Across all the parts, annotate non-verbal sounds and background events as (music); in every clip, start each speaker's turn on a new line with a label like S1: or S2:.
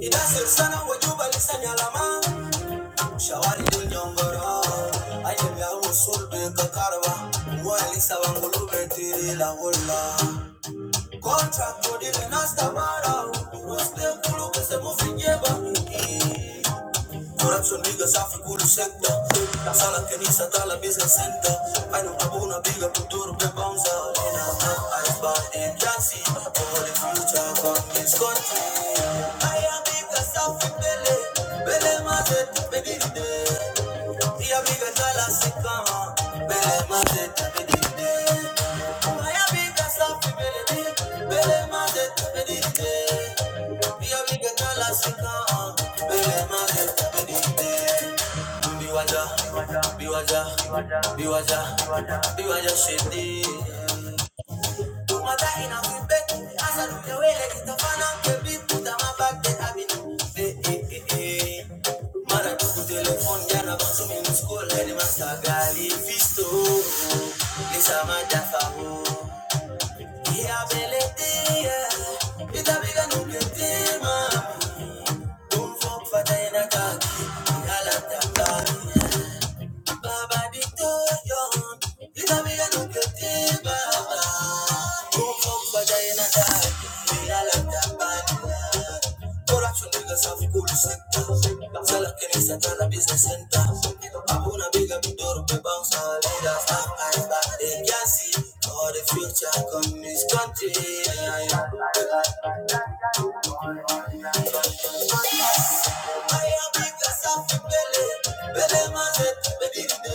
S1: Inasef sana wajuba lisa nyalama Shawari dul nyongoro Ayem ya usul beka karwa betiri la hula Contract kodile nasta mara Uste kulu kese mufinjeba Kurat nigga safi kulu sekta Sana kenisa tala bizga senta Ainu kabuna biga kuturu pe bonza Nina na ice in Jassy For the future from this country Aya biga safi pele Pele mazet bediri de Biwaja, biwaja, biwaja, biwaja, biwaja, shede. Mother in a good I look away, let it off, the big put on my back, then I've been eh, eh, eh, eh. Mara tuku telefon, jana basu minu skola, ni masta gali fisto. Lisa manja faho, iya belete, ita biga nublete, mama. Don't fuck fatay na kaki, ni halata kaki. Baba Victorion, vida mía no te tema. Boom, boom, vaya en la tarde, mira la campana. Corazón de casa, mi ni se la pista senta. I'm una bigger, mi they can see all the future come this country. Aya biga safi bele, bele mazetu bediride.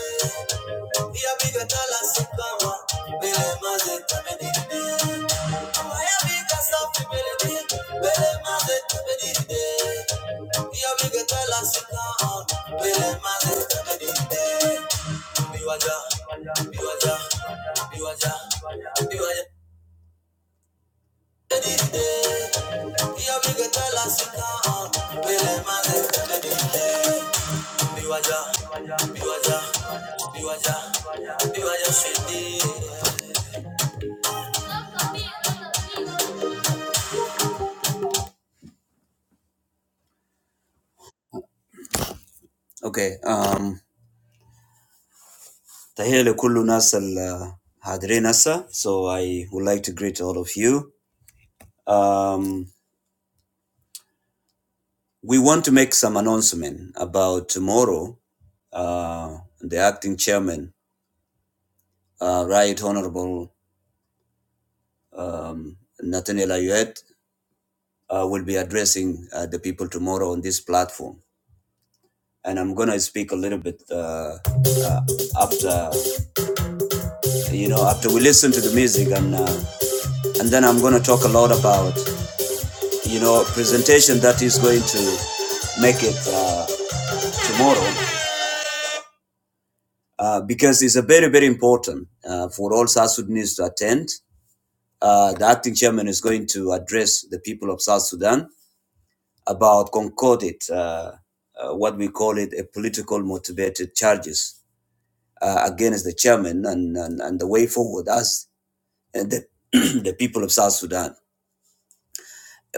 S1: Iya biga tala sukawa, bele mazetu bediride. Aya biga safi bele di, bele mazetu bediride. Iya biga tala sukawa, bele mazetu bediride. Biwaja, biwaja, biwaja, biwaja. Okay. Um, sika, vile mane, medite. Biwaja, biwaja, biwaja, Okay, um, nasa. So I would like to greet all of you. Um, we want to make some announcement about tomorrow. Uh, the acting chairman, uh, Right Honorable um, Nathaniel Ayuet. uh, will be addressing uh, the people tomorrow on this platform. And I'm gonna speak a little bit uh, uh, after you know after we listen to the music, and uh, and then I'm gonna talk a lot about you know presentation that is going to make it uh, tomorrow uh, because it's a very very important uh, for all South Sudanese to attend. Uh, the acting chairman is going to address the people of South Sudan about concocted, uh, uh, what we call it, a political motivated charges uh, against the chairman and, and, and the way forward us and the, (clears throat) the people of South Sudan.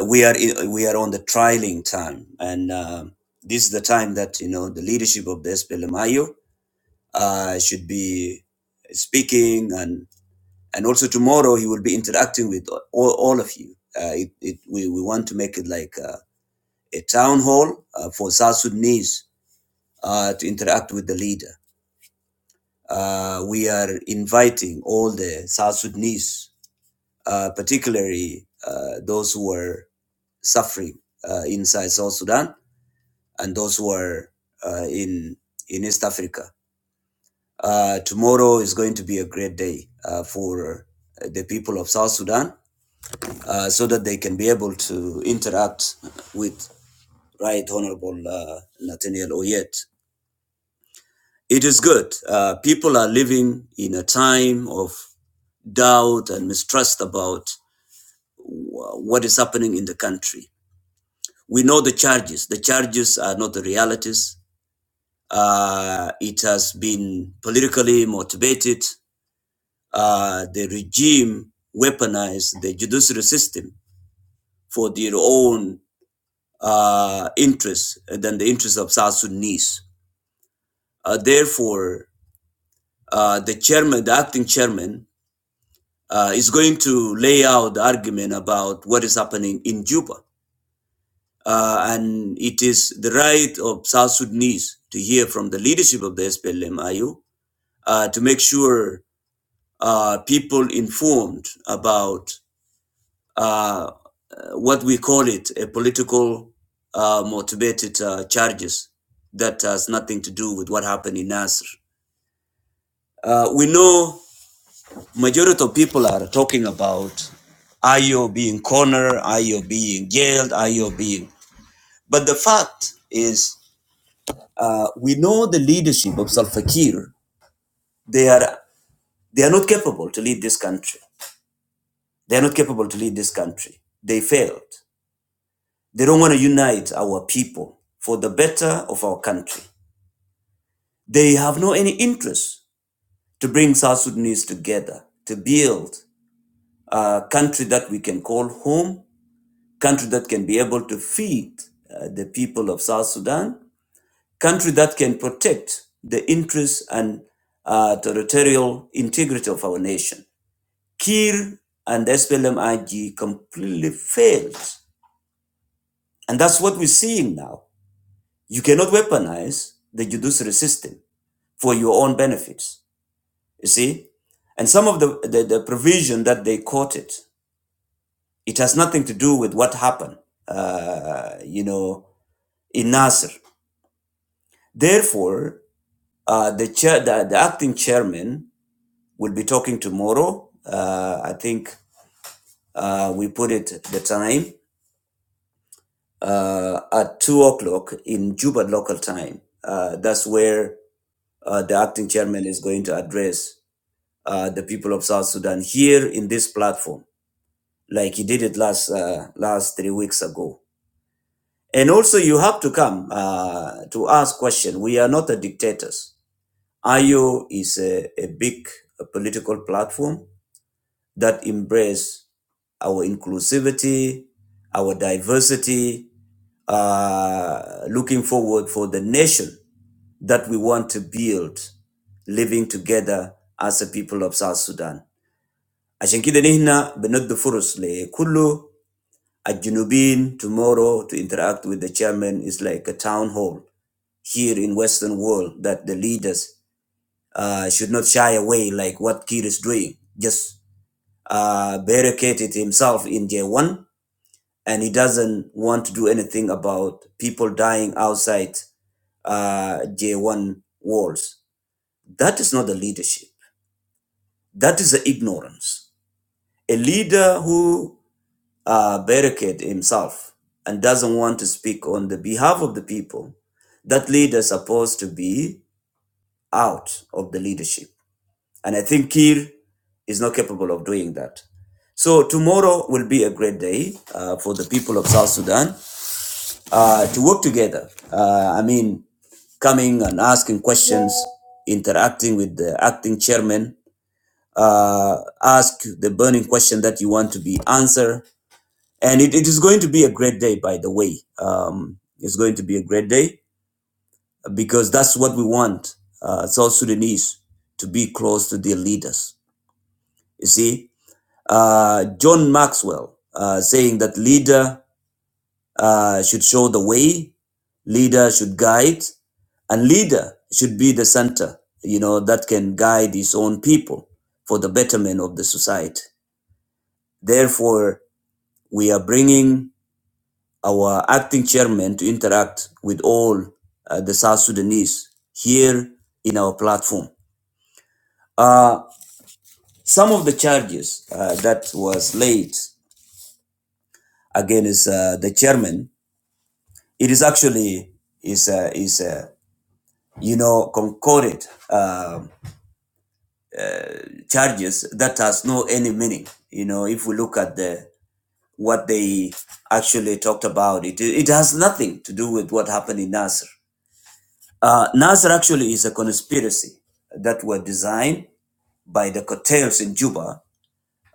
S1: We are in, we are on the trialing time, and um this is the time that you know the leadership of the SPLMIO uh, should be speaking, and and also tomorrow he will be interacting with all, all of you. Uh, it, it, we, we want to make it like uh, a town hall uh, for South Sudanese uh, to interact with the leader. Uh, we are inviting all the South Sudanese, uh, particularly uh, those who are suffering uh, inside South Sudan and those who are uh, in in East Africa. Uh, tomorrow is going to be a great day uh, for the people of South Sudan, uh, so that they can be able to interact with Right Honorable uh, Nathaniel Oyet. It is good. Uh, people are living in a time of doubt and mistrust about what is happening in the country. We know the charges. The charges are not the realities. Uh, it has been politically motivated. Uh, the regime weaponized the judiciary system for their own uh, interests than the interests of South Sudanese. Uh, therefore, uh, the chairman, the acting chairman, uh, is going to lay out the argument about what is happening in Juba uh, and it is the right of South Sudanese to hear from the leadership of the SPLM-IU uh, to make sure uh, people informed about uh, what we call it a political uh, motivated uh, charges that has nothing to do with what happened in Nasr. Uh, we know majority of people are talking about IO being cornered, IO being jailed, IO being. But the fact is Uh, we know the leadership of Salva Kiir. They are they are not capable to lead this country. They are not capable to lead this country. They failed. They don't want to unite our people for the better of our country. They have no any interest to bring South Sudanese together to build a country that we can call home, country that can be able to feed uh, the people of South Sudan, country that can protect the interests and uh, territorial integrity of our nation. Kir and splm completely failed. And that's what we're seeing now. You cannot weaponize the judiciary system for your own benefits. You see? And some of the, the, the provision that they quoted, it has nothing to do with what happened, uh, you know, in Nasser. Therefore, uh, the, chair, the, the acting chairman will be talking tomorrow. Uh, I think uh, we put it the time uh, at two o'clock in Juba local time. Uh, that's where uh, the acting chairman is going to address uh, the people of South Sudan here in this platform, like he did it last uh, last three weeks ago. And also, you have to come uh, to ask question. We are not the dictators. IO is a, a big uh, political platform that embrace our inclusivity, our diversity, uh, looking forward for the nation that we want to build living together as a people of South Sudan. عشان كده نحن بندي فرص لكل الجنوبين tomorrow to interact with the chairman is like a town hall here in Western world that the leaders uh, should not shy away like what Kir is doing. Just uh, barricaded himself in J1 and he doesn't want to do anything about people dying outside uh, J1 walls. That is not the leadership. That is the ignorance. A leader who uh, barricade himself and doesn't want to speak on the behalf of the people, that leader is supposed to be out of the leadership. And I think Kir is not capable of doing that. So tomorrow will be a great day uh, for the people of South Sudan uh, to work together. Uh, I mean, coming and asking questions, interacting with the acting chairman, uh, ask the burning question that you want to be answered. And it, it is going to be a great day, by the way. Um, it's going to be a great day because that's what we want uh, South Sudanese to be close to their leaders. You see, uh, John Maxwell, uh, saying that leader uh, should show the way, leader should guide, and leader should be the center, you know, that can guide his own people for the betterment of the society. Therefore, we are bringing our acting chairman to interact with all uh, the South Sudanese here in our platform. Uh, some of the charges uh, that was laid against uh, the chairman It is actually is uh, is uh, you know concorded um charges that has no any meaning. You know, if we look at the what they actually talked about, it it has nothing to do with what happened in Nasser. Uh, Nasser actually is a conspiracy that were designed by the cartels in Juba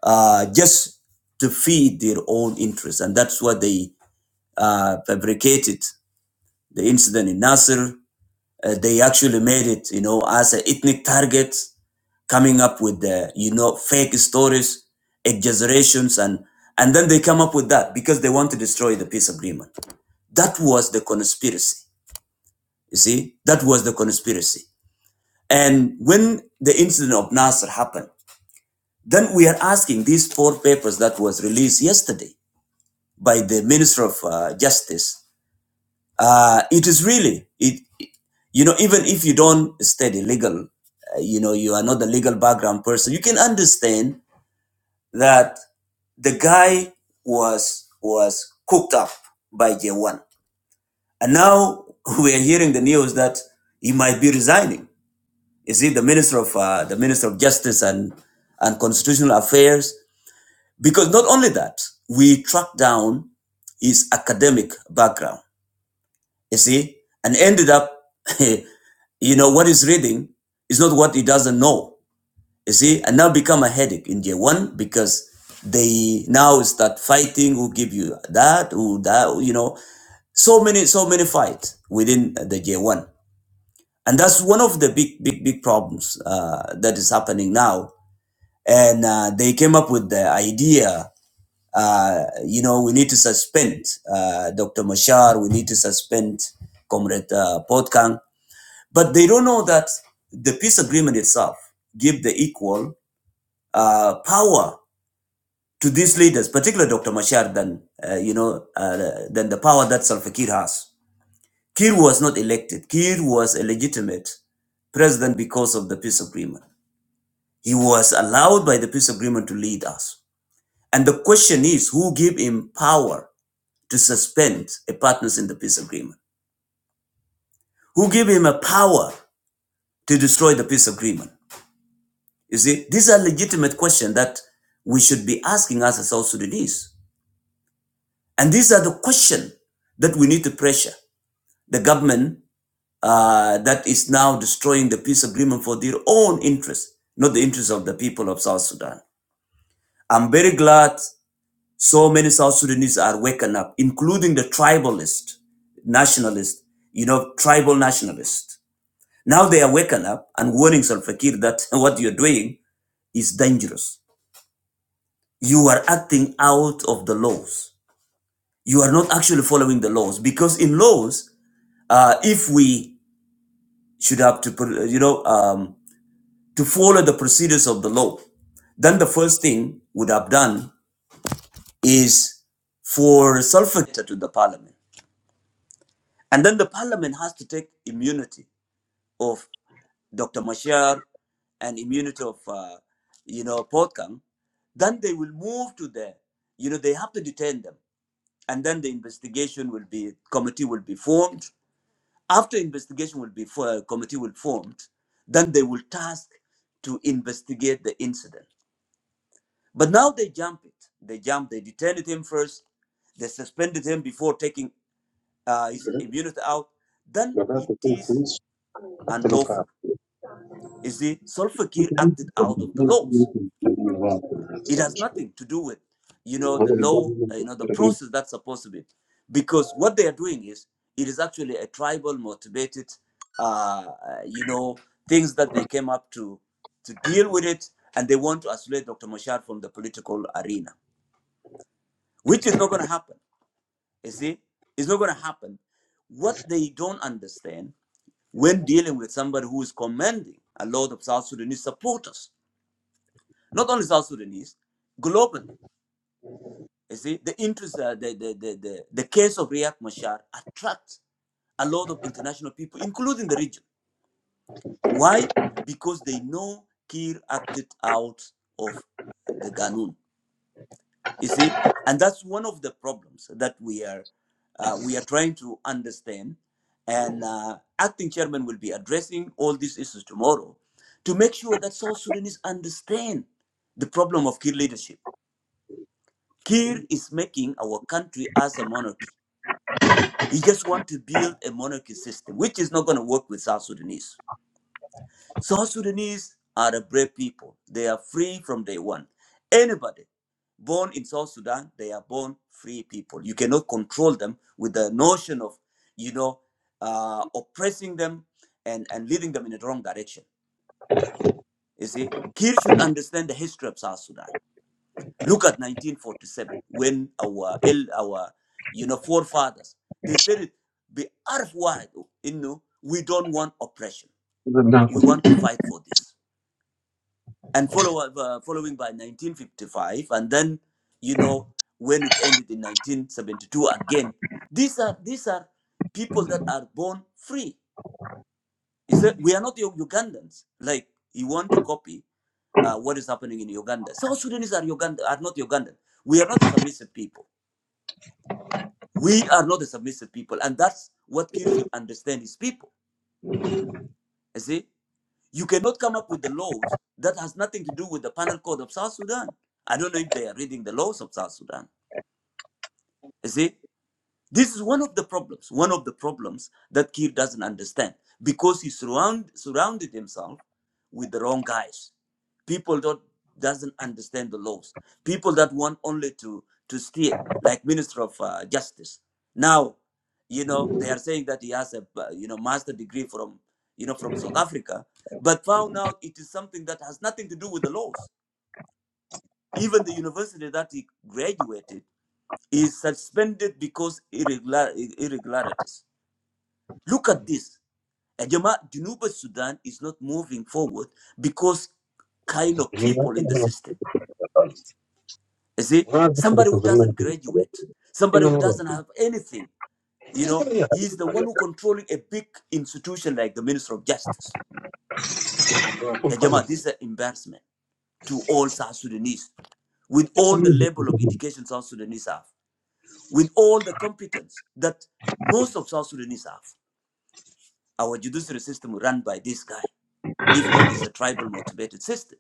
S1: uh, just to feed their own interests, and that's what they uh, fabricated the incident in Nasser Uh, they actually made it, you know, as an ethnic target, coming up with the, you know, fake stories, exaggerations, and and then they come up with that because they want to destroy the peace agreement. That was the conspiracy. You see, that was the conspiracy. And when the incident of Nasser happened, then we are asking these four papers that was released yesterday by the Minister of uh, Justice. Uh, it is really it. you know even if you don't study legal uh, you know you are not a legal background person you can understand that the guy was was cooked up by j1 and now (laughs) we are hearing the news that he might be resigning is he the minister of uh, the minister of justice and and constitutional affairs because not only that we track down his academic background you see, and ended up, (laughs) you know, what he's reading is not what he doesn't know, you see, and now become a headache in year one because they now start fighting who give you that, who that, you know, so many, so many fights within the year one. And that's one of the big, big, big problems uh, that is happening now. And uh, they came up with the idea, uh, you know, we need to suspend uh, Dr. Mashar, we need to suspend Comrade uh, Potkang but they don't know that the peace agreement itself give the equal uh, power to these leaders, particularly Dr. Machar, than uh, you know uh, than the power that Salva Kiir has. Kiir was not elected. Kiir was a legitimate president because of the peace agreement. He was allowed by the peace agreement to lead us. And the question is, who gave him power to suspend a partners in the peace agreement? Who gave him a power to destroy the peace agreement? You see, these are legitimate questions that we should be asking us as South Sudanese. And these are the questions that we need to pressure the government uh, that is now destroying the peace agreement for their own interests, not the interests of the people of South Sudan. I'm very glad so many South Sudanese are waking up, including the tribalist nationalists, you know, tribal nationalists. Now they are waking up and warning Salva Kiir that (laughs) what you're doing is dangerous you are acting out of the laws. You are not actually following the laws because in laws, uh, if we should have to, you know, um, to follow the procedures of the law, then the first thing would have done is for Salvatore to the parliament, and then the parliament has to take immunity of Dr. Mashar and immunity of, uh, you know, Potkang. Then they will move to the, you know, they have to detain them and then the investigation will be committee will be formed after investigation will be for, committee will formed then they will task to investigate the incident but now they jump it they jump they detained him first they suspended him before taking uh, his immunity out then it is unlawful you see Solfakir acted out of the laws It has nothing to do with, you know, the law, uh, you know, the process that's supposed to be, because what they are doing is it is actually a tribal motivated, uh, uh, you know, things that they came up to to deal with it, and they want to isolate Dr. Mashar from the political arena, which is not going to happen. You see, it's not going to happen. What they don't understand when dealing with somebody who is commanding a lot of South Sudanese supporters, not only South Sudanese, globally You see, the interest, uh, the, the, the, the, the case of Riyak Mashar attracts a lot of international people, including the region. Why? Because they know Kir acted out of the Ganun. You see, and that's one of the problems that we are uh, we are trying to understand. And uh, acting chairman will be addressing all these issues tomorrow to make sure that South Sudanese understand the problem of Kir leadership. Kir is making our country as a monarchy You just want to build a monarchy system, which is not going to work with South Sudanese. South Sudanese are a brave people. They are free from day one. Anybody born in South Sudan, they are born free people. You cannot control them with the notion of, you know, uh, oppressing them and, and leading them in the wrong direction. You see, Kir should understand the history of South Sudan. Look at 1947 when our el our you know forefathers they said it be arfwide oh, you know we don't want oppression we want to fight for this and follow up, uh, following by 1955 and then you know when it ended in 1972 again these are these are people that are born free is that we are not U- Ugandans like you want to copy uh, what is happening in Uganda South Sudanese are Uganda are not Ugandan we are not a submissive people We are not a submissive people, and that's what Kir should understand his people. You see, you cannot come up with the laws that has nothing to do with the penal code of South Sudan. I don't know if they are reading the laws of South Sudan. You see, This is one of the problems, one of the problems that Kir doesn't understand because he surround, surrounded himself with the wrong guys. People that doesn't understand the laws. People that want only to, to steal, like Minister of uh, Justice. Now, you know, they are saying that he has a, uh, you know, master degree from, you know, from South Africa, but found out it is something that has nothing to do with the laws. Even the university that he graduated is suspended because irregular, irregularities. Look at this. Ajama Junuba Sudan is not moving forward because kind of people in the system. You see, somebody who doesn't graduate, somebody who doesn't have anything, you know, he's the one who controlling a big institution like the Minister of Justice. Ajama, this is an embarrassment to all South Sudanese with all the level of education South Sudanese have, with all the competence that most of South Sudanese have. Our judiciary system run by this guy. If not, it's a tribal motivated system.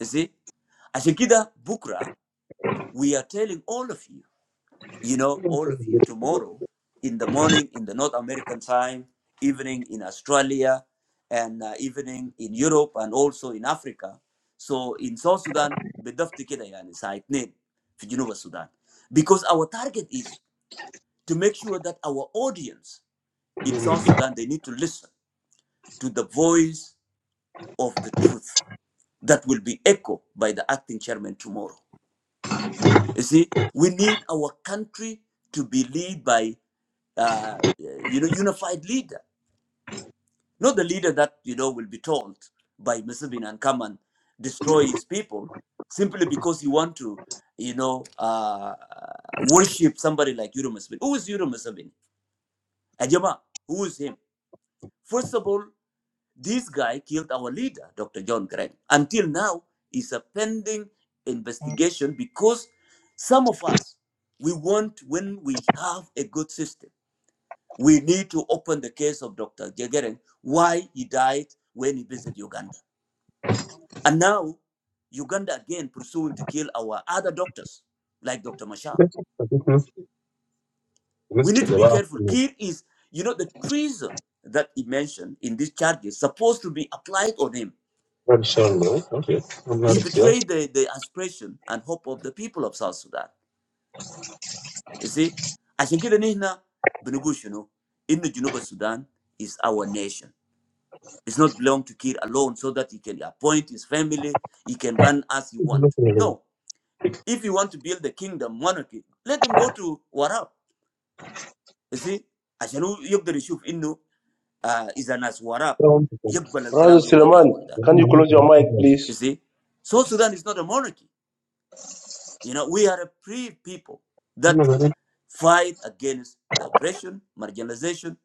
S1: You see? Ashikida Bukra, we are telling all of you, you know, all of you, tomorrow in the morning in the North American time, evening in Australia, and uh, evening in Europe and also in Africa. So in South Sudan, بدفت كده يعني الساعة 2 في جنوب السودان. Because our target is to make sure that our audience in South Sudan, they need to listen to the voice of the truth that will be echoed by the acting chairman tomorrow. You see, we need our country to be led by, uh, you know, unified leader, not the leader that you know will be told by Museveni and come and destroy his people simply because you want to, you know, uh, worship somebody like Yuru Museveni. Who is Yuru Museveni? Ajama, who is him? First of all, This guy killed our leader, Dr. John Grant. Until now, it's a pending investigation because some of us, we want when we have a good system, we need to open the case of Dr. Jageren, why he died when he visited Uganda. And now, Uganda again pursuing to kill our other doctors, like Dr. Mashar. We need to be careful. Kir is, you know, the treason that he mentioned in these charges supposed to be applied on him He betrayed the, the aspiration and hope of the people of South Sudan. You see? عشان كده نحن بنقول شنو؟ إن جنوب السودان is our nation. It's not belong to Kir alone so that he can appoint his family, he can run as he want. No. If you want to build the kingdom monarchy, let him go to Warab. You see? عشان هو يقدر يشوف إنه آه إذا ناس وراب يقبل الكلام
S2: Brother
S1: اللي هو قاعد يعمله
S2: Suleiman,
S1: ده.
S2: can you close your mic,
S1: You
S2: please?
S1: see? South Sudan is not a monarchy. You know, we are a free people. that. fight against the oppression, marginalization,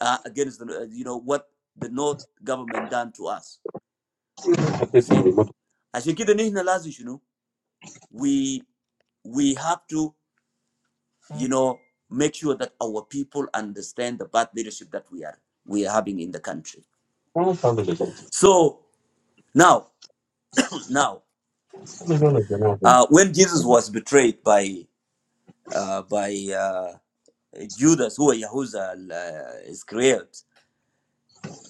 S1: uh, against the, uh, you know what the North government done to us. You see, عشان كده نحن لازم شنو we we have to you know make sure that our people understand the bad leadership that we are we are having in the country. So now now
S3: Okay.
S1: uh, when Jesus was betrayed by uh, by uh, Judas who was Yahushua uh, Iscariot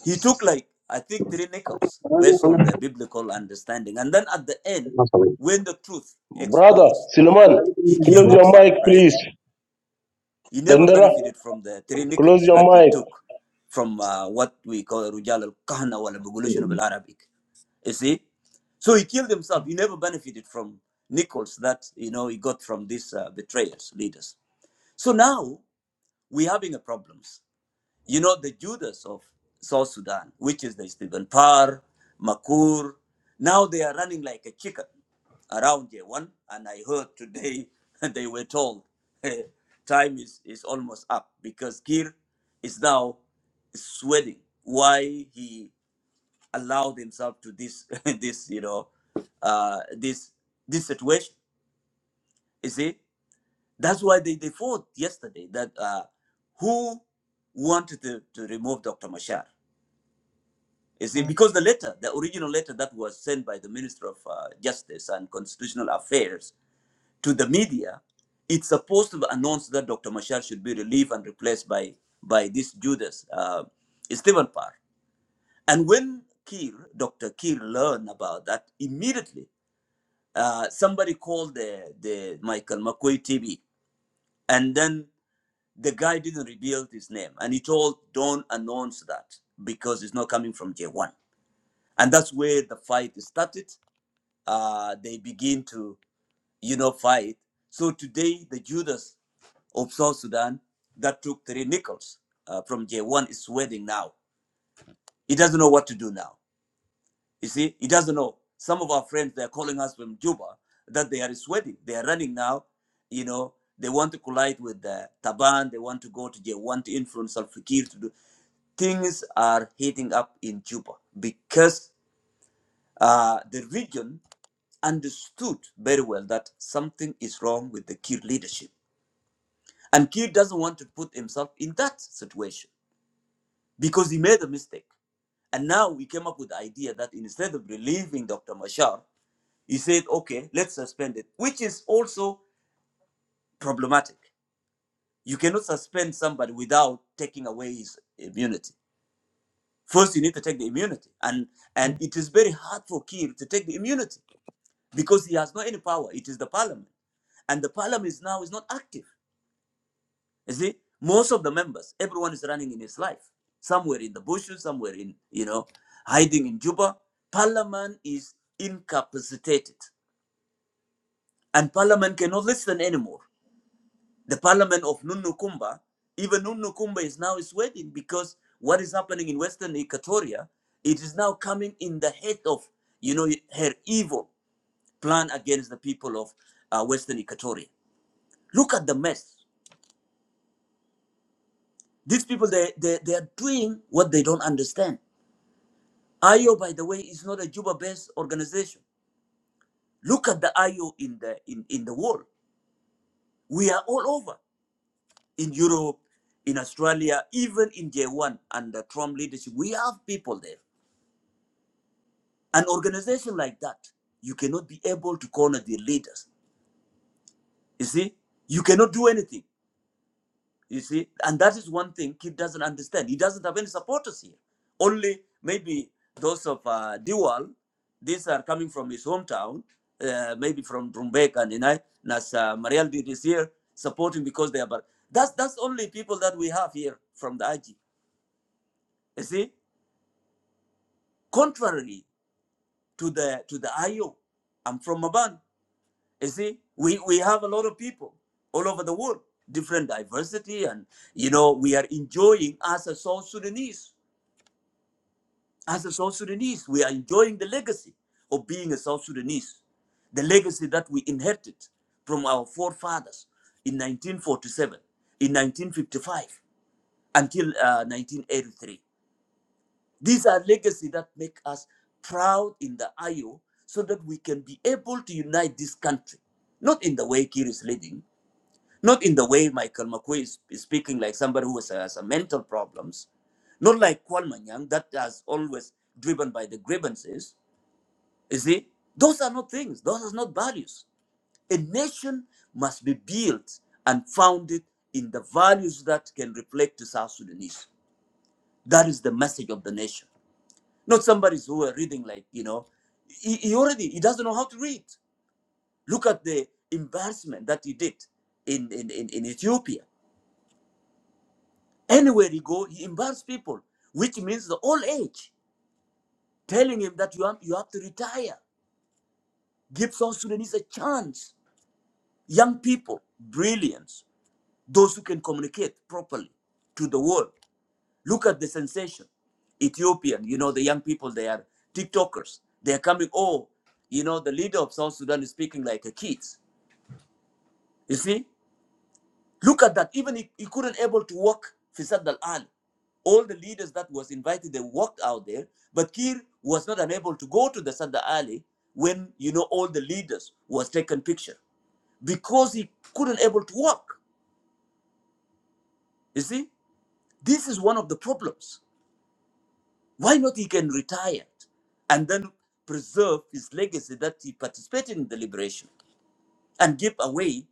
S1: He took like I think three nickels
S3: Only
S1: based on
S3: one
S1: the biblical understanding, and then at the end,
S3: of
S1: when the truth
S2: Brother
S1: exposed,
S2: Suleiman,
S1: he
S2: close
S1: killed
S2: your
S1: himself.
S2: mic,
S1: Right?
S2: please.
S1: He never
S2: Dandara,
S1: benefited from the three
S2: close
S1: nickels
S2: your
S1: that he
S2: mic.
S1: took from uh, what we call Rujal al Kahna wal Bugulation
S3: them.
S1: of Arabic. You see, so he killed himself. He never benefited from nickels that you know he got from these uh, betrayers, leaders. So now we're having a problem. You know, the Judas of South Sudan, which is the Stephen Parr, Makur, now they are running like a chicken around J1. And I heard today (laughs) they were told (laughs) time is, is almost up because Kir is now sweating why he allowed himself to this (laughs) this you know uh this this situation you see that's why they, they fought yesterday that uh who wanted to, to remove dr mashar You see, because the letter, the original letter that was sent by the Minister of uh, Justice and Constitutional Affairs to the media, it's supposed to announce that Dr. Mashar should be relieved and replaced by by this Judas, uh, Stephen Parr. And when Kiel, Dr. Kiel learned about that, immediately uh, somebody called the, the Michael McQuay TV. And then the guy didn't reveal his name. And he told, don't announce that because it's not coming from J1 and that's where the fight started. Uh, they begin to, you know, fight. So today, the Judas of South Sudan that took three nickels uh, from J1 is sweating now. He doesn't know what to do now. You see, he doesn't know. Some of our friends they are calling us from Juba that they are sweating. They are running now. You know, they want to collide with the Taban. They want to go to J1 to influence Al Fakir to do things are heating up in Juba because uh, the region understood very well that something is wrong with the Kir leadership. And Kir doesn't want to put himself in that situation because he made a mistake. And now we came up with the idea that instead of relieving Dr. Mashar, he said, okay, let's suspend it, which is also problematic. You cannot suspend somebody without taking away his immunity. First, you need to take the immunity. And, and it is very hard for Kir to take the immunity because he has no any power. It is the parliament. And the parliament is now is not active You see, most of the members, everyone is running in his life, somewhere in the bushes, somewhere in, you know, hiding in Juba. Parliament is incapacitated, and Parliament cannot listen anymore. The Parliament of Nunukumba, even Nunukumba is now sweating because what is happening in Western Equatoria, it is now coming in the head of, you know, her evil plan against the people of uh, Western Equatoria. Look at the mess. These people, they, they, they are doing what they don't understand IO, by the way, is not a Juba-based organization. Look at the IO in the in, in the world. We are all over in Europe, in Australia, even in J1 under Trump leadership. We have people there. An organization like that, you cannot be able to corner their leaders. You see, you cannot do anything. You see, and that is one thing he doesn't understand. He doesn't have any supporters here. Only maybe those of uh, Diwal, these are coming from his hometown, uh, maybe from Drumbek and Inai, Nas uh, Mariel did is here supporting because they are. But that's that's only people that we have here from the IG. You see, contrary to the to the IO, I'm from Maban. You see, we we have a lot of people all over the world, different diversity, and you know we are enjoying as a South Sudanese As a South Sudanese, we are enjoying the legacy of being a South Sudanese, the legacy that we inherited from our forefathers in 1947, in 1955, until uh, 1983. These are legacy that make us proud in the IO so that we can be able to unite this country, not in the way Kir is leading, not in the way Michael McQuay is, is speaking like somebody who has, has a mental problems, not like Kwalmanyang that has always driven by the grievances. You see, those are not things. Those are not values. A nation must be built and founded in the values that can reflect to South Sudanese. That is the message of the nation. Not somebody who are reading like you know, he, he already he doesn't know how to read. Look at the embarrassment that he did in in, in, in Ethiopia. Anywhere he go, he embarrass people, which means the old age, telling him that you have, you have to retire. Give South Sudanese a chance. Young people, brilliance, those who can communicate properly to the world. Look at the sensation. Ethiopian, you know, the young people, they are TikTokers. They are coming, oh, you know, the leader of South Sudan is speaking like a kid. You see? Look at that. Even he, he couldn't able to walk Fisad al-An. All the leaders that was invited, they walked out there. But Kir was not unable to go to the Sada Ali when, you know, all the leaders was taken picture because he couldn't able to walk. You see, this is one of the problems. Why not he can retire and then preserve his legacy that he participated in the liberation and give away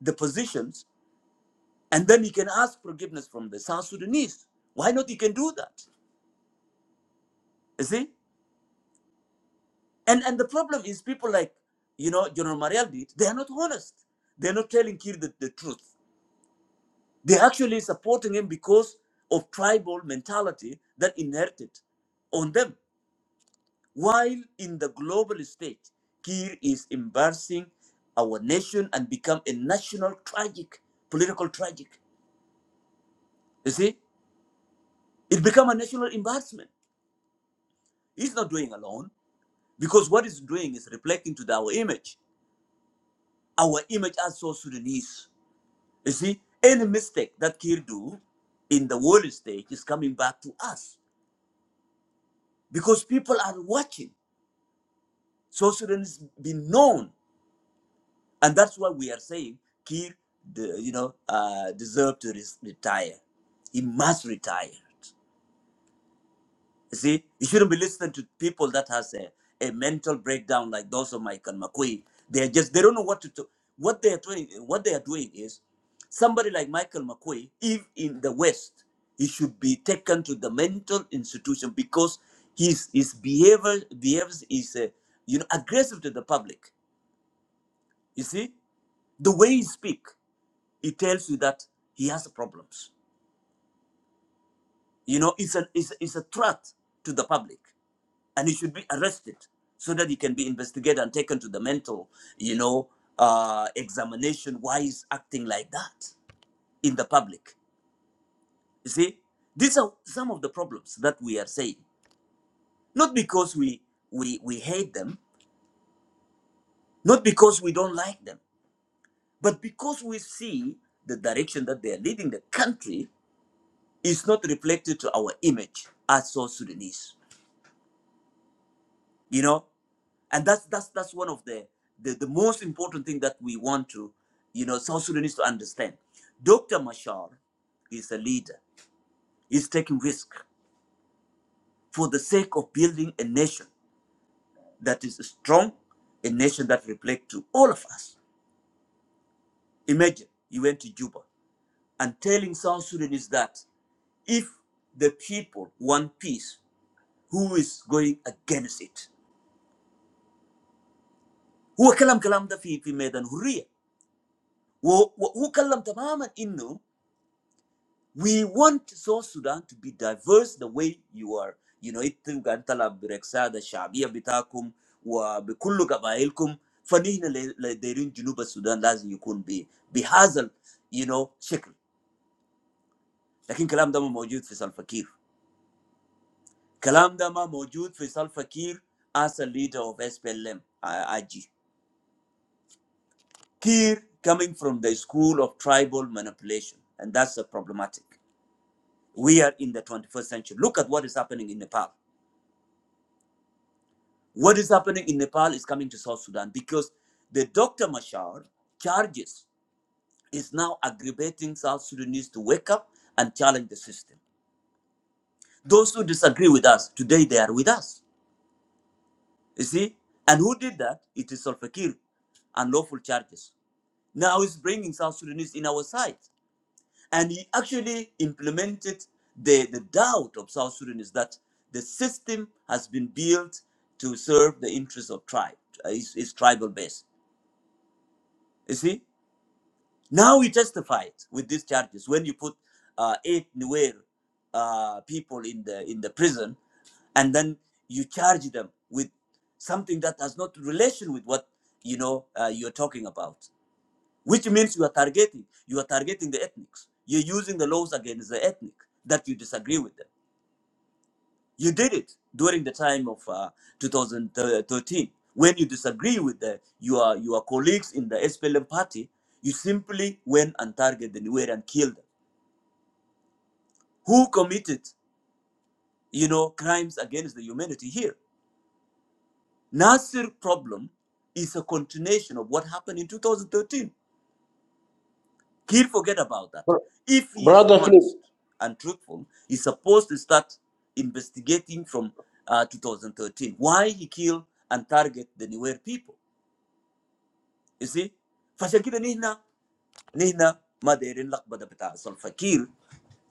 S1: the positions and then he can ask forgiveness from the South Sudanese. Why not he can do that? You see? And and the problem is people like, you know, General Mariel did, they are not honest. They're not telling Kir the, the truth. They're actually supporting him because of tribal mentality that inherited on them. While in the global stage, Kir is embarrassing our nation and become a national tragic, political tragic. You see? It become a national embarrassment. He's not doing alone because what he's doing is reflecting to the- our image, our image as South Sudanese You see, any mistake that Kir do in the world stage is coming back to us because people are watching. So Sudan has been known, and that's why we are saying Kir, the, you know, uh, deserve to res- retire. He must retire. You see, you shouldn't be listening to people that has a, a mental breakdown like those of Michael McQueen. They are just they don't know what to do. What they are doing, what they are doing is somebody like Michael McQueen, if in the West, he should be taken to the mental institution because his his behavior behaves is uh, you know aggressive to the public. You see, the way he speak, he tells you that he has problems. You know, it's a it's, a- it's a threat to the public. and he should be arrested so that he can be investigated and taken to the mental, you know, uh, examination. Why is acting like that in the public? You see, these are some of the problems that we are saying. Not because we we we hate them, not because we don't like them, but because we see the direction that they are leading the country is not reflected to our image as South Sudanese. You know, and that's that's that's one of the the, the most important thing that we want to you know south sudanese to understand dr mashar is a leader he's taking risk for the sake of building a nation that is strong a nation that reflects to all of us imagine you went to juba and telling south sudanese that if the people want peace who is going against it هو كلام كلام ده في في ميدان حريه وهو كلام تماما انه We want South Sudan to be diverse the way you are. You know, إنتم قاعدين تلعب بركسات الشعبية بتاعكم وبكل قبائلكم فنحن اللي اللي دايرين جنوب السودان لازم يكون ب- بهذا you know شكل لكن كلام ده ما موجود في سلفكير كلام ده ما موجود في سلفكير as a leader of SPLM I- IG Kir coming from the school of tribal manipulation and that's a problematic we are in the 21st century look at what is happening in Nepal What is happening in Nepal is coming to South Sudan because the Dr. Mashar charges is now aggravating South Sudanese to wake up and challenge the system. Those who disagree with us, today they are with us. You see? And who did that? It is Salva Kiir and lawful charges. Now he's bringing South Sudanese in our side. And he actually implemented the, the doubt of South Sudanese that the system has been built to serve the interests of tribe, uh, is, is tribal base. You see? Now we testified with these charges. When you put uh, eight Nuer uh, people in the in the prison, and then you charge them with something that has not relation with what you know uh, you're talking about, which means you are targeting you are targeting the ethnics. You're using the laws against the ethnic that you disagree with them. You did it during the time of uh, 2013 when you disagree with the, your your colleagues in the SPLM party. You simply went and targeted the Nuer and killed them. Who committed, you know, crimes against the humanity here? Nasir problem is a continuation of what happened in 2013. He'll forget about that.
S2: Br-
S1: If he is
S2: Brother Philip.
S1: honest and truthful, he's supposed to start investigating from uh, 2013 why he killed and target the Nuer people You see? فعشان كده نحن نحن ما دايرين لخبطه بتاع سلفكير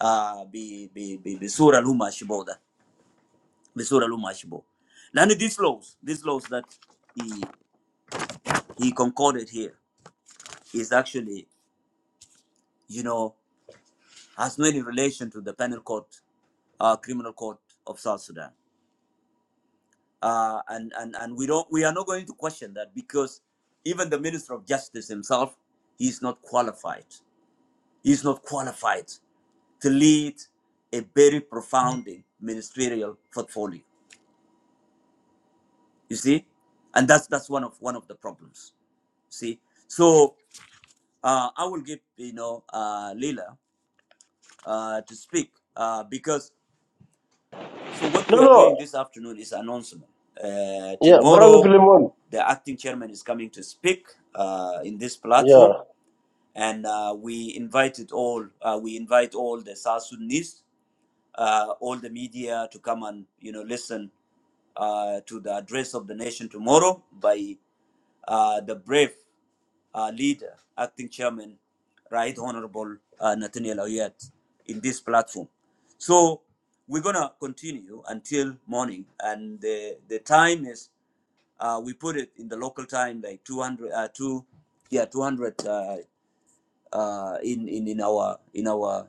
S1: آه ب ب ب بصوره اللي هو ماشي بو ده بصوره اللي هو ماشي بو لانه these laws these laws that he he concorded here is actually you know has no any relation to the penal code uh, criminal court of South Sudan. Uh, and, and, and we don't we are not going to question that because even the Minister of Justice himself, he's not qualified. is not qualified to lead a very profound ministerial portfolio. You see, and that's that's one of one of the problems. See, so uh, I will give you know uh, Leila uh, to speak uh, because so what
S2: No,
S1: we are doing
S2: no.
S1: this afternoon is announcement. Uh,
S2: Yeah, Brother
S1: tomorrow,
S2: Philemon.
S1: the acting chairman is coming to speak uh, in this
S2: Yeah.
S1: platform, and uh, we invited all uh, we invite all the South Sudanese uh, all the media to come and you know listen uh, to the address of the nation tomorrow by uh, the brave uh, leader, acting chairman, Right Honorable uh, Nathaniel Oyet, in this platform. So we're gonna continue until morning, and the the time is uh, we put it in the local time like 200 uh, two yeah 200 uh, uh, in, in in our in our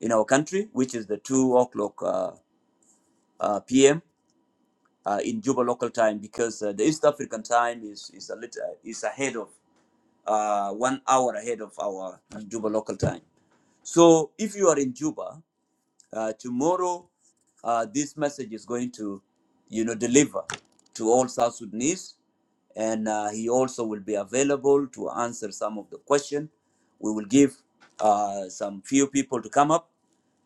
S1: in our country, which is the 2 o'clock uh, uh, p.m. Uh, in Juba local time, because uh, the East African time is is a little is ahead of uh, one hour ahead of our Juba local time. So if you are in Juba uh, tomorrow, uh, this message is going to, you know, deliver to all South Sudanese, and uh, he also will be available to answer some of the question. We will give uh, some few people to come up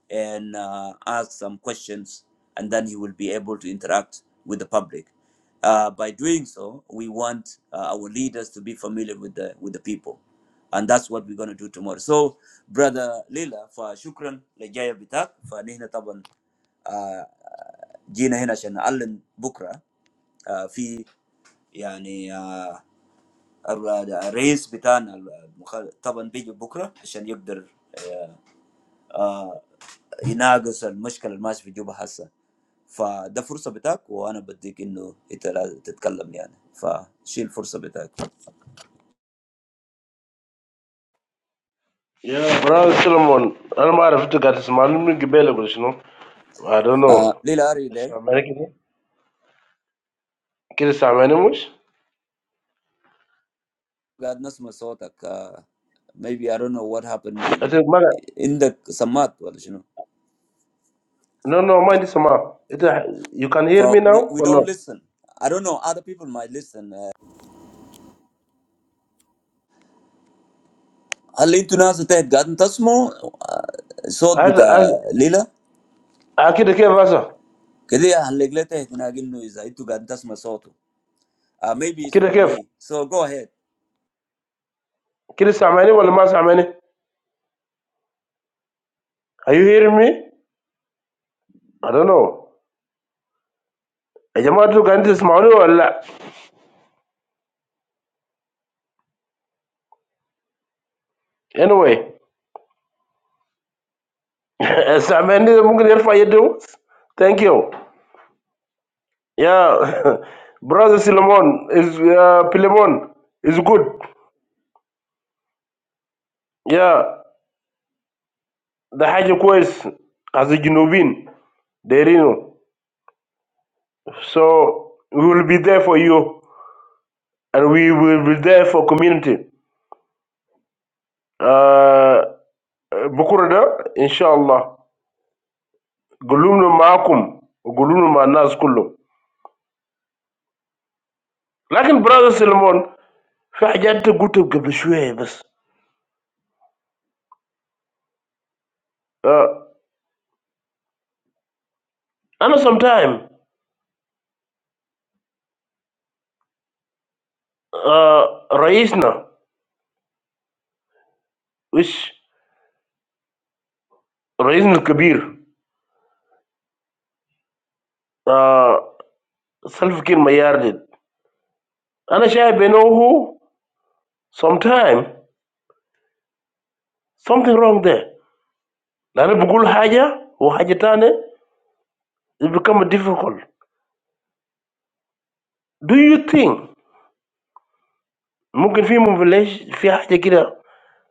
S1: and uh, ask some questions, and then he will be able to interact with the public. Uh, by doing so, we want uh, our leaders to be familiar with the with the people. And that's what we're gonna do tomorrow. So, brother Lila, for shukran le jaya bıtak for nehna taban jina nehna shen allam bukra fi يعني the race bıtana taban big bukra shen yagdar inagus al maschkal mas fi juba hassa fa dafur sabıtak wa ana baddik inu italat tikkalam yane fa shil fur sabıtak
S2: Yeah, Brother Solomon. I don't know if you got this man. you know. I don't know.
S1: Lila are you
S2: It's
S1: there?
S2: American. Can you say many much?
S1: God nas masotak. Uh, maybe I don't know what happened
S2: I
S1: in,
S2: think, man,
S1: in the samat. Well, you know,
S2: no, no, mind this, ma. It, you can hear me
S1: for we,
S2: now
S1: we
S2: or
S1: don't
S2: no?
S1: listen. I don't know. Other people might listen. Uh, هل انتوا ناس تهت قاعدين تسمعوا صوت
S2: I, I,
S1: بتاع ليلى؟
S2: I, kid the كده كيف هسه؟
S1: كده هلق لها تهت هناك انه اذا انتوا قاعدين تسمعوا صوته. Uh, maybe it's
S2: كده
S1: from
S2: كيف؟
S1: me. So go ahead.
S2: كده سامعني ولا Mas Samani? Are you hearing me? I don't know. يا جماعة انتوا قاعدين تسمعوني ولا لا؟ Anyway (laughs) سامعني ممكن يرفع يده بس؟ Thank you. Yeah. (laughs) Brother Solomon is uh, Pilemon is good. Yeah. ده حاجة كويس as a جنوبين دايرينه. So we will be there for you and we will be there for community. Uh, بكرة ده إن شاء الله قلوبنا معكم وقلوبنا مع الناس كلهم. لكن brother Solomon Fajad to good a little bit, but I know sometime, uh, raisna, which raisna bigir, uh, self can mayarid. I know shey be no who, sometime something wrong there. Na nubugul haja, who hajetani, it become difficult. Do you think mungkin fi mu village fi haji kira?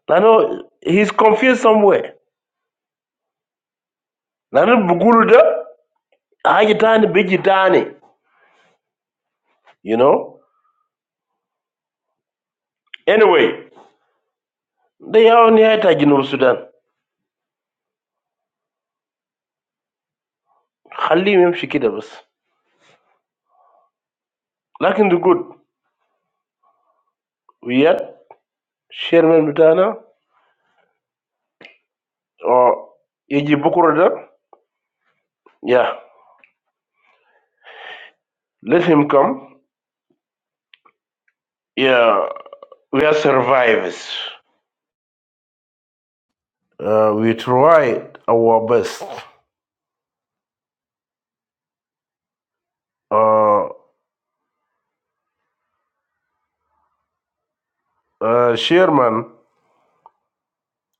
S2: I know he's confused somewhere. Na nubugulu da hajetani bigetani. You know anyway. They are only a target of Sudan. I'm just kidding. But good. We are Sherman, Botana, or Egypt. Book order. Yeah. Let him come. Yeah. We are survivors. Uh, We tried our best. Uh, uh, Sherman,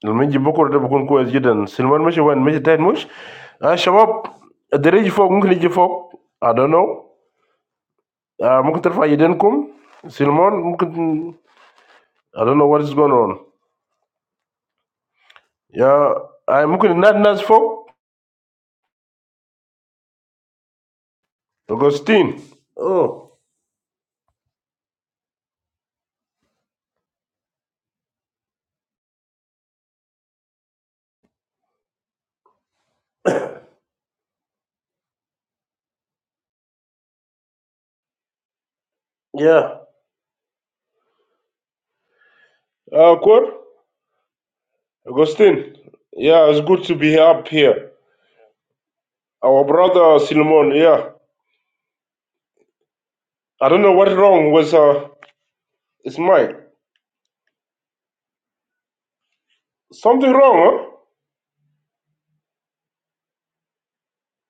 S2: the Egypt book order. We can go together. Salman, maybe one. Maybe ten. Mush. Hey, Shabab. The rich folk. We can go. I don't know. We can try together. Salman. We can. I don't know what is going on. Yeah, I'm looking at Nas folk. Augustine. Oh, yeah. Uh, Kwan? Augustine. Yeah, it's good to be up here. Our brother Solomon. Yeah. I don't know what's wrong with uh, his mic. Something wrong, huh?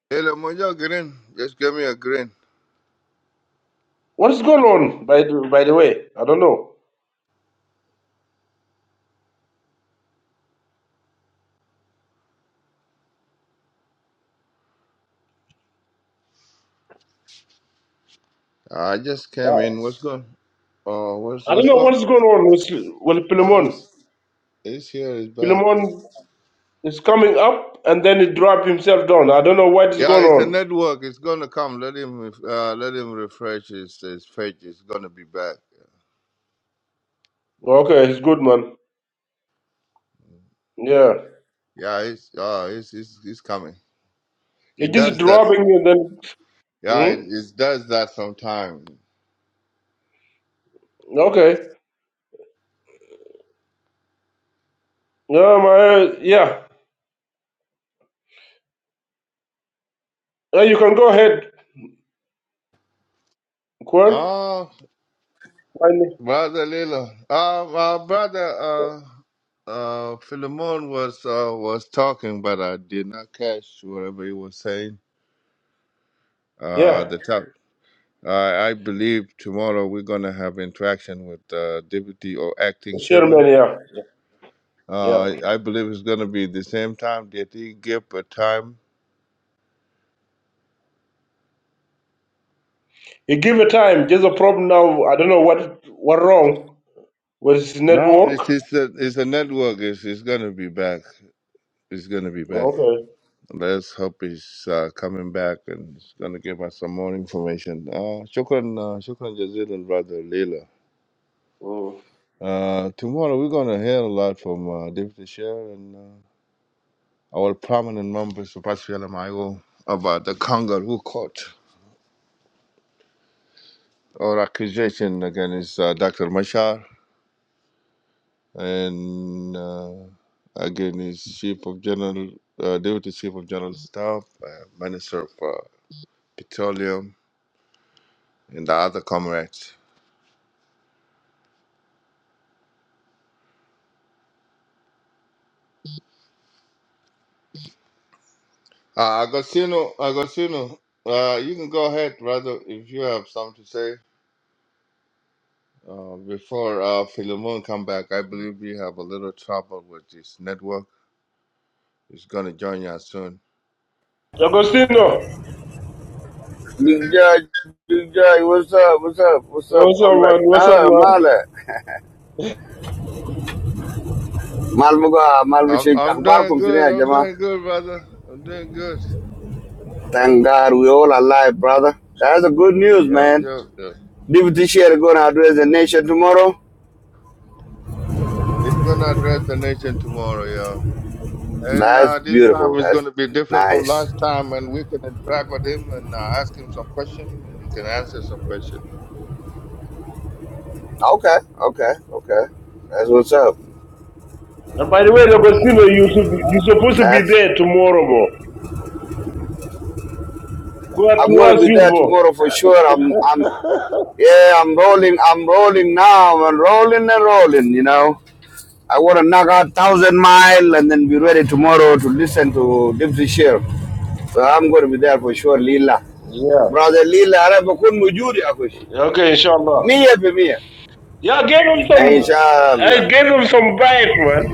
S4: Hello, Mojo Green. Just give me a green.
S2: What is going on? By the, by the way, I don't know.
S4: I just came
S2: Yeah.
S4: in. What's going? Oh, what's
S2: I don't
S4: what's
S2: know
S4: going
S2: what is
S4: on?
S2: going on with with
S4: Oh,
S2: Pilemon.
S4: it's it's here. It's back.
S2: Pilemon is coming up and then he drop himself down. I don't know what is
S4: Yeah,
S2: going
S4: it's a
S2: on.
S4: network. It's gonna come. Let him uh, let him refresh his his page. It's gonna be back.
S2: Okay, it's good, man. Yeah.
S4: Yeah, it's oh, it's it's, it's coming.
S2: they
S4: It
S2: just
S4: does that.
S2: dropping you and then.
S4: Yeah, it,
S2: Hmm?
S4: it does that sometime.
S2: Okay. No, my, yeah. Uh, you can go ahead, Quir.
S4: Oh,
S2: Finally.
S4: brother Lilo. Uh, my brother uh uh Philemon was uh was talking, but I did not catch whatever he was saying. Uh,
S2: Yeah.
S4: the top. Uh, I believe tomorrow we're gonna have interaction with uh, deputy or acting chairman.
S2: Chairman, yeah. Yeah.
S4: Uh, I believe it's gonna be the same time that he give a time.
S2: You give it time. There's a problem now. I don't know what what wrong with his
S4: No,
S2: network.
S4: it's it's a it's a network. It's it's gonna be back. It's gonna be back.
S2: Okay.
S4: Let's hope he's uh, coming back and he's gonna give us some more information. Uh, shukran, uh, shukran jazilan, brother Leela.
S2: Mm.
S4: Uh, tomorrow we're gonna hear a lot from uh, deputy chair and. Uh, Our prominent members of Pashviala Mayo about the Kangaroo Court or accusation against uh, Dr. Mashar and uh, against Chief of General, uh, Deputy Chief of General Staff, uh, Minister of uh, Petroleum, and the other comrades. Uh, Agostino, Agostino, uh, you can go ahead, brother, if you have something to say. Uh, before uh, Philemon come back, I believe we have a little trouble with this network. He's gonna join us soon.
S2: Agostino.
S5: Big Judge, Big Judge, what's up, what's up, what's up,
S2: What's up,
S5: comrade?
S2: man? What's up,
S5: Ah,
S2: man?
S5: Mala. Malmuga,
S4: I'm,
S5: Malvishi,
S4: I'm doing
S5: Akbarkum
S4: good.
S5: Chinia,
S4: I'm
S5: Jama.
S4: doing good, brother. I'm doing good.
S5: Thank God we all alive, brother. That's the good news,
S4: Yep,
S5: man.
S4: yep, yep.
S5: Deputy Chair gonna address the nation tomorrow.
S4: It's gonna address the nation tomorrow, yeah. And
S5: That's
S4: uh, this time
S5: beautiful.
S4: it's
S5: That's
S4: gonna be different from
S5: nice.
S4: last time, and we can interact with him and uh, ask him some question, and he can answer some question.
S5: Okay, okay, okay. That's what's up.
S2: And by the way, Agostino, you should be, you're supposed to be
S5: That's
S2: there tomorrow, bro. Quir
S5: I'm gonna
S2: towards
S5: be
S2: you,
S5: there
S2: bro.
S5: tomorrow for sure. I'm I'm yeah, I'm rolling, I'm rolling now, I'm rolling and rolling, you know. I want to knock out thousand mile and then be ready tomorrow to listen to Deepshree. So I'm going to be there for sure, Lila.
S2: Yeah.
S5: Brother Lila, I'm a good mujur, yeah, wish.
S2: Okay, inshallah.
S5: Me yeah, for me.
S2: Yeah, I gave him some.
S5: Inshallah.
S2: I gave him some bite, man.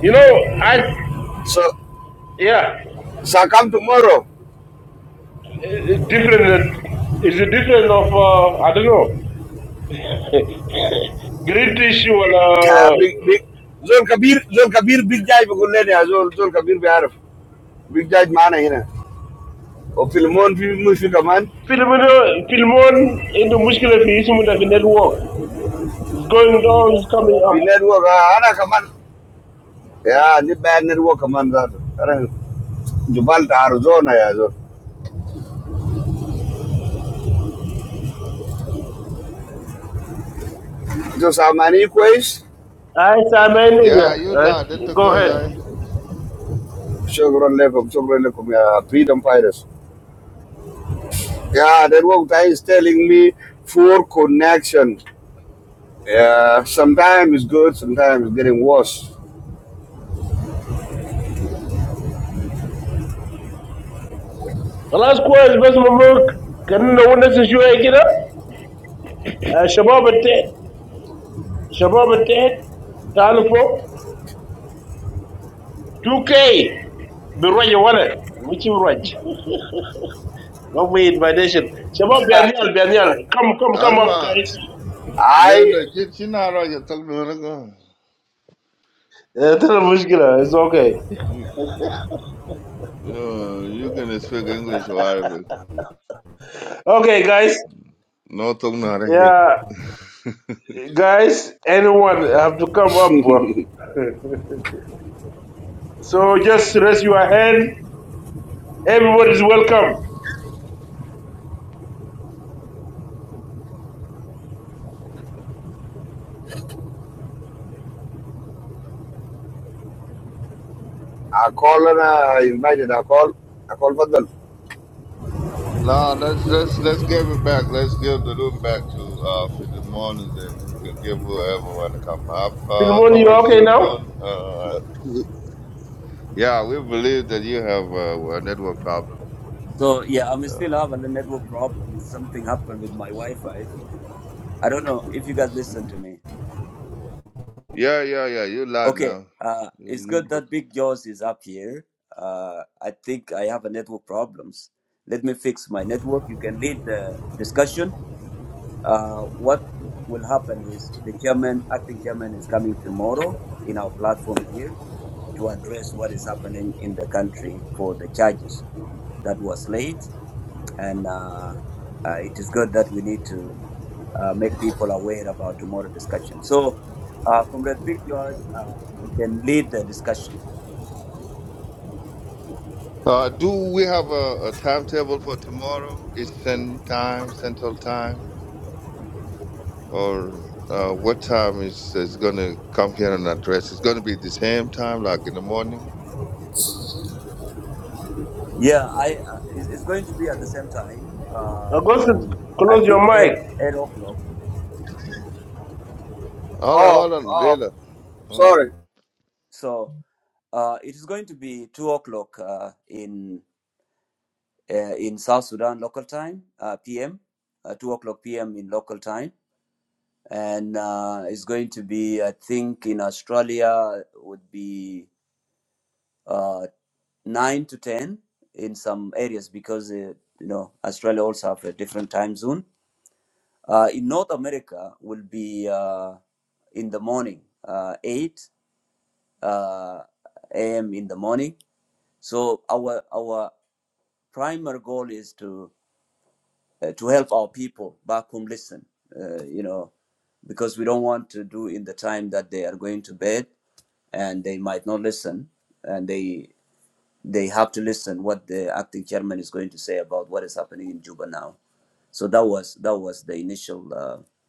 S2: You know, I
S5: So,
S2: yeah,
S5: so come tomorrow.
S2: it- different. It's a different of uh, I don't know. (laughs) Great tissue.
S5: Yeah,
S2: Uh,
S5: big big. Zul Kabir, Zul Kabir, big judge, I'm going to learn. Zul Zul Kabir, I'm aware. Big judge, man, he's not. Oh, filmon film, who's the command?
S2: film one. Film one into muscular tissue. Movement network. It's going down. It's coming up.
S5: Banneruwa, ah, na command. Yeah, the banneruwa command. That. I mean, Jubal Tarujo, na yeah, Zul. So, Samani, quiz.
S2: I say my nigga.
S4: Yeah, you
S2: Right.
S4: lad, into
S2: Go
S4: quiz
S2: ahead.
S4: I.
S5: Children Lekum, Children Lekum, yeah, freedom fighters. Yeah, that what guy is telling me for connection. Yeah, sometimes it's good, sometimes it's getting worse.
S2: Last question, best moment. Can you know what this issue is? You know. Ah, shabab attend. Shabab attend. Telephone. Two K. The rage one. Which rage? Lovely invitation. Shabab Bianyal, Bianyal. Come, come, come up,
S4: Asma,
S2: guys.
S4: Lele,
S5: I
S4: she she not right. You talk to her, go.
S2: Yeah, tell them mushkila. It's okay.
S4: You, uh, you can speak English or Arabic.
S2: Okay, guys.
S4: No, talk to her here.
S2: Yeah, guys. Anyone have to come up. bro. So just raise your hand. Everyone is welcome.
S5: I call and I invited I call I call Fadal.
S4: No, let's let's let's give it back. Let's give the room back to uh Philemon, and then he can give whoever want to come up. Uh,
S2: Filmon, you
S4: Comrade
S2: okay now?
S4: Philemon, uh, we- yeah, we believe that you have uh, a network problem.
S1: So yeah, I'm
S4: Yeah,
S1: still having a network problem. Something happened with my Wi-Fi. I don't know if you guys listen to me.
S4: yeah, yeah, yeah. You loud
S1: Okay,
S4: now.
S1: uh,
S4: You
S1: it's
S4: you
S1: good
S4: good.
S1: that Big Jaws is up here. Uh, I think I have a network problems. Let me fix my network. You can lead the discussion. Uh, what will happen is the chairman, acting chairman, is coming tomorrow in our platform here to address what is happening in the country for the charges that was laid and uh, uh, it is good that we need to uh, make people aware about tomorrow discussion. So, uh, Comrade Big George, uh, you can lead the discussion.
S4: Uh, do we have a, a timetable for tomorrow? Eastern time, Central time, or uh, what time is is gonna come here and address? It's gonna be the same time, like in the morning.
S1: Yeah, I uh, it's, it's going to be at the same time uh,
S2: Augustus,
S1: in I
S2: close your
S1: think eight
S2: mic.
S1: eight o'clock.
S4: Hold on,
S5: Oh,
S4: hold on,
S5: oh,
S4: Leila. Hold on.
S5: sorry.
S1: So uh, it is going to be two o'clock uh, in uh, in South Sudan local time uh, PM, uh, two o'clock PM in local time, and uh, it's going to be I think in Australia would be uh, nine to ten in some areas because uh, you know Australia also have a different time zone. Uh, in North America, will be uh, in the morning, uh, eight uh, a.m. in the morning. So our our primary goal is to uh, to help our people back home listen. Uh, you know, because we don't want to do in the time that they are going to bed and they might not listen and they they have to listen what the acting chairman is going to say about what is happening in Juba now. So that was that was the initial uh,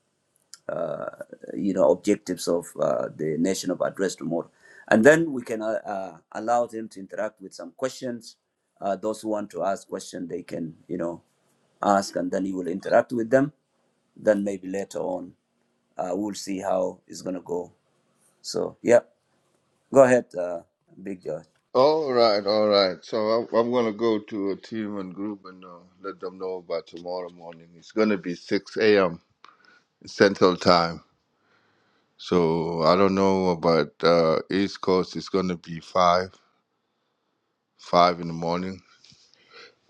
S1: uh, you know objectives of uh, the nation of address tomorrow, and then we can uh, uh, allow them to interact with some questions. Uh, those who want to ask questions, they can you know ask, and then you will interact with them. Then maybe later on, uh, we'll see how it's gonna go. So yeah, go ahead, uh, Big George.
S4: All right, all right. So I'm, I'm gonna go to a team and group and uh, let them know about tomorrow morning. It's gonna be 6 a.m. Central Time. So I don't know about uh, East Coast. It's gonna be five, five in the morning.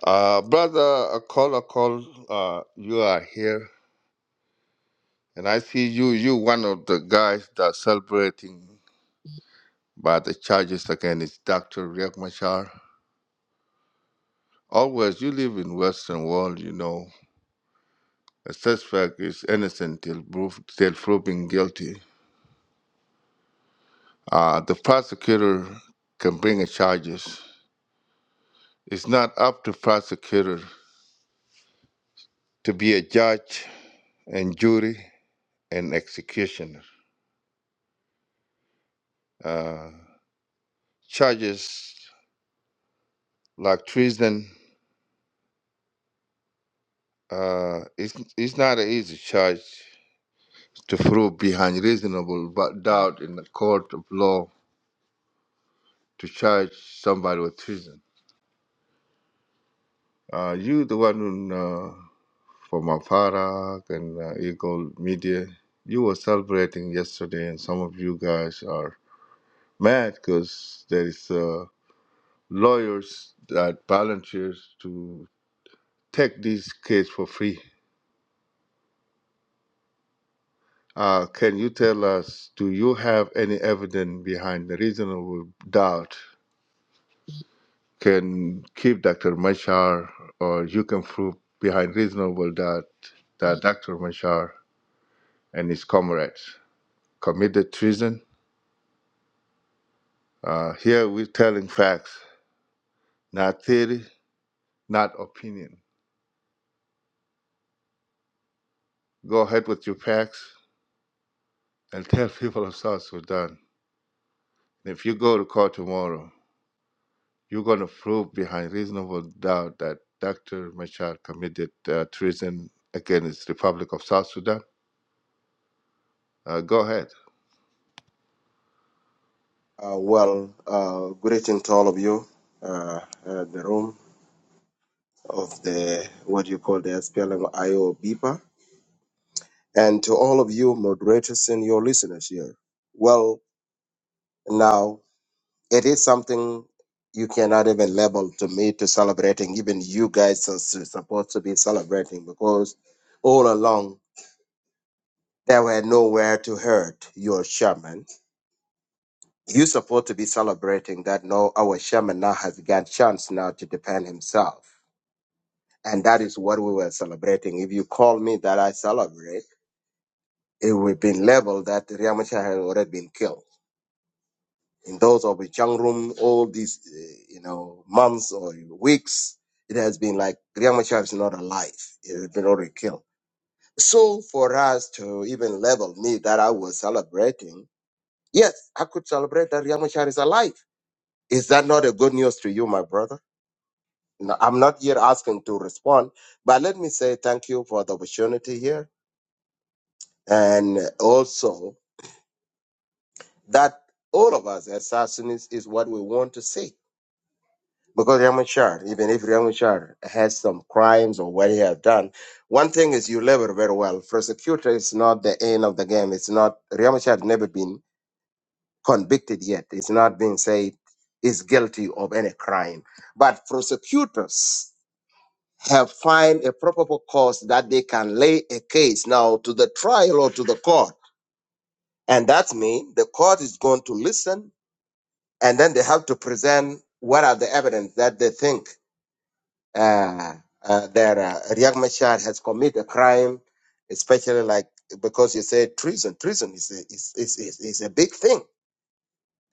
S4: Uh, brother, a call, a call. Uh, you are here, and I see you. You one of the guys that celebrating by the charges against Dr. Riek Machar. Always, you live in Western world, you know. A suspect is innocent till, proof, till proven guilty. Uh, the prosecutor can bring a charges. It's not up to prosecutor to be a judge and jury and executioner. Uh, charges like treason, uh, it's, it's not an easy charge to prove behind reasonable but doubt in the court of law to charge somebody with treason. Uh, you the one who uh, for Maparak and uh, Eagle Media. You were celebrating yesterday, and some of you guys are mad because there is uh, lawyers that volunteers to take this case for free. Uh, can you tell us? Do you have any evidence behind the reasonable doubt? Can keep Dr. Machar, or you can prove behind reasonable doubt that Dr. Machar and his comrades committed treason Uh, here we're telling facts, not theory, not opinion. Go ahead with your facts and (laughs) tell people of South Sudan. If you go to court tomorrow, you're going to prove behind reasonable doubt that Dr. Machar committed uh, treason against the Republic of South Sudan. Uh, go ahead.
S6: Uh, well, uh, greeting to all of you, uh, uh, the room of the what you call the SPLM IO BIPA, and to all of you moderators and your listeners here. Well, now it is something you cannot even label to me to celebrating. Even you guys are su- supposed to be celebrating because all along there were nowhere to hurt your shaman. You're supposed to be celebrating that no, our shaman now has got chance now to defend himself And that is what we were celebrating. If you call me that I celebrate, it would have been labeled that Riyamachar had already been killed. In those of the Room, all these, uh, you know, months or weeks, it has been like Riyamachar is not alive. It has been already killed. So for us to even label me that I was celebrating, yes, I could celebrate that Riyamachar is alive. Is that not a good news to you, my brother? No, I'm not here asking to respond, but let me say thank you for the opportunity here and also that all of us as Sassanids is what we want to see. Because Ramachar, even if Ramachar has some crimes or what he have done, one thing is you labor very well. Prosecutor is not the end of the game. It's not Riyang Machar has never been convicted yet. It's not been said is guilty of any crime. But prosecutors have find a probable cause that they can lay a case now to the trial or to the court. And that means the court is going to listen and then they have to present what are the evidence that they think uh, uh, that uh, Riek Machar has committed a crime, especially like because you say treason. Treason is a, is, is, is, is a big thing.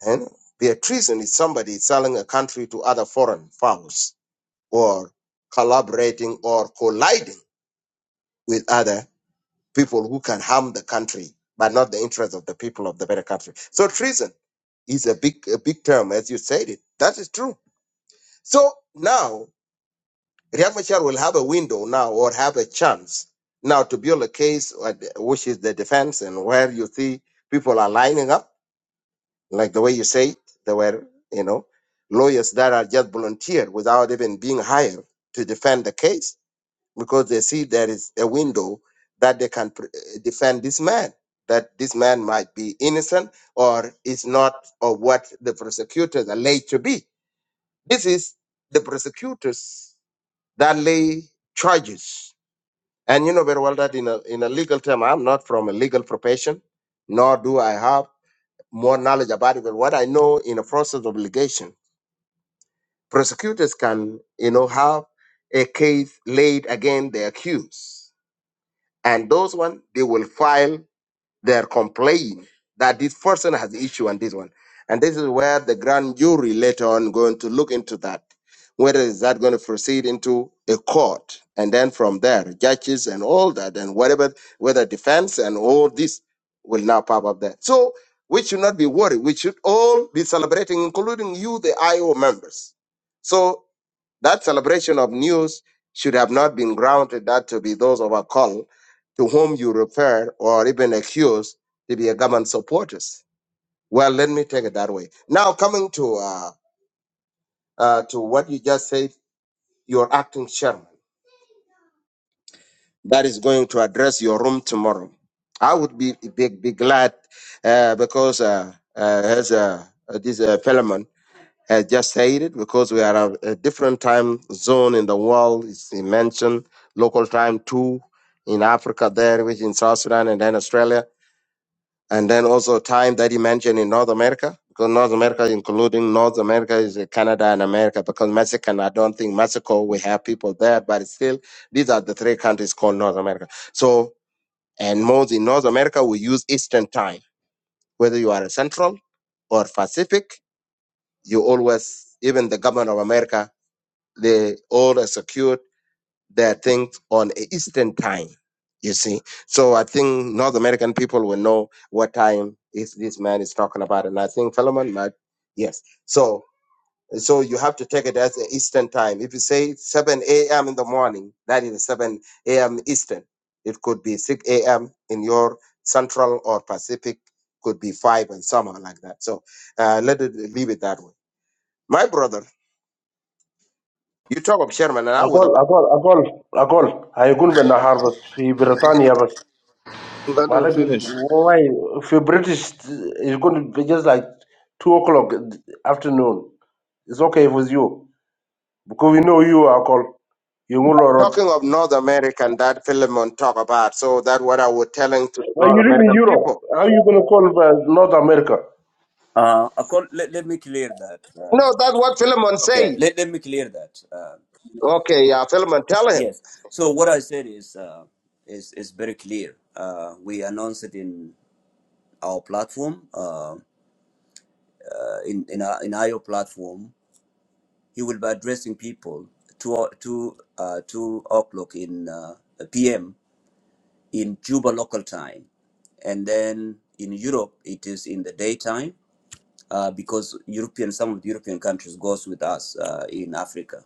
S6: And the treason is somebody selling a country to other foreign powers or collaborating or colliding with other people who can harm the country, but not the interests of the people of the better country. So treason is a big a big term, as you said it. That is true So now Riek Machar will have a window now or have a chance now to build a case uh, which is the defense and where you see people are lining up, like the way you say it, there were, you know, lawyers that are just volunteered without even being hired to defend the case because they see there is a window that they can pr- defend this man, that this man might be innocent or is not or what the prosecutors are laid to be. This is the prosecutors that lay charges. And you know very well that in a, in a legal term, I'm not from a legal profession, nor do I have more knowledge about it. But what I know in a process of litigation, prosecutors can, you know, have a case laid against the accused. And those one, they will file they're complaining that this person has issue on this one. And this is where the grand jury later on going to look into that. Whether is that going to proceed into a court? And then from there, judges and all that and whatever, whether defense and all this will now pop up there. So we should not be worried. We should all be celebrating, including you, the IO members. So that celebration of news should have not been grounded that to be those of a call to whom you refer or even accuse to be a government supporters. Well, let me take it that way. Now, coming to uh, uh, to what you just said, your acting chairman that is going to address your room tomorrow. I would be be, be glad uh, because uh, uh, as uh, uh, this uh, Philemon has just said it, because we are a, a different time zone in the world. It's, he mentioned local time two in Africa there, which in South Sudan and then Australia and then also time that he mentioned in North America, because North America, including North America, is uh, Canada and America, because Mexican, I don't think Mexico, we have people there, but still, these are the three countries called North America. So, and most in North America, we use Eastern time, whether you are a Central or Pacific, you always, even the government of America, they all execute their things on Eastern time. You see, so I think North American people will know what time is this man is talking about, and I think Philemon might, yes. So, so you have to take it as an Eastern time. If you say 7 a.m. in the morning, that is 7 a.m. Eastern. It could be 6 a.m. in your Central or Pacific, could be five and somewhere like that. So, uh, let it leave it that way. My brother, you talk of Sherman, and I was
S2: أقول أقول أقول أقول هيكون بالنهار بس في بريطانيا بس
S4: Let
S2: ما
S4: him
S2: لك
S4: finish.
S2: واي في British, it's going to be just like 2 o'clock afternoon it's okay with you because we know you are called you will
S6: Talking of North American that Philemon talk about, so that's what I was telling to the
S2: now you
S6: North
S2: live in
S6: American
S2: Europe.
S6: people.
S2: How you gonna call uh, North America?
S1: Uh, accord, let, let me clear that. Uh,
S6: No, that's what Philemon
S1: Okay,
S6: say.
S1: let, let me clear that. Uh,
S6: Okay, yeah, Philemon, tell him.
S1: yes. So what I said is uh, is is very clear. Uh, we announced it in our platform, uh, uh, in in our in IO platform. He will be addressing people to o- to uh, two o'clock in uh, PM in Juba local time, and then in Europe it is in the daytime uh, because European some of the European countries goes with us uh, in Africa.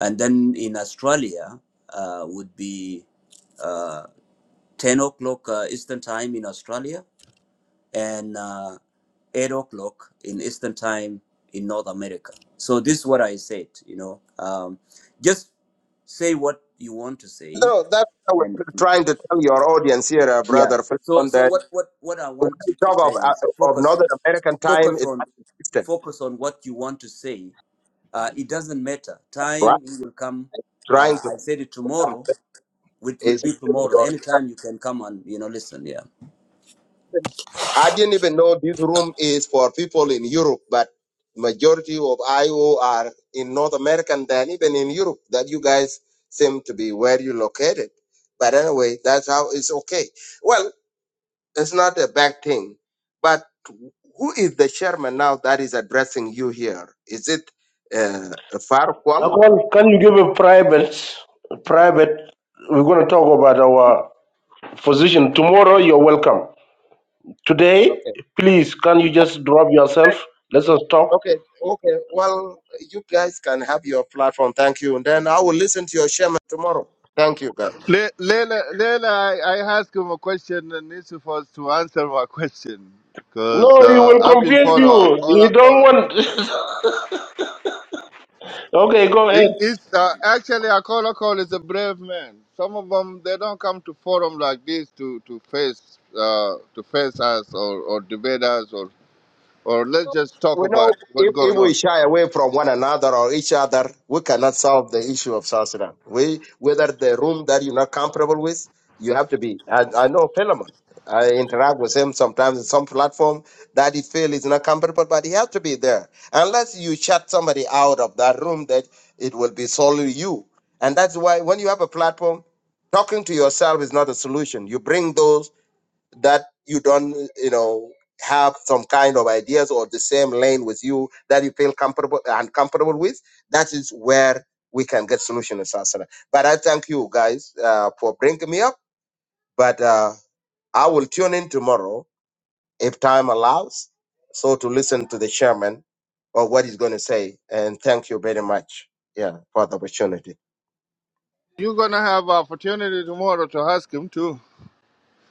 S1: and then in Australia uh, would be uh, 10 o'clock uh, Eastern time in Australia and uh, 8 o'clock in Eastern time in North America. So this is what I said, you know, um, just say what you want to say.
S6: No, that's what I was
S1: And
S6: trying to tell your audience here, uh,
S1: yeah,
S6: brother
S1: so,
S6: Philemon,
S1: so
S6: that
S1: what, what, what I
S6: when
S1: want
S6: you
S1: you to
S6: talk
S1: say
S6: of,
S1: is
S6: uh, of
S1: focus,
S6: North American time,
S1: focus
S6: it's
S1: on,
S6: not consistent,
S1: focus on what you want to say. Uh, it doesn't matter.
S6: right?
S1: Time it will come.
S6: Trying
S1: Uh,
S6: to
S1: I said it
S6: um,
S1: tomorrow. which will
S6: is
S1: be tomorrow.
S6: your
S1: Anytime you can come and you know listen. Yeah,
S6: I didn't even know this room is for people in Europe, but majority of IO are in North America than even in Europe that you guys seem to be where you located. But anyway, that's how it's okay. Well, it's not a bad thing. But who is the chairman now that is addressing you here? Is it uh, Farquhar?
S2: I call, can you give a private private we're gonna talk about our position. Tomorrow you're welcome. Today,
S6: Okay.
S2: please can you just drop yourself? Let us talk.
S6: Okay, okay. Well, you guys can have your platform. Thank you. And then I will listen to your chairman tomorrow. Thank you, guys.
S4: Le- Leila, Leila I, I asked him a question and he's supposed to answer my (laughs) question
S2: No,
S4: because
S2: he
S4: uh,
S2: will
S4: I've been
S2: confuse
S4: following a
S2: you. He
S4: caller
S2: don't
S4: call.
S2: want (laughs) Okay, go
S4: It,
S2: ahead.
S4: it's uh, actually Akola Call is a brave man. Some of them they don't come to forum like this to to face uh, to face us or, or debate us or or let's just talk
S6: we
S4: about
S6: know
S4: what's
S6: if, if
S4: going
S6: we
S4: on.
S6: shy away from one another or each other, we cannot solve the issue of South Sudan. We, whether the room that you're not comfortable with, you have to be. I, I know Philemon. I interact with him sometimes in some platform that he feels is not comfortable, but he has to be there. Unless you shut somebody out of that room, that it will be solely you. And that's why when you have a platform, talking to yourself is not a solution. You bring those that you don't you know have some kind of ideas or the same lane with you that you feel comfortable uncomfortable with that is where we can get solution in South Sudan. but i thank you guys uh, for bringing me up but uh, i will tune in tomorrow if time allows so to listen to the chairman or what he's going to say and thank you very much yeah for the opportunity
S4: You're gonna have opportunity tomorrow to ask him too.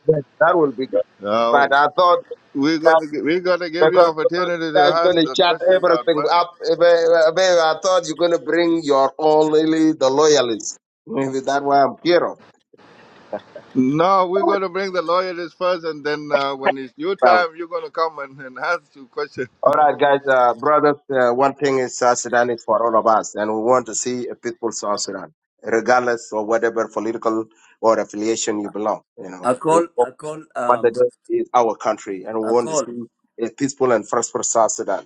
S6: Yes, that will be good but
S4: Now
S6: i thought
S4: we're gonna gi- we're gonna give you
S6: Because, because you
S4: opportunity to
S6: guys
S4: ask
S6: gonna
S4: the
S6: shut
S4: question that
S6: everything
S4: Bunny.
S6: up. eh, eh, eh, eh, I thought you're gonna bring your own really the loyalists. Maybe that's why I'm here.
S4: No, we're gonna bring the lawyers first, and then uh, when it's your time,
S6: Well,
S4: you're gonna come and, and ask your question.
S6: all right, guys, uh, brothers. Uh, one thing is South Sudan is for all of us, and we want to see a peaceful South Sudan, regardless of whatever political or affiliation you belong. You
S1: I
S6: know, it's
S1: call,
S6: what
S1: I call,
S6: what they
S1: um,
S6: do is our country, and we
S1: I
S6: want to
S1: call.
S6: see a peaceful and prosperous South Sudan.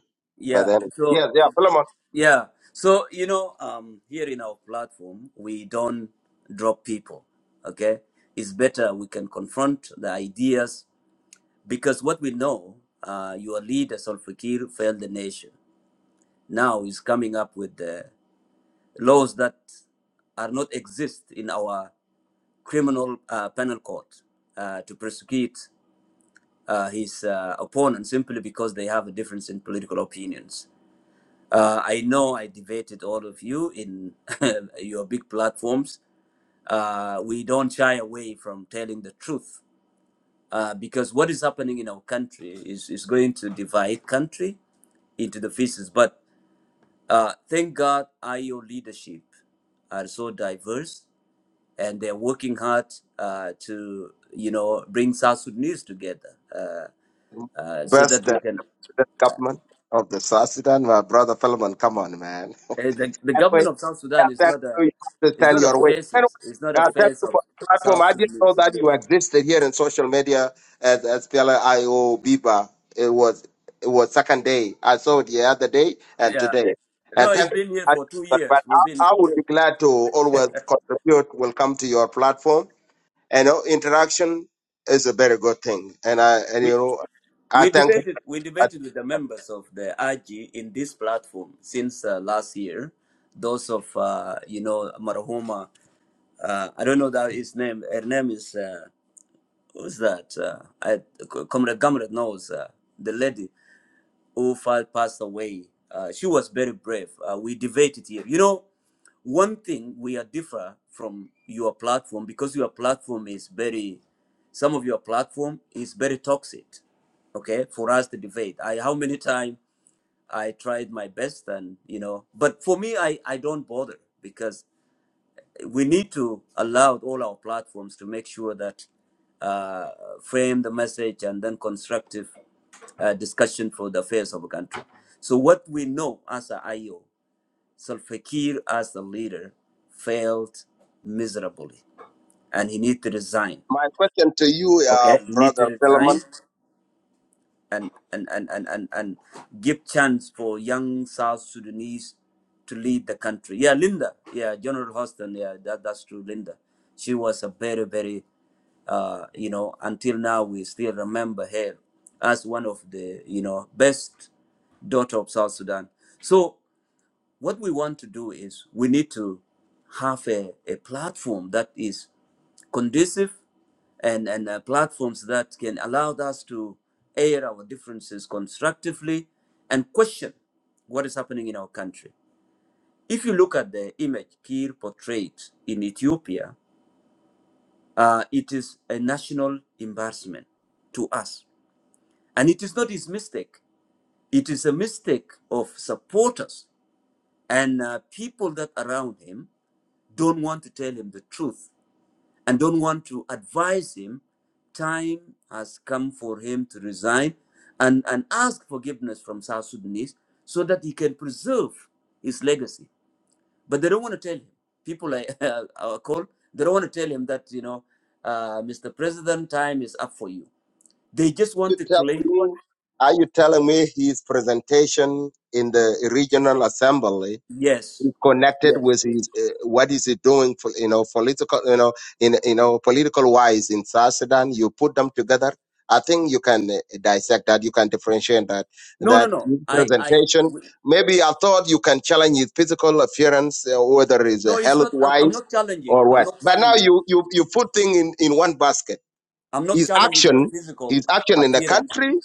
S6: By
S1: Yeah.
S6: then,
S1: So
S6: yes, yeah, Philemon.
S1: yeah. So you know, um, here in our platform, we don't drop people. Okay, it's better we can confront the ideas because what we know, uh, your leader Solfakir failed the nation. Now he's coming up with the laws that are not exist in our criminal uh, penal code uh, to prosecute uh, his uh, opponent simply because they have a difference in political opinions. Uh, I know I debated all of you in (laughs) your big platforms. Uh, we don't shy away from telling the truth uh, because what is happening in our country is, is going to divide country into the pieces. But uh, thank God, IO leadership are so diverse and they're working hard uh, to you know bring South Sudanese together uh, so that
S6: Best.
S1: we can
S6: the government. Of the South Sudan, my brother Philemon, come on, man. (laughs)
S1: Eh, the, the
S6: And we
S1: government of South
S6: are
S1: Sudan is not
S6: thankful
S1: a,
S6: you You have to
S1: it's
S6: stand
S1: not a
S6: your way. And
S1: faces. It's not
S6: we
S1: a
S6: are
S1: face
S6: thankful
S1: of
S6: for the platform.
S1: South
S6: I didn't know
S1: Sudanese.
S6: that you existed here in social media as as PLIO Biba. It was it was second day. I saw it the other day and
S1: Yeah.
S6: today.
S1: No,
S6: And
S1: it's
S6: thank you.
S1: been here
S6: I did
S1: for two years.
S6: but
S1: We've been
S6: I, I would be glad to always contribute will come to your platform. And uh, interaction is a very good thing. And I and you
S1: we
S6: know I
S1: we
S6: thank you.
S1: debated we debated with the members of the IG in this platform since uh, last year. Those of uh, you know Marahuma, uh, I don't know that his name. Her name is uh, who's that? Uh, I, Comrade Gamret knows uh, the lady. who passed away. Uh, she was very brave. Uh, we debated here. You know, one thing we are different from your platform because your platform is very, some of your platform is very toxic. Okay, for us to debate. I how many times I tried my best and you know, but for me, I I don't bother because we need to allow all our platforms to make sure that uh, frame the message and then constructive uh, discussion for the affairs of a country. So what we know as a IO, Salfakir as the leader failed miserably, and he needs to resign.
S6: My question to you, uh,
S1: Okay, he needs to
S6: Brother Philemon,
S1: resign and and and and and, and give chance for young South Sudanese to lead the country. Yeah, Linda. Yeah, General Houston. Yeah, that that's true. Linda, she was a very very uh, you know until now we still remember her as one of the you know best daughter of South Sudan. So what we want to do is we need to have a, a platform that is conducive and, and uh, platforms that can allow us to air our differences constructively and question what is happening in our country. If you look at the image Kiir portrayed in Ethiopia, uh, it is a national embarrassment to us. And it is not his mistake, it is a mistake of supporters and uh, people that around him don't want to tell him the truth and don't want to advise him, time has come for him to resign and, and ask forgiveness from South Sudanese so that he can preserve his legacy. But they don't want to tell him. People I, I (laughs) call, they don't want to tell him that, you know, uh, Mr. President, time is up for you. They just
S6: you
S1: want to
S6: tell
S1: claim,
S6: me, are you telling me his presentation in the regional assembly
S1: yes,
S6: is connected
S1: yes.
S6: with his, uh, what is he doing for, you know, political, you know, in, you know, political wise in South Sudan? You put them together. I think you can uh, dissect that. You can differentiate that.
S1: No, no,
S6: That
S1: no.
S6: his
S1: I, I,
S6: presentation,
S1: w-
S6: maybe I thought you can challenge his physical appearance, uh, whether it's uh,
S1: no, it's
S6: health
S1: not, I'm, I'm
S6: wise
S1: not challenging.
S6: or
S1: I'm
S6: what.
S1: not
S6: But now
S1: challenging.
S6: you, you, you put things in, in one basket
S1: I'm not
S6: his
S1: challenging his
S6: action,
S1: physical
S6: his action in the country,
S1: appearances.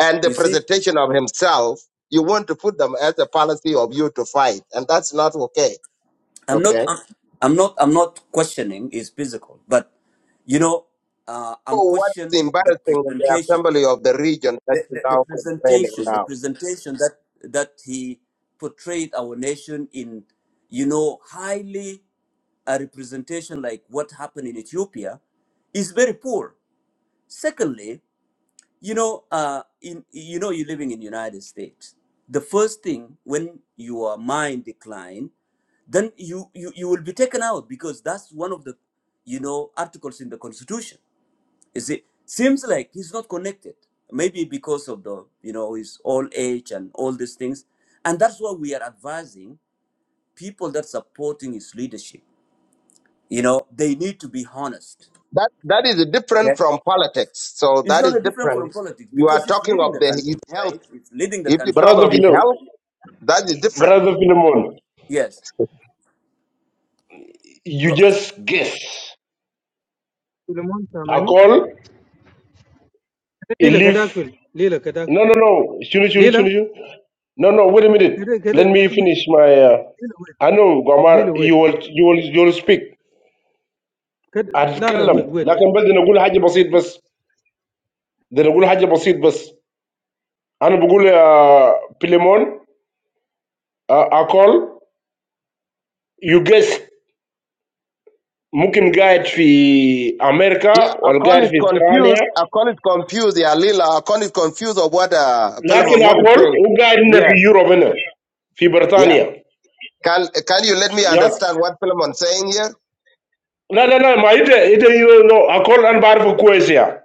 S6: and the
S1: You see,
S6: presentation of himself. You want to put them as a policy of you to fight, and that's not okay.
S1: I'm not,
S6: Okay.
S1: I'm, I'm not, I'm not questioning his physical, but you know, uh, I'm
S6: So
S1: questioning
S6: what's
S1: the
S6: embarrassing in the
S1: presentation,
S6: assembly of the region that
S1: the,
S6: you
S1: the, the
S6: now complaining
S1: presentation, the
S6: now?
S1: presentation that that he portrayed our nation in, you know, highly a representation like what happened in Ethiopia is very poor. Secondly, You know, uh, in you know, you're living in United States. The first thing when your mind decline, then you, you you will be taken out because that's one of the, you know, articles in the Constitution. Is it seems like he's not connected? Maybe because of the you know his old age and all these things, and that's why we are advising people that supporting his leadership. You know, they need to be honest.
S6: That that is different
S1: Okay,
S6: from politics. So
S1: it's
S6: that
S1: not
S6: is
S1: a different from
S6: different.
S1: politics
S6: You
S1: because
S6: are
S1: he's
S6: talking
S1: leading
S6: of
S1: the
S6: the his
S1: country,
S6: health.
S1: right? He's leading the
S6: If you
S1: country
S6: talk
S2: Brother
S6: of his
S2: Philemon,
S6: health, that is different.
S2: Brother Philemon,
S1: Yes.
S2: you
S1: Go.
S2: just guess.
S7: سليمان
S2: I
S7: سامعني
S2: call, he
S7: ليلى كداك
S2: leave.
S7: فيل ليلى كداك
S2: No, no, no. Shunu, shunu,
S7: ليلى
S2: shunu, shunu. No, no, wait a minute.
S7: كده كده
S2: Let me finish my. Uh,
S7: كده ويت
S2: I know, Gamar.
S7: ليلى ويت ليلى
S2: You
S7: ويت
S2: will, you will, you will speak.
S7: كده
S2: I will speak.
S7: لا لا ويت ويت ويت
S2: لكن بدي نقول حاجة بسيط بس بدي نقول حاجة بسيط بس. Then I'll say something simple. I'm going to say lemon alcohol. You guess? Maybe it's in
S6: Yeah,
S2: America or
S6: Akon
S2: it's
S6: is
S2: in
S6: confused.
S2: Australia.
S6: Akon is confused. Yeah, Lila, Akon is confused of what uh,
S2: But
S6: Philemon
S2: I'll
S6: want to say.
S2: say it's
S6: Yeah,
S2: in Europe. In Britain.
S6: Yeah. Can can you let me
S2: Yeah.
S6: understand what Philemon's saying here?
S2: No, no, no. Maybe it's alcohol and barley for Croatia.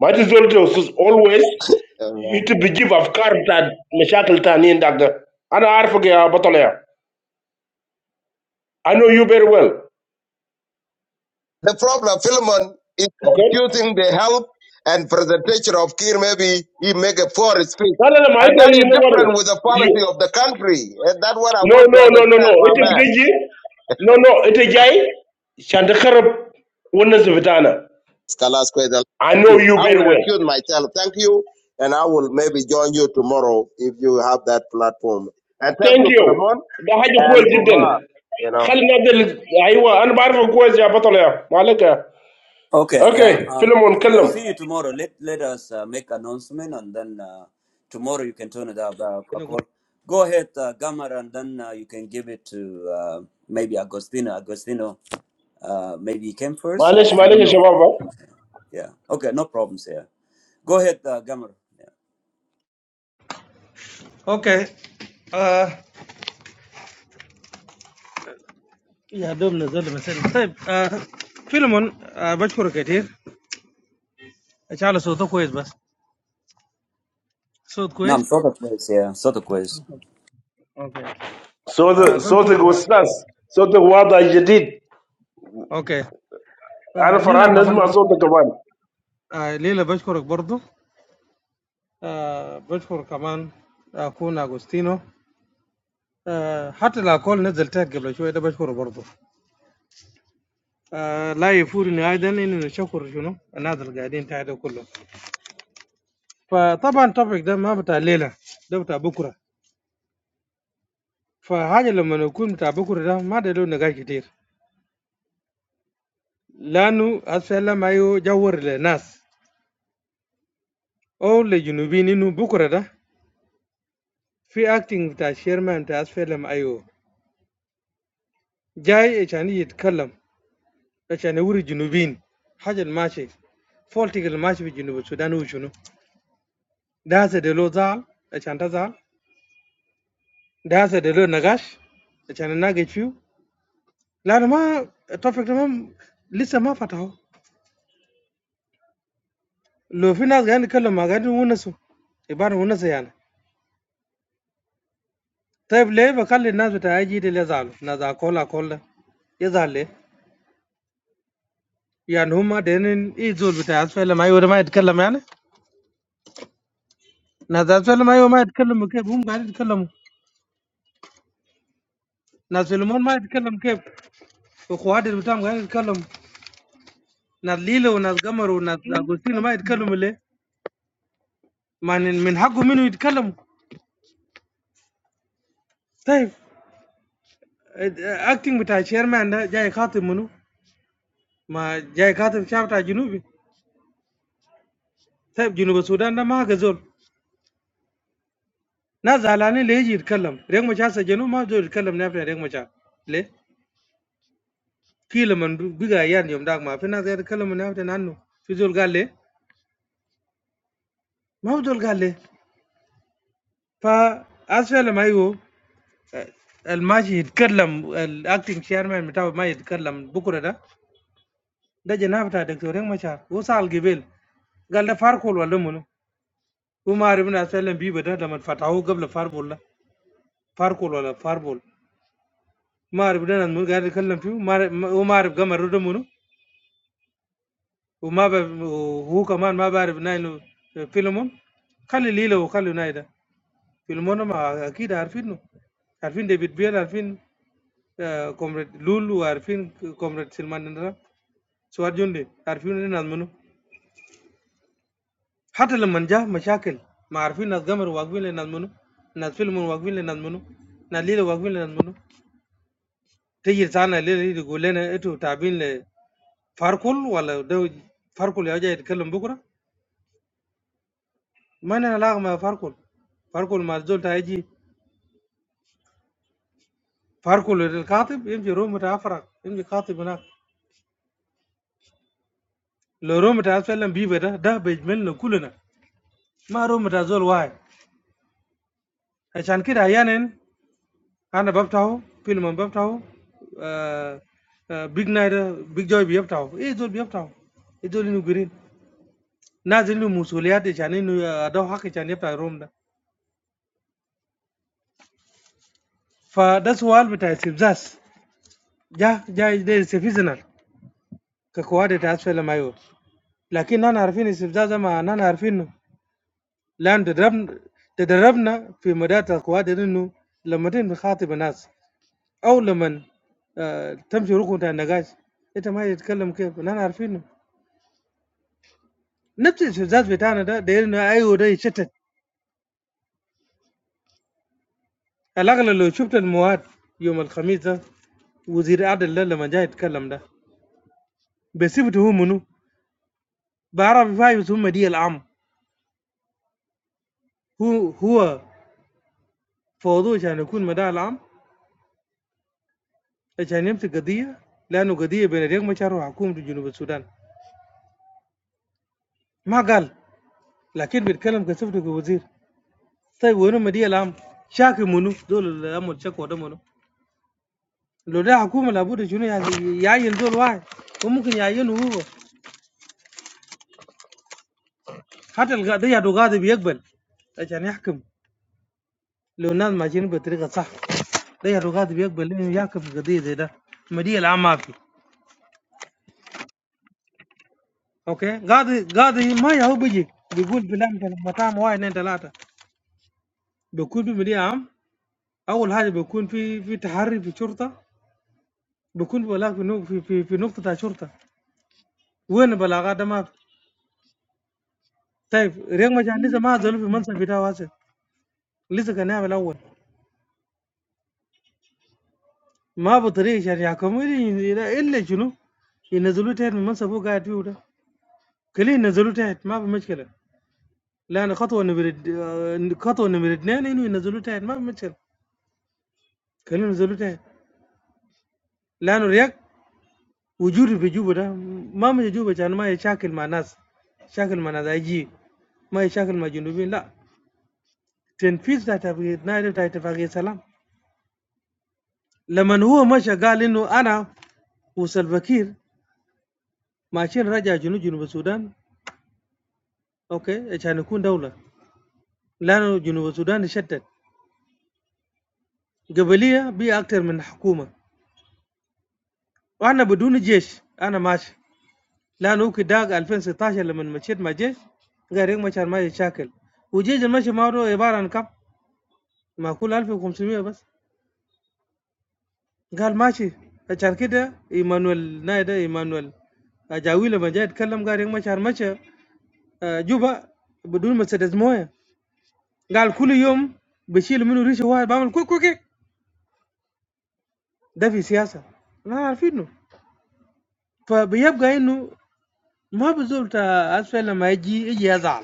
S2: Maybe it's all those always. You
S6: Uh,
S2: to forgive of car that me shuttle to any endagga. I know Arabic yeah, but only I know you very well.
S6: the problem Philemon is
S2: Okay.
S6: confusing the help and presentation of Kir. Maybe he make a poor speech,
S2: No no no
S6: and that is
S2: no no.
S6: different with the
S2: You
S6: policy of the country. And that's what I
S2: know what you no
S6: want to
S2: no no no no.
S6: understand, my man.
S2: You no no. This guy. Can't accept wonders withana.
S6: Skalas Kweza,
S2: I
S6: thank
S2: know
S6: you.
S2: you
S6: I
S2: very
S6: will
S2: well.
S6: recuse myself. Thank you, and I will maybe join you tomorrow if you have that platform. And thank
S2: Thank
S6: you,
S2: you.
S6: Philemon
S2: The hard to call
S6: and
S2: today.
S6: Bomar. You know.
S2: Khalid Abdel Aywa. I know Arabic quite yeah, but only Malayka.
S1: Okay. Yeah.
S2: Okay.
S1: Uh,
S2: Film and
S1: uh,
S2: talk.
S1: see you tomorrow. Let let us uh, make announcement, and then uh, tomorrow you can turn it up uh, a
S7: أنا أقول.
S1: call. Go ahead, uh, Gamar, and then uh, you can give it to uh, maybe Agostino. Agostino, uh, maybe he came first. I,
S2: Malaysh
S1: I don't
S2: Malaysh
S1: know.
S2: Shababa.
S1: Yeah. Okay. No problems here. Go ahead, uh, Gamar. Yeah.
S7: اوكي آه يا دوب نزل بس طيب آه فيلمون آه بشكرك كثير ان شاء الله صوته كويس بس صوت كويس
S1: نعم صوتك كويس يا صوتك كويس
S7: اوكي
S2: So
S7: آه
S2: the so the
S7: بشكرك
S2: goodness, so the world is different.
S7: اوكي آه
S2: I'm from
S7: ليلى
S2: France,
S7: كمان
S2: my so
S7: بشكرك
S2: the guy,
S7: آه ليلى بشكرك برضو آه بشكر كمان اكون اغوستينو آه حتى الاكل نزلتها قبل شوي ده بشكره برضو آه لا يفورني أيضا إني نشكر شنو الناس اللي قاعدين تحت ده كله فطبعا topic ده ما بتاع الليلة ده بتاع بكرة فحاجة لما نكون بتاع بكرة ده ما ده له نقاش كتير لأنه هسه لما يو جور للناس أو للجنوبيين إنه بكرة ده في acting بتاع شيرمان بتاع هسه لما أيو جاي عشان يتكلم عشان يوري الجنوبيين حاجة الماشي فولتك الماشي في جنوب السودان هو شنو ده هسه ده له زعل عشان تزعل ده هسه ده له نقاش عشان نناقش فيه لا انا ما التوبيك ده ما- لسه ما فتحوه لو في ناس قاعدين يتكلموا ما قاعدين يونسوا يبان ونسوا يعني طيب ليه بخلي الناس بتاع جي دي اللي يزعلوا ناس اكولا اكولا يزعل ليه؟ يعني هم دينين ايه زول بتاع اسفل ما يقول ما يتكلم يعني ناس اسفل ما يقول ما يتكلموا كيف هم قاعدين يتكلموا ناس فيلمون ما يتكلم كيف وخوادر بتاعهم قاعدين يتكلموا ناس ليلى وناس قمر وناس اغوستين ما يتكلموا ليه؟ ما من من حقه منه يتكلموا طيب اكتنج بتاع شيرمان ده جاي خاطب منه ما جاي كاتب شعب تاع جنوبي طيب جنوب السودان ده ما هكذول ناس زعلانين ليه يجي يتكلم ريك مشاعر سجنوه ما زول يتكلم نافع ريك مشاعر ليه كيل من دو- بيجا يان يوم داك ما في ناس قاعد يتكلم نافع عنه في زول قال ليه ما هو زول قال ليه فأسفل ما يو الماشي يتكلم الاكتنج شيرمان بتاعه ما يتكلم بكره ده ده جناب بتاع دكتور ريك مشاعر هو سال جبال قال ده فاركول ولا منو وما عرفنا اسفل بيبه ده لما فتحوه قبل فاربول ده فاركول ولا فاربول ما اعرف ده انا منو قاعد اتكلم فيه ما أعرف- ما- وما اعرف قمر ده منو وما بعرف وهو كمان ما بعرف نايل فيلمون خلي ليلى وخلي نايل ده فيلمون ما اكيد عارفينه عارفين ديفيد بيل عارفين آه، كومريد لول وعارفين كومريد سلمان نرا سوار جندي عارفين إيه ناس منو حتى لما جاء مشاكل ما عارفين ناس قمر واقفين لناس منو ناس فيلم واقفين لناس منو ناس ليلى واقفين لناس منو تيجي سانا ليلى يقول لنا انتوا تابعين فاركول ولا ده فاركول يا جاي يتكلم بكره ما انا لاغ مع فاركول فاركول ما زول تايجي فاركول الكاتب يمشي روم تاع افرق يمشي كاتب هناك لو روم تاع فيلم بيبه ده ده بيجملنا كلنا ما روم تاع زول واحد عشان كده احيانا انا بفتحه فيلم بفتحه آه آه بيج نايت بيج جوي بيفتحه ايه زول بيفتحه ايه زول انه جرين نازل له مسؤوليات عشان انه ادو حق عشان يفتح الروم ده فده سؤال بتاع استفزاز ja ja de seasonal ka kuwade ta asfala mayo lakin nana harfin istifzaza ma nana harfin lan tadarabna tadarabna fi madata kuwade dinu لما تم تخاطب ناس او لما آه تمشي ركن تاع النقاش انت ما تتكلم كيف نحن عارفينه نفس الاستفزاز بتاعنا ده دايرنا ايوه ده يشتت الاغلب لو شفت المواد يوم الخميس ده وزير عدل ده لما جاي يتكلم ده بصفته هو منو بعرف فايز هم دي العام هو هو فوضوه عشان يكون مدعي العام عشان يمسك قضيه لانه قضيه بين ريك مشار وحكومه جنوب السودان ما قال لكن بيتكلم كسفته كوزير طيب وينو مدي الام شاكي منو دول اللي عمل شكوى ده منو لو ده حكومه لابد شنو يعني يعين دول واحد وممكن يعينه هو حتى القضيه ده قاضي بيقبل عشان يحكم لو الناس ماشيين بطريقه صح ده القاضي بيقبل انه يحكم في قضيه زي ده مدية العام ما في اوكي قاضي قاضي ما يهو بيجي بيقول بلان كان مطعم واحد اثنين ثلاثه بيكون في مدية عام أول حاجة بيكون في في تحرّي في الشرطة، بيكون بلاغ في نو في في في نقطة بتاع شرطة، وين البلاغات ده ما في. طيب رياض مجان لسه ما زالوا في المنصب بتاعه هسه، لسه كان نائب الأول، ما بطريقة عشان يحكموه إلّا إلّا شنو، ينزّلوه تحت من المنصب هو قاعد فيه ده، خليه ينزّلوه تحت ما في مشكلة، لأن خطوة نمرة د آآ خطوة نمرة 2 إنه ينزّلوه تحت ما في مشكلة، خليهم ينزّلوه تحت، لأنه رياض وجوده في جوبة ده ما مشى جوبة عشان ما يشاكل مع ناس، شاكل مع ناس IG. ما يشاكل مع جنوبيين لا تنفيذ بتاع اتفاقية نايروبي بتاع اتفاقية سلام لما هو مشى قال انه انا وسلفاكير ماشيين رجع جنوب جنوب السودان اوكي عشان يكون دولة لانه جنوب السودان شتت قبلية بي اكثر من حكومة وانا بدون جيش انا ماشي لانه كداق 2016 لما مشيت مع جيش قال ما مشان ما يشاكل وجيش المشي معه عبارة عن كم؟ معقول 1500 بس قال ماشي عشان كده ايمانويل نايدا ايمانويل اجاوي لما جاي يتكلم قال ما شهر مشى آه، جوبا بدون ما سدد مويه قال كل يوم بشيل منه ريشه واحد بعمل كل كل كل. ده في سياسه لا عارفينه فبيبقى انه ما بزول تا اسفل لما يجي يجي يزعل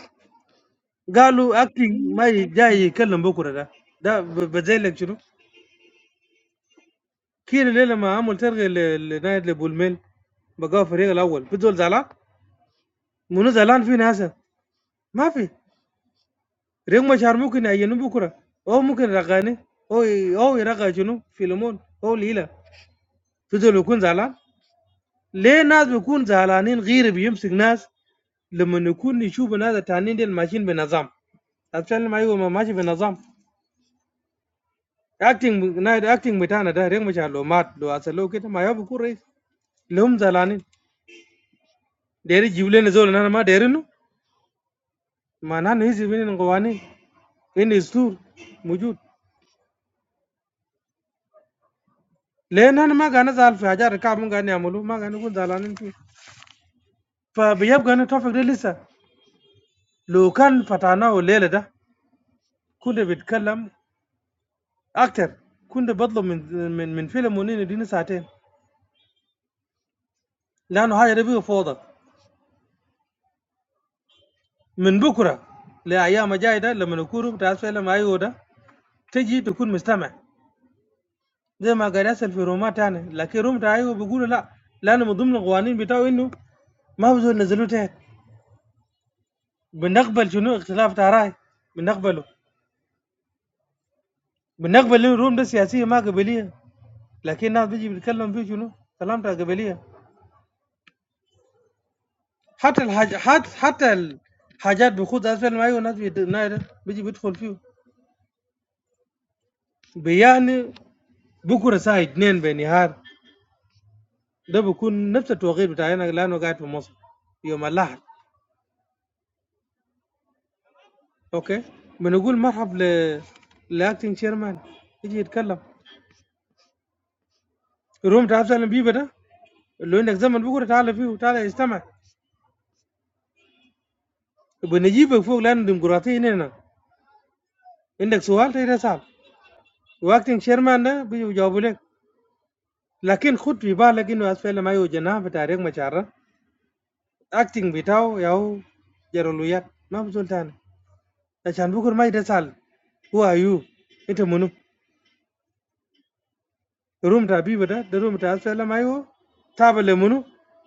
S7: قالوا اكتنج ما ي- جاي يتكلم بكره ده ده ب- بزيلك شنو كير الليله ما عمل ترغي لنايد لبولميل بقى في الفريق الاول في زول زعلان منو زعلان في ناس ما في ريك مشار ممكن يعينوه بكره هو ممكن يرغاني هو ي- هو يرغى شنو فيلمون هو ليلى فضل يكون زعلان ليه ناس بيكون زعلانين غير بيمسك ناس لما يكون يشوف ناس التانيين ديل ماشيين بنظام أتكلم ما يقول ما ماشي بنظام اكتنج نايد اكتنج بتاعنا ده ريك مشار لو مات لو أسأله كده ما يبقى بيكون رئيس اللي هم زعلانين داير يجيب لنا زول انا ما دايرينه ما نحن هيزي بين قوانين ان السور موجود لان انا ما كان زعل في حاجات كعب ما كان يعملوا ما كان يكون زعلانين فيه فبيبقى ان التوفيق ده لسه لو كان فتحناه الليله ده كنا بنتكلم اكتر كنا بطلب من من من فيلم ونين يديني ساعتين لانه حاجه ده بقى فوضى من بكره لايام الجايه ده لما نكون بتاع فيلم ايوه ده تجي تكون مستمع زي ما قال يحصل في رومات تاني لكن روم بتاع ايوه بيقولوا لا لانه من ضمن القوانين بتاعه انه ما بزول نزلوا تحت بنقبل شنو اختلاف تاع راي بنقبله بنقبل انه الروم ده سياسيه ما قبليه لكن الناس بيجي بيتكلم فيه شنو كلام بتاع قبليه حتى الحاج حتى حتى الحاجات بيخوض اسفل ما الناس بيدناي بيجي بيدخل فيه بيعني بكره الساعه 2 بالنهار ده بيكون نفس التوقيت بتاعنا لانه قاعد في مصر يوم الاحد اوكي بنقول مرحب ل لاكتنج شيرمان يجي يتكلم روم بتاع اسفل بيبه ده اللي عندك زمن بكره تعال فيه وتعال استمع بنجيبك فوق لانه ديمقراطيه هنا عندك سؤال تقدر تسال واكتنج شيرمان ده بيجي بيجاوبوا لك لكن خد في بالك انه اسفل ما يوجد جناح في تاريخ مشارة اكتنج بتاعه ياهو جرولويات ما بزول تاني عشان بكره ما يتسال هو ايو انت منو روم تاع بيبا ده ده روم تاع اسفل ما يو تابع لمنو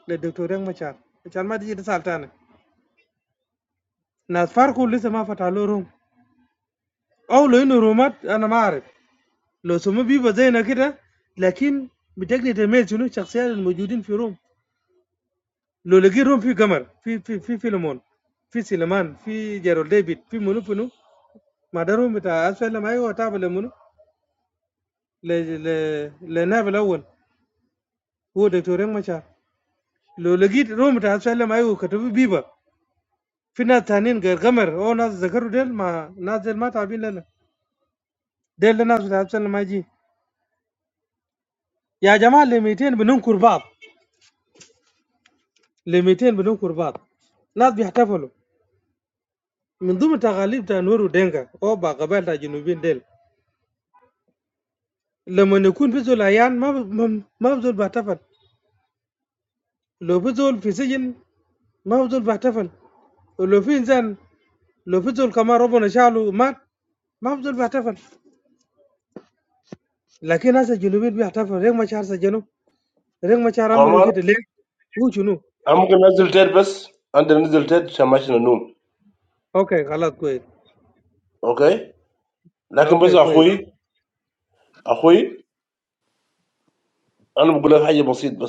S7: للدكتور يانج مشار عشان ما تجي تسال تاني ناس فاركو لسه ما فتح له روم او لو انه رومات انا ما اعرف لو سمو بيبا زينا كده لكن بتقدر تميز شنو الشخصيات الموجودين في روم لو لقيت روم في قمر في في في فيلمون في سليمان في جيرول ديفيد في منو منو ما ده روم بتاع اسفل ما هو تابع لمنو ل ل للنائب الاول هو دكتور ريم مشار لو لقيت روم بتاع اسفل ما هو كتب بيبا في ناس تانيين غير قمر او ناس ذكروا ديل ما ناس ديل ما تابعين لنا ديل الناس بتاع اسفل ما يجي يا جماعه ل 200 بننكر بعض ل 200 بننكر بعض ناس بيحتفلوا من ضمن تغاليب تاع نورو دينكا او بقبائل تاع جنوبين ديل لمن يكون في ذو الأعيان ما ب- ما ما بزول بحتفل لو في زول في سجن ما بزول بحتفل ولو في إنسان لو في زول كمان ربنا شاله مات ما بزول بحتفل لكن هسه الجنوبيين بيحتفل ريك ما شعر سجنوا ريك ما شعر عملوا
S2: Gomer.
S7: كده ليه؟ هو شنو؟
S2: I'm gonna tell you this: I'm gonna tell you to smash the door.
S7: أوكي خلاص كويس
S2: Okay? But
S7: آه،
S2: my
S7: أوكي
S2: brother,
S7: كويس
S2: brother, I'm gonna say something simple.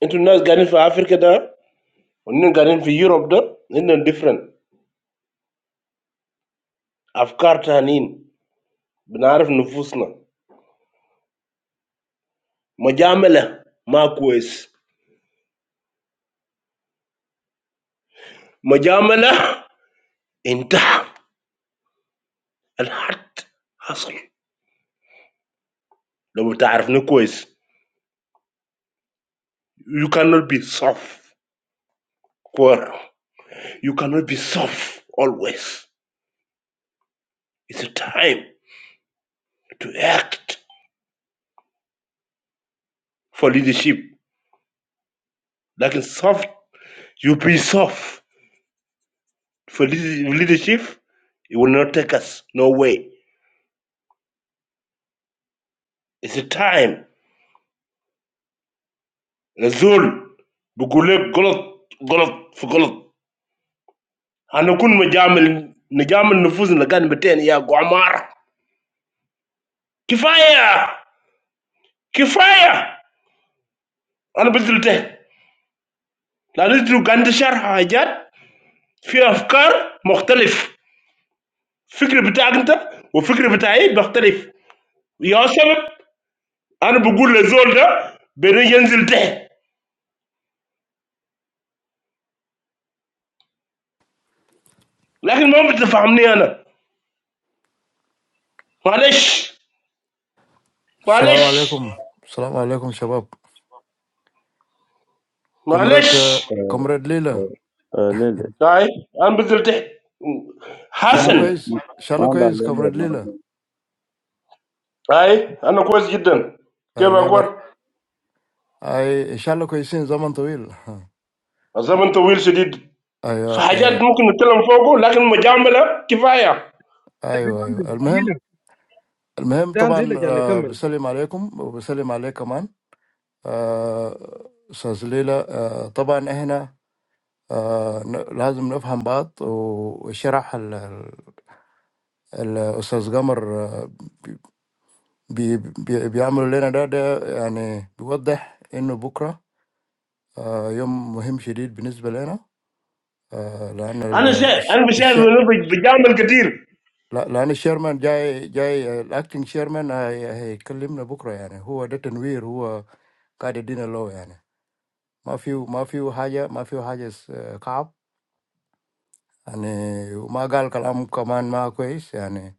S2: You guys are living in Africa, and you're living in Europe. You're different. Ideas, we know our souls. Majama, Marcus. Majama, inteh, al heart, hustle. Nobody knows Marcus. You cannot be soft, Quora. You cannot be soft always. It's a time to act for leadership. Like in soft, you be soft for lead- leadership. It will not take us no way. It's a time. Razul, بقولك غلط غلط في غلط. هنكون مجامل نجامل نفوسنا كان بتين يا قمار. كفاية كفاية. أنا بذلته. لا نزلوا قند شرح حاجات في افكار مختلف الفكر بتاعك انت والفكر بتاعي بيختلف يا سبب انا بقول للزول ده بيرجع ينزل تحت لكن ما بتفهمني انا معلش
S8: السلام
S2: معلش
S8: عليكم السلام عليكم شباب
S2: معلش
S8: كومراد
S9: Uh,
S8: كومراد ليلى
S9: uh, uh. Lel,
S2: هاي انا بنزل تحت
S9: ma,
S8: شالله
S2: حسن
S8: كويس
S9: ma, ma,
S8: شالله
S9: da,
S8: كويس
S9: lel,
S8: كومراد
S9: ma.
S8: ليلى
S2: هاي انا كويس جدا كيف
S8: آه، ليبر
S2: اكون
S8: اي ان شاء الله كويسين زمن طويل (laughs) ها.
S2: الزمن طويل شديد في
S8: ايوه
S2: حاجات
S8: ايوه
S2: ممكن نتكلم فوقه لكن مجامله كفايه
S7: كده
S8: ايوه
S7: أنزل.
S8: ايوه المهم
S7: ليلى
S8: المهم
S7: كده أنزل
S8: طبعا
S7: عشان
S8: آه،
S7: نكمل
S8: بسلم عليكم وبسلم عليك كمان آه، استاذ ليلى آه، طبعا احنا آه، ن- لازم نفهم بعض و- وشرح ال- ال- الاستاذ قمر آه، بي بي بيعملوا لنا ده ده يعني بيوضح انه بكره آه، يوم مهم شديد بالنسبه لنا آه، لان ال-
S2: انا شا...
S8: الش
S2: انا بشاهد
S8: الش
S2: إنه بج- بجامل كتير
S8: لا- لان الشيرمان جاي جاي الاكتنج شيرمان هي- هيكلمنا بكره يعني هو ده تنوير هو قاعد يدينا لو يعني ما في ما في حاجه ما في حاجه س- كعب يعني وما قال كلام كمان ما كويس يعني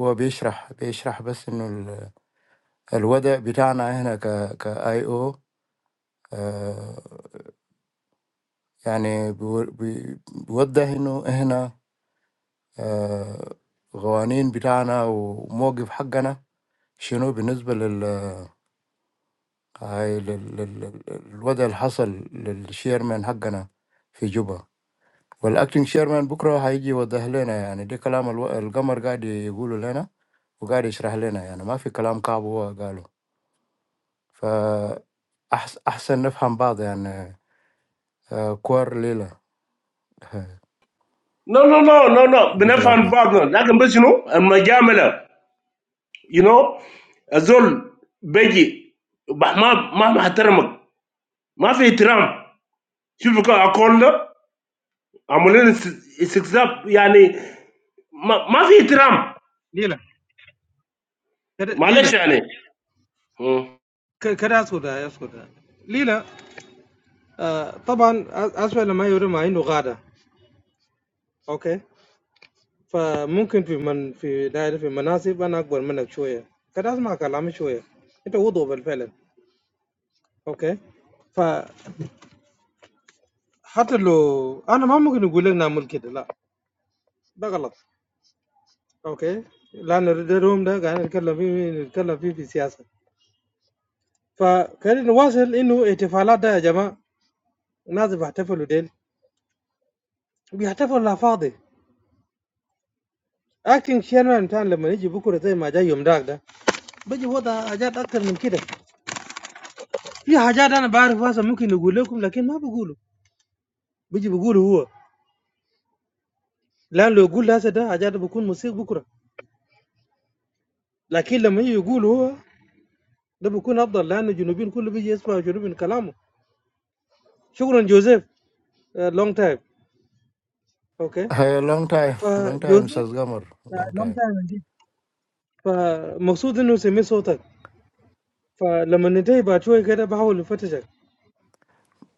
S8: هو بيشرح بيشرح بس انه ال- الوضع بتاعنا هنا ك كاي او يعني بيو- بي- بيوضح انه احنا آه، قوانين بتاعنا وموقف حقنا شنو بالنسبة لل هاي لل- لل- للوضع اللي حصل للشيرمان حقنا في جوبا والاكتنج شيرمان بكرة هيجي يوضح لنا يعني ده كلام الو... القمر قاعد يقوله لنا وقاعد يشرح لنا يعني ما في كلام كعب هو قاله فأحسن أحسن نفهم بعض يعني آه، كوار ليلة (laughs)
S2: No, no, no, no, no.
S8: يعطيك
S2: Benefan
S8: العافية
S2: partner. Lakin bas, you know, and my jamela, you know, azol beji. Bah, ma, ma, ma hataram. Ma fi itiram. Shufu ka akol da. Amulin istikzab, yani, ma, ma fi itiram.
S7: ليلى كده
S2: Malesh,
S7: ليلى
S2: yani. Hmm.
S7: ك- كده أسكت أسكت ليلى آه، طبعا أسوأ لما يوري ما عنده غادة أوكي فممكن في من في دايرة في مناصب انا اكبر منك شويه كده اسمع كلامي شويه انت وضو بالفعل اوكي فحتى لو انا ما ممكن اقول لك نعمل كده لا ده غلط اوكي لان الروم ده قاعدين نتكلم فيه نتكلم فيه في سياسه فخلينا نواصل انه احتفالات ده يا جماعه الناس بيحتفلوا ديل بيحتفلوا لا فاضي اكتنج شيرمان بتاعنا لما يجي بكره زي ما جاي يوم داك ده بيجي وضع حاجات اكتر من كده في حاجات انا بعرف واسع ممكن اقول لكم لكن ما بقول بيجي بيقول هو لان لو يقول هسه ده حاجات بكون مصير بكره لكن لما يجي يقول هو ده بيكون افضل لان الجنوبيين كله بيجي يسمع شنو من كلامه شكرا جوزيف لونج تايم اوكي
S8: هي لونج تايم لونج تايم
S7: فجوزيف
S8: استاذ قمر لونج
S7: لونج
S8: تايم
S7: تايم جيت فمقصود انه سمي صوتك فلما ننتهي بعد شوي كده بحاول افتشك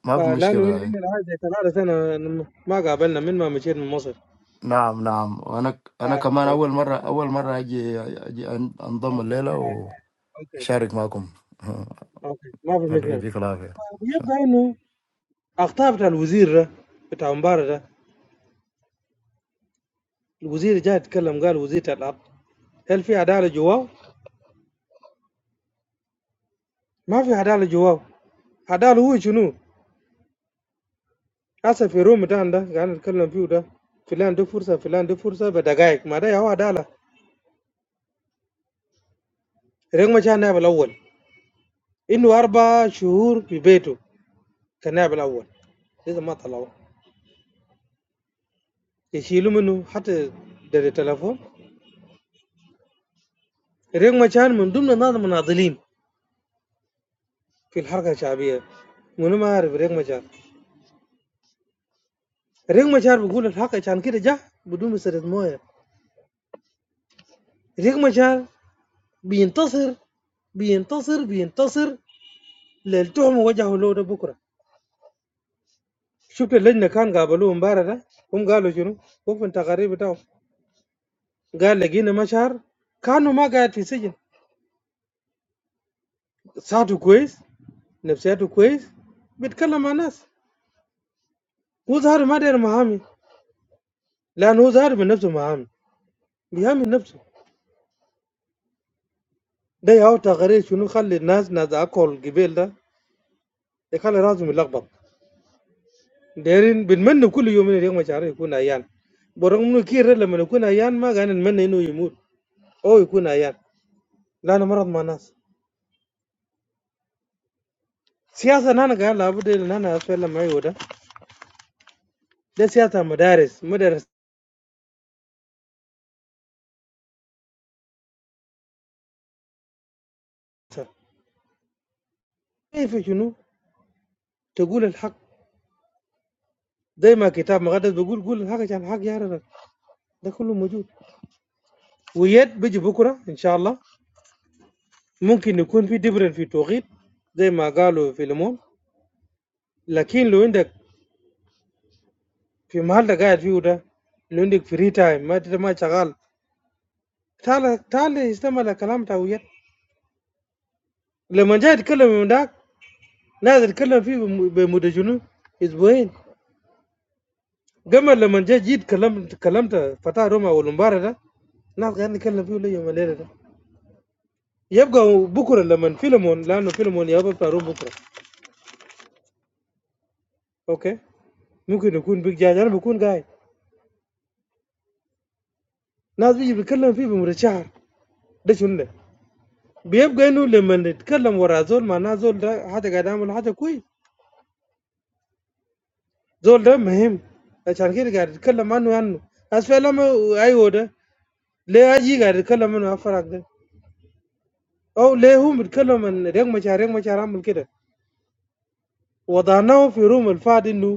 S8: ما في
S7: فلانه
S8: مشكله
S7: هنا
S8: هاي
S7: هنا الان زي ثلاثة سنة ما قابلنا من ما مشيت من مصر
S8: نعم نعم وانا
S7: آه.
S8: انا
S7: آه.
S8: كمان
S7: آه،
S8: اول مره اول مره اجي اجي أن-
S7: آه،
S8: انضم
S7: اوكي آه.
S8: الليله
S7: آه، اوكي
S8: واشارك معكم ها،
S7: اوكي ما في
S8: الله
S7: مشكلة
S8: يديك العافيه شكراً.
S7: يبقى انه اخطاء بتاع الوزير ده بتاع مباراه ده الوزير جاي يتكلم قال وزير بتاع الارض هل في عداله جواه؟ ما في عداله جواه عداله هو شنو؟ هسه في روم بتاعنا ده قاعد نتكلم فيه ده فلان ده فرصه فلان ده فرصه بدقائق ما ده هو عداله ريك ما كان نائب الاول انه اربع شهور في بيته كنائب الاول لسه ما طلعوه يشيلوا منه حتى ده التليفون ريك ما كان من ضمن الناس المناضلين في الحركه الشعبيه منو ما عارف ريك ما كان ريك مشار بيقول الحق عشان كده جه بدون مسألة موية ريك مشار بينتصر بينتصر بينتصر للتهم وجهه له ده بكره شفت اللجنه كان قابلوه امبارح ده هم قالوا شنو وقف التقارير بتاعهم قال لقينا مشهر كانوا ما قاعد في سجن ساعته كويس نفسياته كويس بيتكلم مع ناس هو ظهر ما داير محامي لانه هو ظهر من نفسه محامي بيحامي نفسه ده ياو تقارير شنو خلي الناس ناس اكل قبيل ده يخلي راسهم يلخبط دايرين بنمنى كل يوم من اليوم شعره يكون عيان برغم انه كير لما يكون عيان ما كان نتمنى انه يموت او يكون عيان لانه مرض مع الناس سياسه انا قاعد لابد ان انا اسال لما يودا ده سياسه مدارس مدرسه كيف شنو تقول الحق زي ما كتاب مقدس بيقول قول الحق عشان الحق يعرضك ده كله موجود ويد بيجي بكره ان شاء الله ممكن يكون في دبرن في توقيت زي ما قالوا في لمون لكن لو عندك في محل قاعد فيه ده لو عندك فري تايم ما ما شغال تعال تعال استمع لكلام تاع وياك لما جاي يتكلم من داك نازل يتكلم فيه بم- بمدة جنون اسبوعين قبل لما جاي جيت كلمت كلمت فتاة روما والمباراه ده ناس قاعدين نتكلم فيه اليوم الليله ده يبقى بكره لما فيلمون لانه فيلمون يابا بتاع روما بكره اوكي ممكن يكون بيج جاج انا بكون قاعد ناس بيجي بيتكلم فيه بمدة شهر ده شنو ده؟ بيبقى انه لما نتكلم ورا زول مع ناس زول ده حتى قاعد يعمل حاجه كويس زول ده مهم عشان كده قاعد يتكلم عنه عنه اسف لما ايوه ده ليه اجي قاعد يتكلم عنه افرق ده او ليه هو بيتكلم عن ريق مشاعر ريق مشاعر عمل كده وضعناه في روم الفاد انه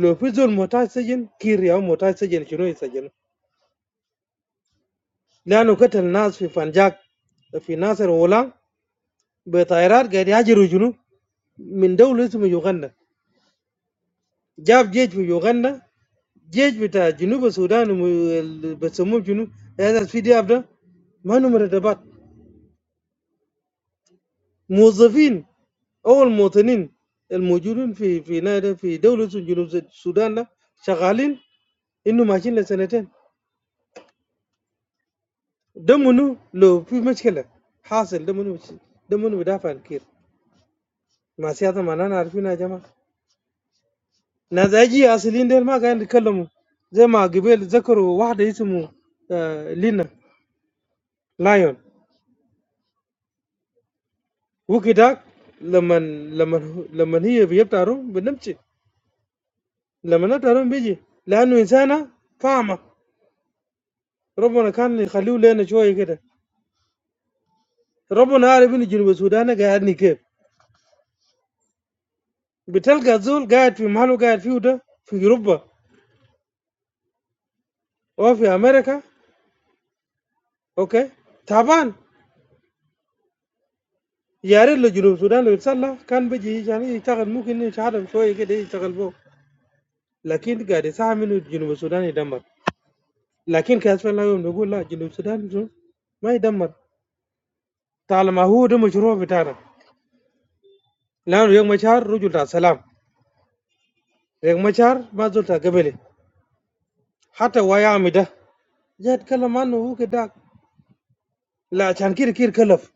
S7: لو في زول محتاج سجن كير يا محتاج سجن شنو يسجن لانه قتل ناس في فنجاك في ناصر ولا بطائرات قاعد يهاجروا جنوب من دولة اسمها يوغندا جاب جيش في يوغندا جيش بتاع جنوب السودان وم- بسموه جنوب هذا في دياب ده ما انه مرتبات موظفين او المواطنين الموجودين في في نادي في دوله جنوب السودان ده شغالين انه ماشيين لسنتين ده منو لو في مشكله حاصل ده منو ده منو بدافع عن كير ما سياسه ما انا عارفين يا جماعه ناس اجي اصلين ده ما قاعدين يتكلموا زي ما قبل ذكروا واحده اسمه آه لينا لايون وكده لما لما لما هي بيبتعرون بنمشي لما نبتعرون بيجي لانه انسانه فاهمه ربنا كان يخليه لنا شويه كده ربنا عارف ان جنوب السودان قاعدني كيف بتلقى زول قاعد في محله قاعد فيه ده في اوروبا وفي امريكا اوكي تعبان يا ريت لو جنوب السودان لو يتسلى كان بيجي يعني يشتغل ممكن يشتغل شويه كده يشتغل فوق لكن قاعد يساهم انه جنوب السودان يدمر لكن كاس الله يوم نقول لا جنوب السودان شو؟ ما يدمر طالما هو ده مشروع بتاعنا لانه يوم مشار رجل تاع سلام يوم مشار ما زلت قبلي حتى ويامي ده جاي اتكلم عنه هو كده لا عشان كده كده كلف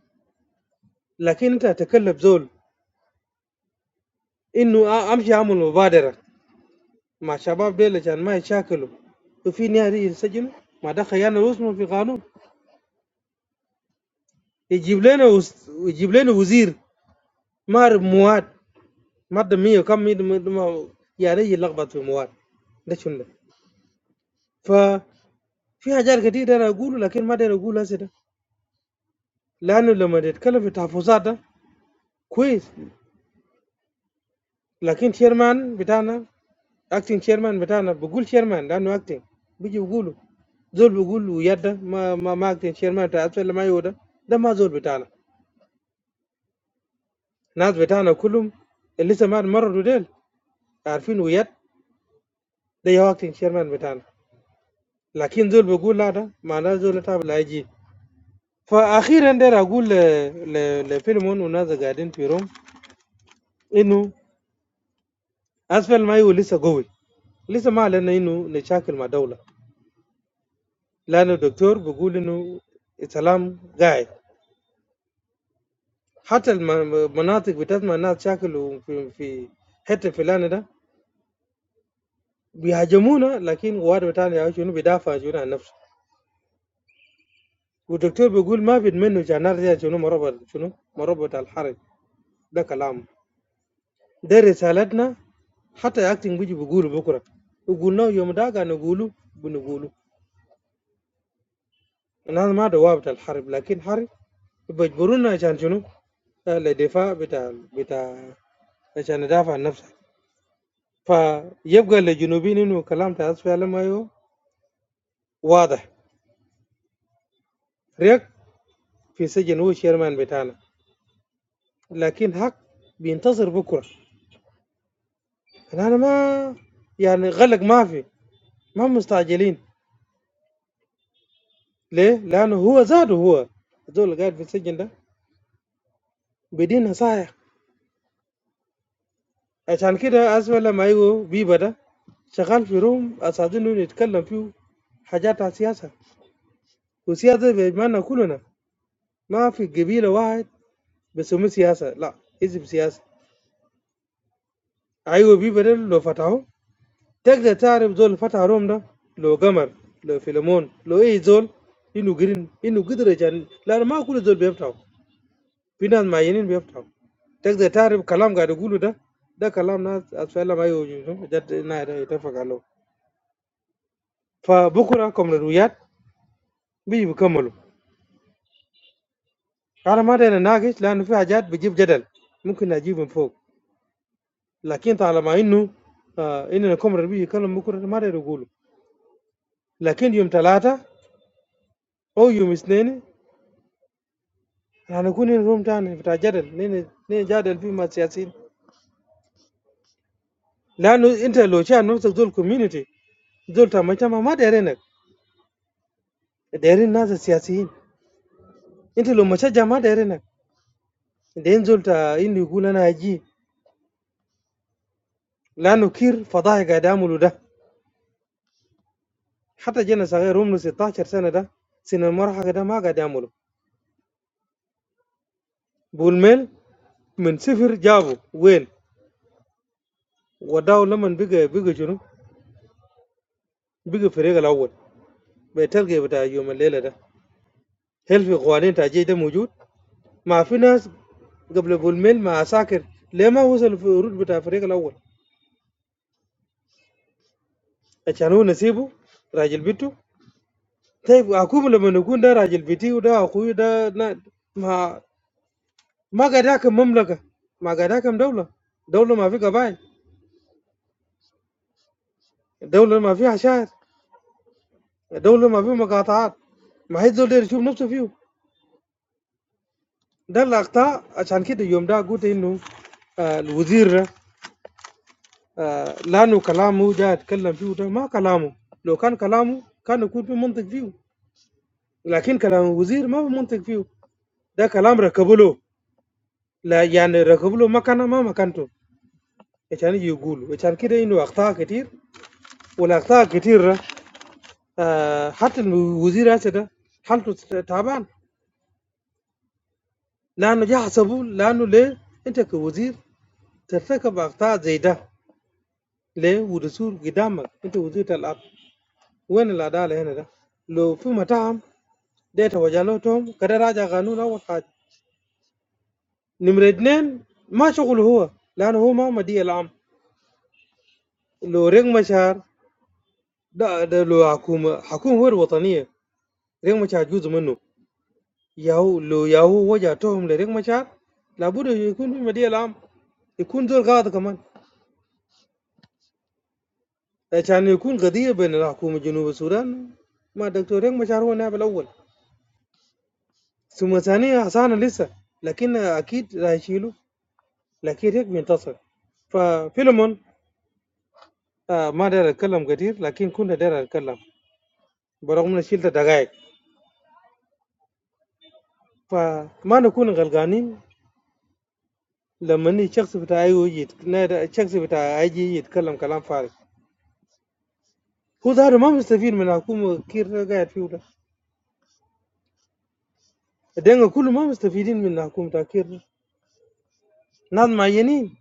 S7: لكن انت تكلف زول انه أ- امشي اعمل مبادره مع شباب ديل عشان ما يشاكلوا وفي ناس ينسجنوا ما ده خيانه رسمي في قانون يجيب لنا وز... يجيب لنا وزير ما اعرف مواد ماده 100 وكم 100 م- م- يا ريت يلخبط في مواد ده شنو ده ففي حاجات كتير انا اقوله لكن ما اقدر اقول هسه ده لانه لما تتكلم في تحفظات ده كويس لكن شيرمان بتاعنا acting chairman بتاعنا بقول chairman لانه acting بيجي بيقولوا زول بيقول له يد ده ما ما ما acting chairman بتاع اسفل ما يودا ده ده ما زول بتاعنا الناس بتاعنا كلهم اللي لسه ما مرضوا ديل عارفين ويد ده يا acting chairman بتاعنا لكن زول بيقول لا ده معناه زول تابع لا يجي فاخيرا ده اقول ل ل لفيلمون والناس قاعدين في روم انه اسفل ما يو لسه قوي لسه ما علينا انه نشاكل مع دوله لانه الدكتور بيقول انه السلام قاعد حتى المناطق بتاعتنا الناس شاكلوا في في حته فلانه ده بيهاجمونا لكن قوات بتاعنا يا شنو بيدافع شنو عن نفسه والدكتور بيقول ما بيتمنوا جنار زي شنو مربع شنو مربع الحرب ده كلام ده رسالتنا حتى اكتنج بيجي بيقولوا بكره وقلنا يوم ده كان نقولوا بنقولوا انا هذا ما دواب بتاع الحرب لكن حرب بيجبرونا عشان شنو آه، لدفاع بتاع بتاع عشان ندافع عن نفسك فيبقى للجنوبيين انه كلام تاع فعلا ما يو واضح رياك في سجن هو الشيرمان بتاعنا لكن حق بينتظر بكره انا ما يعني غلق ما في ما مستعجلين ليه؟ لانه هو زاده هو الزول اللي قاعد في السجن ده بدين نصايح عشان كده اسوأ لما يجوا بيبه ده شغال في روم اساعدينه يتكلم فيه حاجات على السياسه والسياسه بمعنى كلنا ما في قبيله واحد بيسموه سياسه لا اسم سياسه ايوه بيبه ده لو فتحوه تقدر تعرف زول اللي فتح روم ده لو قمر لو فيلمون لو اي زول انه قرن انه قدر عشان لانه ما كل زول بيفتحه في ناس معينين بيفتحوا تقدر تعرف كلام قاعد يقوله ده ده كلام ناس اسفل ما يوجد جد نادر يتفق عليه فبكره كمريات بيجي بيكملوا انا ما داير اناقش لانه في حاجات بجيب جدل ممكن اجيب من فوق لكن طالما انه آه اننا كمر بيجي يكلم بكره ما داير يقوله لكن يوم ثلاثه او يوم اثنين هنكون in room تاني بتاع جدل نيجي نجادل فيه مع السياسيين لانه انت لو شايف نفسك زول كوميونتي زول تاع مجتمع ما دايرينك دايرين ناس السياسيين انت لو مشجع ما دايرينك دايرين زول تاع انه يقول انا اجي لانه كير فضايح قاعد يعملوا ده حتى جينا صغير عمره 16 سنه ده سن المرحله ده ما قاعد يعملوا بولميل من صفر جابه وين وداو لما بقى بقى شنو بقى الفريق الاول بتلقى بتاع يوم الليله ده هل في قوانين تاع جيش ده موجود ما في ناس قبل جولميل مع ساكر ليه ما وصلوا في الورود بتاع الفريق الاول عشان هو نسيبه راجل بيته طيب اكوم لما يكون ده راجل بيتي وده اخوي ده نا- ما ما قاعد يحكم مملكه ما قاعد يحكم دوله دوله ما في قبائل دوله ما فيها عشائر دوله ما فيها مقاطعات ما حد زول يقدر يشوف نفسه فيه ده الاقطاع عشان كده يوم ده قلت انه آه، الوزير ده آه لانه كلامه ده اتكلم فيه ده ما كلامه لو كان كلامه كان يكون في منطق فيه لكن كلام الوزير ما في منطق فيه ده كلام ركبوا له لا يعني ركبوا له مكانه ما مكانته عشان يجي يقولوا عشان كده انه اخطاء كتير والاخطاء كتير آه حتى الوزير هسه ده حالته تعبان لانه يحسبوا لانه ليه انت كوزير ترتكب اخطاء زي ده ليه ودستور قدامك انت وزير الارض وين العداله هنا ده لو في مطعم ده يتوجه له توم كده راجع قانون اول حاجه نمرة اثنين ما شغله هو لانه هو ما مدير العام لو ريق مشار ده, ده لو حكومه حكومه هو الوطنيه ريق مشار جزء منه ياهو لو ياهو وجه توهم لريق مشار لابد يكون في مدير العام يكون دور قاضي كمان عشان يكون قضيه بين الحكومه جنوب السودان ما دكتور ريق مشار هو النائب الاول ثم ثانيا حسان لسه لكن اكيد راح يشيله لكن ريق منتصر ففيلمون آه ما داير اتكلم كثير لكن كنا داير اتكلم برغم اني شلت دقائق فما نكون غلقانين لما اني الشخص بتاع اي يجي يتك- الشخص بتاع اي جي يتكلم كلام فارغ هو ده ما مستفيد من حكومه كير ده قاعد فيه ده الدنيا كله ما مستفيدين من حكومه كير ده. ناس معينين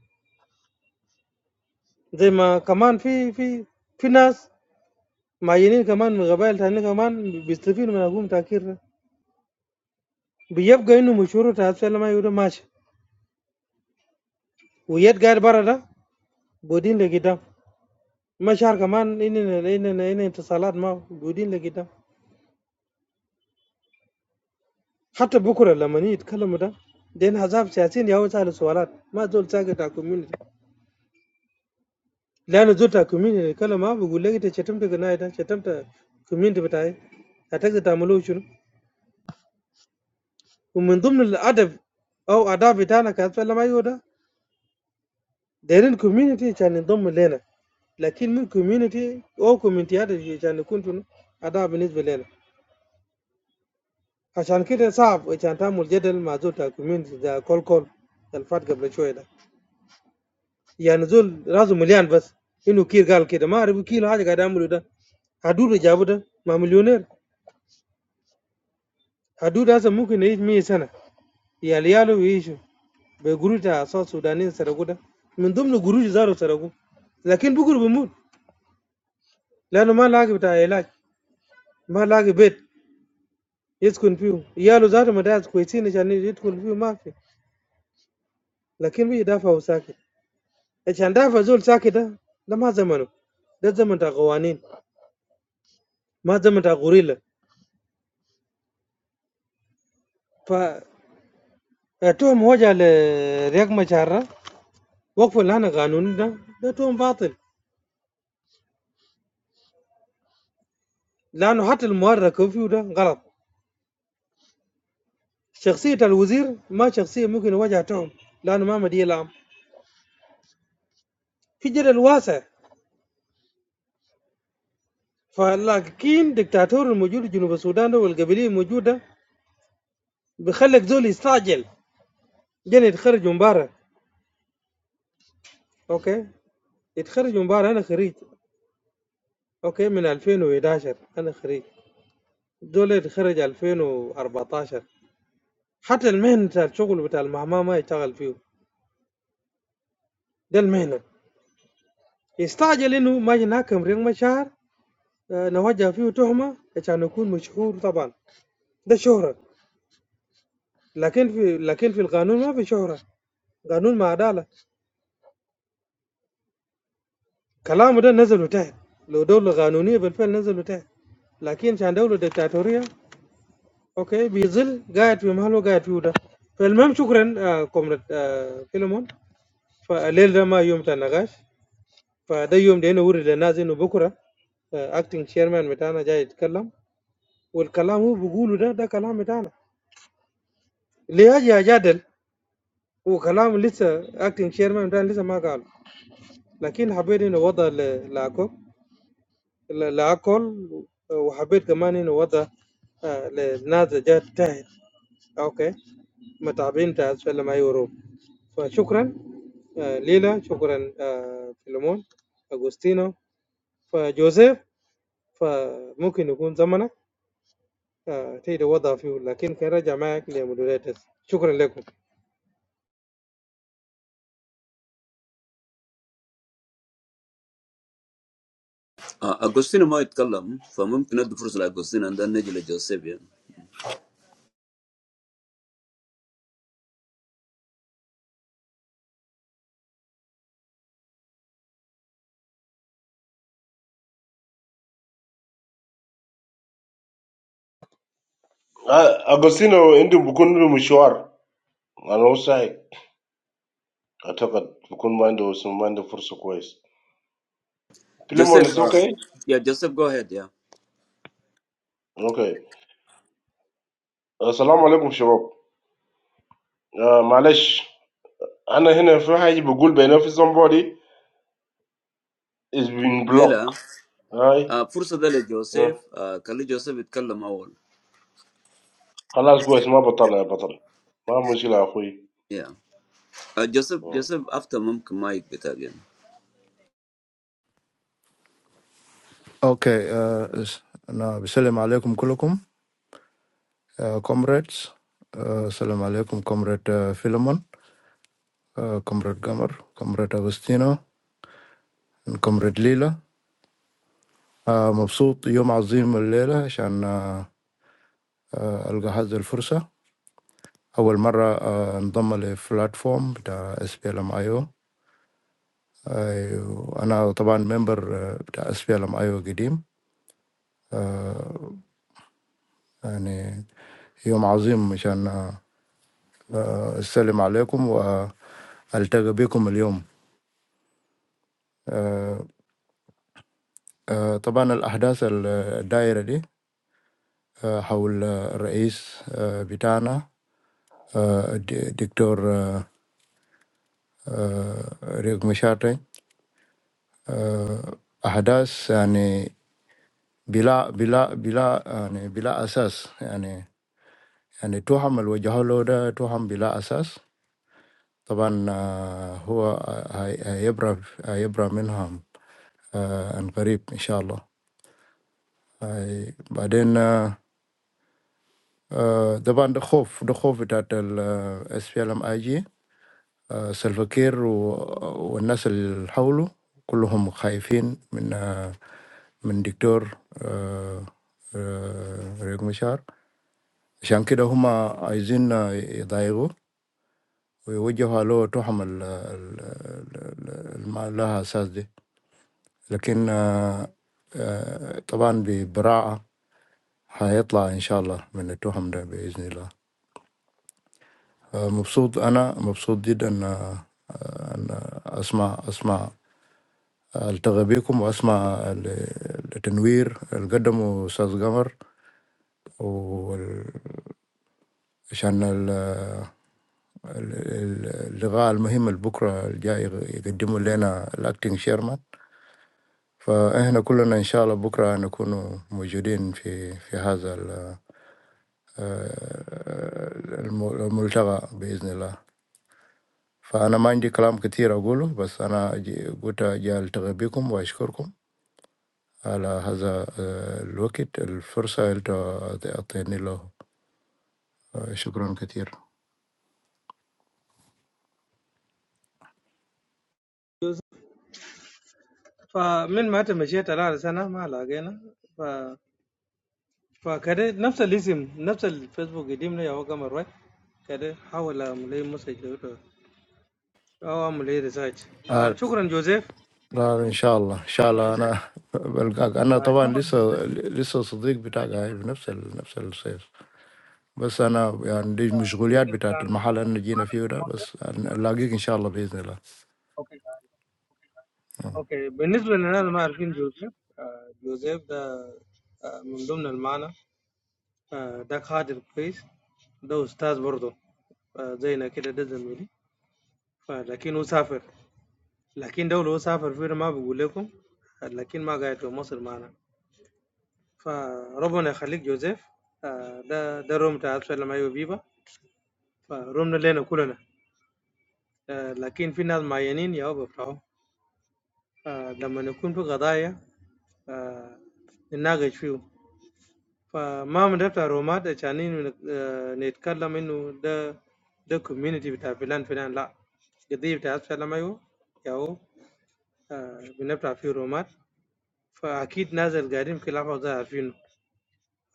S7: زي ما كمان في في في ناس معينين كمان من قبائل تانية كمان بيستفيدوا من حكومه كير ده بيبقى انه مشروع تاع السلام ما يودا ماشي ويد قاعد برا ده بودين لقدام مشاعر كمان إننا إننا إننا اتصالات ما موجودين لقدام حتى بكره لما نيجي يتكلموا ده دين حزاب سياسيين يا سألوا سؤالات ما زول ساقط على كوميونتي لأن زول على كوميونتي يتكلم ما بيقول لك أنت شتمت قناة ده شتمت كوميونتي بتاعي هتقدر تعملوه شنو ومن ضمن الأدب أو آداب بتاعنا كأسفل ما يهو ده دايرين كوميونتي عشان ينضم لنا لكن من كوميونتي أو كوميونتيات عشان يكون شنو آداب بالنسبة لنا عشان كده صعب عشان تعمل جدل مع زول بتاع كوميونتي ده كول كول ده الفات قبل شويه ده يعني زول راسه مليان بس انه كير قال كده ما اعرف كير حاجه قاعد يعمله ده حدود اللي جابه ده مع مليونير حدود هسه ممكن يعيش 100 سنه يا لياله يعيشوا بقروش بتاع صوت سودانيين سرقوا ده من ضمن قروش زاروا سرقوا لكن بكره بيموت لانه ما لاقي بتاع علاج ما لاقي بيت يسكن فيه ياله زاروا مدارس كويسين عشان يسكن فيه ما في لكن بيدافعوا ساكت عشان دافع زول ساكت ده ده ما زمنه ده زمن بتاع قوانين ما زمن بتاع غوريلا ف التهم وجه لرياض مشار ده وقفوا اللي انا قانوني ده ده تهم باطل لانه حتى المؤرخ كوفيو ده غلط شخصية الوزير ما شخصية ممكن وجه تهم لانه ما مدي لام في جدل واسع فلاكين دكتاتور الموجود جنوب السودان ده والقبلية الموجودة بيخليك زول يستعجل جن يتخرج من برا اوكي يتخرج من برا انا خريج اوكي من 2011 انا خريج دول اتخرج 2014 حتى المهنة بتاع الشغل بتاع المهما ما يشتغل فيه ده المهنة يستعجل انه ما يناكم ريق مشاعر آه، نوجه فيه تهمة عشان يكون مشهور طبعا ده شهرة لكن في لكن في القانون ما في شهرة قانون ما عدالة كلامه ده نزلوا تحت لو دولة قانونية بالفعل نزلوا تحت لكن عشان دولة دكتاتورية اوكي بيظل قاعد في مهله قاعد فيه ده فالمهم شكرا آه كومراد آه فيلمون فالليل ده ما يوم بتاع نقاش فده يوم ده نوري للناس انه بكره اكتنج شيرمان بتاعنا جاي يتكلم والكلام هو بيقوله ده ده كلام بتاعنا اللي اجي اجادل هو كلام لسه اكتنج شيرمان بتاعنا لسه ما قال لكن حبيت انه وضع ل- لاكو ل- لاكل وحبيت كمان انه وضع آه، للناس اللي جات تحت اوكي متابعين تاع اسفل ما يورو فشكرا آه، ليلى شكرا آه، فيلمون اغوستينو فجوزيف فممكن يكون زمنك آه، تقدر وضع فيه لكن كان رجع معك لمودريتس شكرا لكم
S1: آه، أغوستينو ما يتكلم فممكن ندي فرصة لأغوستينو and then نجي لجوزيف يعني
S2: Ah, Agostino, indu bukun bi mshwar. Ana usai. Ataka bukun mind usim mind fursa kwais. Filimon
S1: جوزيف
S2: is
S1: آه،
S2: okay?
S1: yeah Joseph go ahead yeah
S2: Okay. Assalamu alaikum shabab. Ah, معلش I'm here for. I'm going to tell somebody it's been blocked.
S1: Lila
S2: Right?
S1: Ah, for Sudan,
S2: Huh?
S1: Joseph. Ah, kalli Joseph it kallam awal.
S2: I'm not going to say I'm not telling. I'm not telling. It's not a problem,
S1: Yeah. Ah, Joseph,
S2: brother.
S1: Joseph, after mum kumai ik bitha gien.
S8: اوكي آه، اس- انا بسلم عليكم كلكم كومريدز السلام عليكم كومريد فيلمون كومريد قمر كومريد اغوستينو كومريد ليلى آه، مبسوط يوم عظيم الليله عشان آه، آه، القى هذه الفرصه أول مرة آه، انضم لبلاتفورم بتاع اس بي ال ام اي او أنا طبعا ممبر آه، بتاع اس بي ال ام اي او قديم آه، يعني يوم عظيم عشان آه، آه، أسلم عليكم وألتقي بكم اليوم آه، آه، طبعا الأحداث ال- الدايرة دي آه، حول آه، الرئيس آه، بتاعنا آه، الد- الدكتور آه، آه، ريك مشاطي آه، أحداث يعني بلا بلا بلا يعني بلا أساس، يعني يعني تهم الوجه له ده تهم بلا أساس طبعا. آه، هو هي- هيبرى هيبرى منها آه، عن قريب إن شاء الله. هاي- بعدين آه، آه، طبعا ده خوف، ده خوف بتاعت ال S P L M I G آه، سلفا كير و... والناس اللي حوله كلهم خايفين من آه، من دكتور آه، آه، ريك مشار عشان كده هم عايزين آه، يضايقوا ويوجهوا له تهم ال- ال- ال- ال- ما لها أساس دي لكن آه، آه، طبعا ببراعة هيطلع إن شاء الله من التهم ده بإذن الله آه، مبسوط أنا مبسوط جدا آه، آه، أن أسمع أسمع التقي بيكم واسمع ال- التنوير اللي قدمه استاذ قمر وعشان اللقاء المهم اللي بكره الجاي يقدمه لنا الاكتنج شيرمان فاحنا كلنا ان شاء الله بكره نكون موجودين في في هذا ال- آه، الم- الملتقى باذن الله فانا ما عندي كلام كثير اقوله بس انا جي- قلت اجي التقي بكم واشكركم على هذا آه، الوقت الفرصة أنت تعطيني له آه، شكرا كثير
S7: فمن ما أنت مشيت الآن سنة ما لقينا ف... فكده نفس الاسم نفس الفيسبوك قديمنا يا هو قمر واي كده حاول أعمل لي مسج له- أو أعمل لي ريسيرش آه،
S8: آه،
S7: شكرا جوزيف
S8: لا إن شاء الله إن شاء الله أنا (laughs) بلقاك أنا
S7: آه،
S8: طبعا
S7: شكرا
S8: لسه
S7: جوزيف
S8: لسه صديق بتاعك هاي بنفس ال- نفس الصيف بس أنا
S7: جوزيف
S8: يعني دي
S7: آه،
S8: مشغوليات
S7: جوزيف
S8: بتاعت
S7: كان
S8: المحل اللي
S7: آه،
S8: أنا جينا
S7: معنا
S8: فيه
S7: في
S8: ده
S7: المنطقة
S8: بس نلاقيك إن شاء الله بإذن الله
S7: أوكي آه، أوكي بالنسبة للناس اللي ما عارفين جوزيف آه، جوزيف ده آه، من ضمن المعنى Dakhadir Quays, ده أستاذ برضه آه، زينا كده ده زميلي لكن هو سافر لكن دولة هو سافر فينا ما بقول لكم آه، لكن ما قاعد في مصر معنا فربنا يخليك جوزيف آه، ده ده روم بتاع سلام أيوة بيبا فرومنا لنا كلنا آه، لكن في ناس معينين يا بيفتحوا آه، لما نكون في قضايا آه، نناقش فيه فما من ده بتاع رومات عشان آه، نتكلم انه ده ده كوميونتي بتاع فلان فلان لا القضية بتاع سلام ايوه ياهو آه، بنبتع فيه رومات فاكيد نازل قاعدين في لحظة ده عارفينه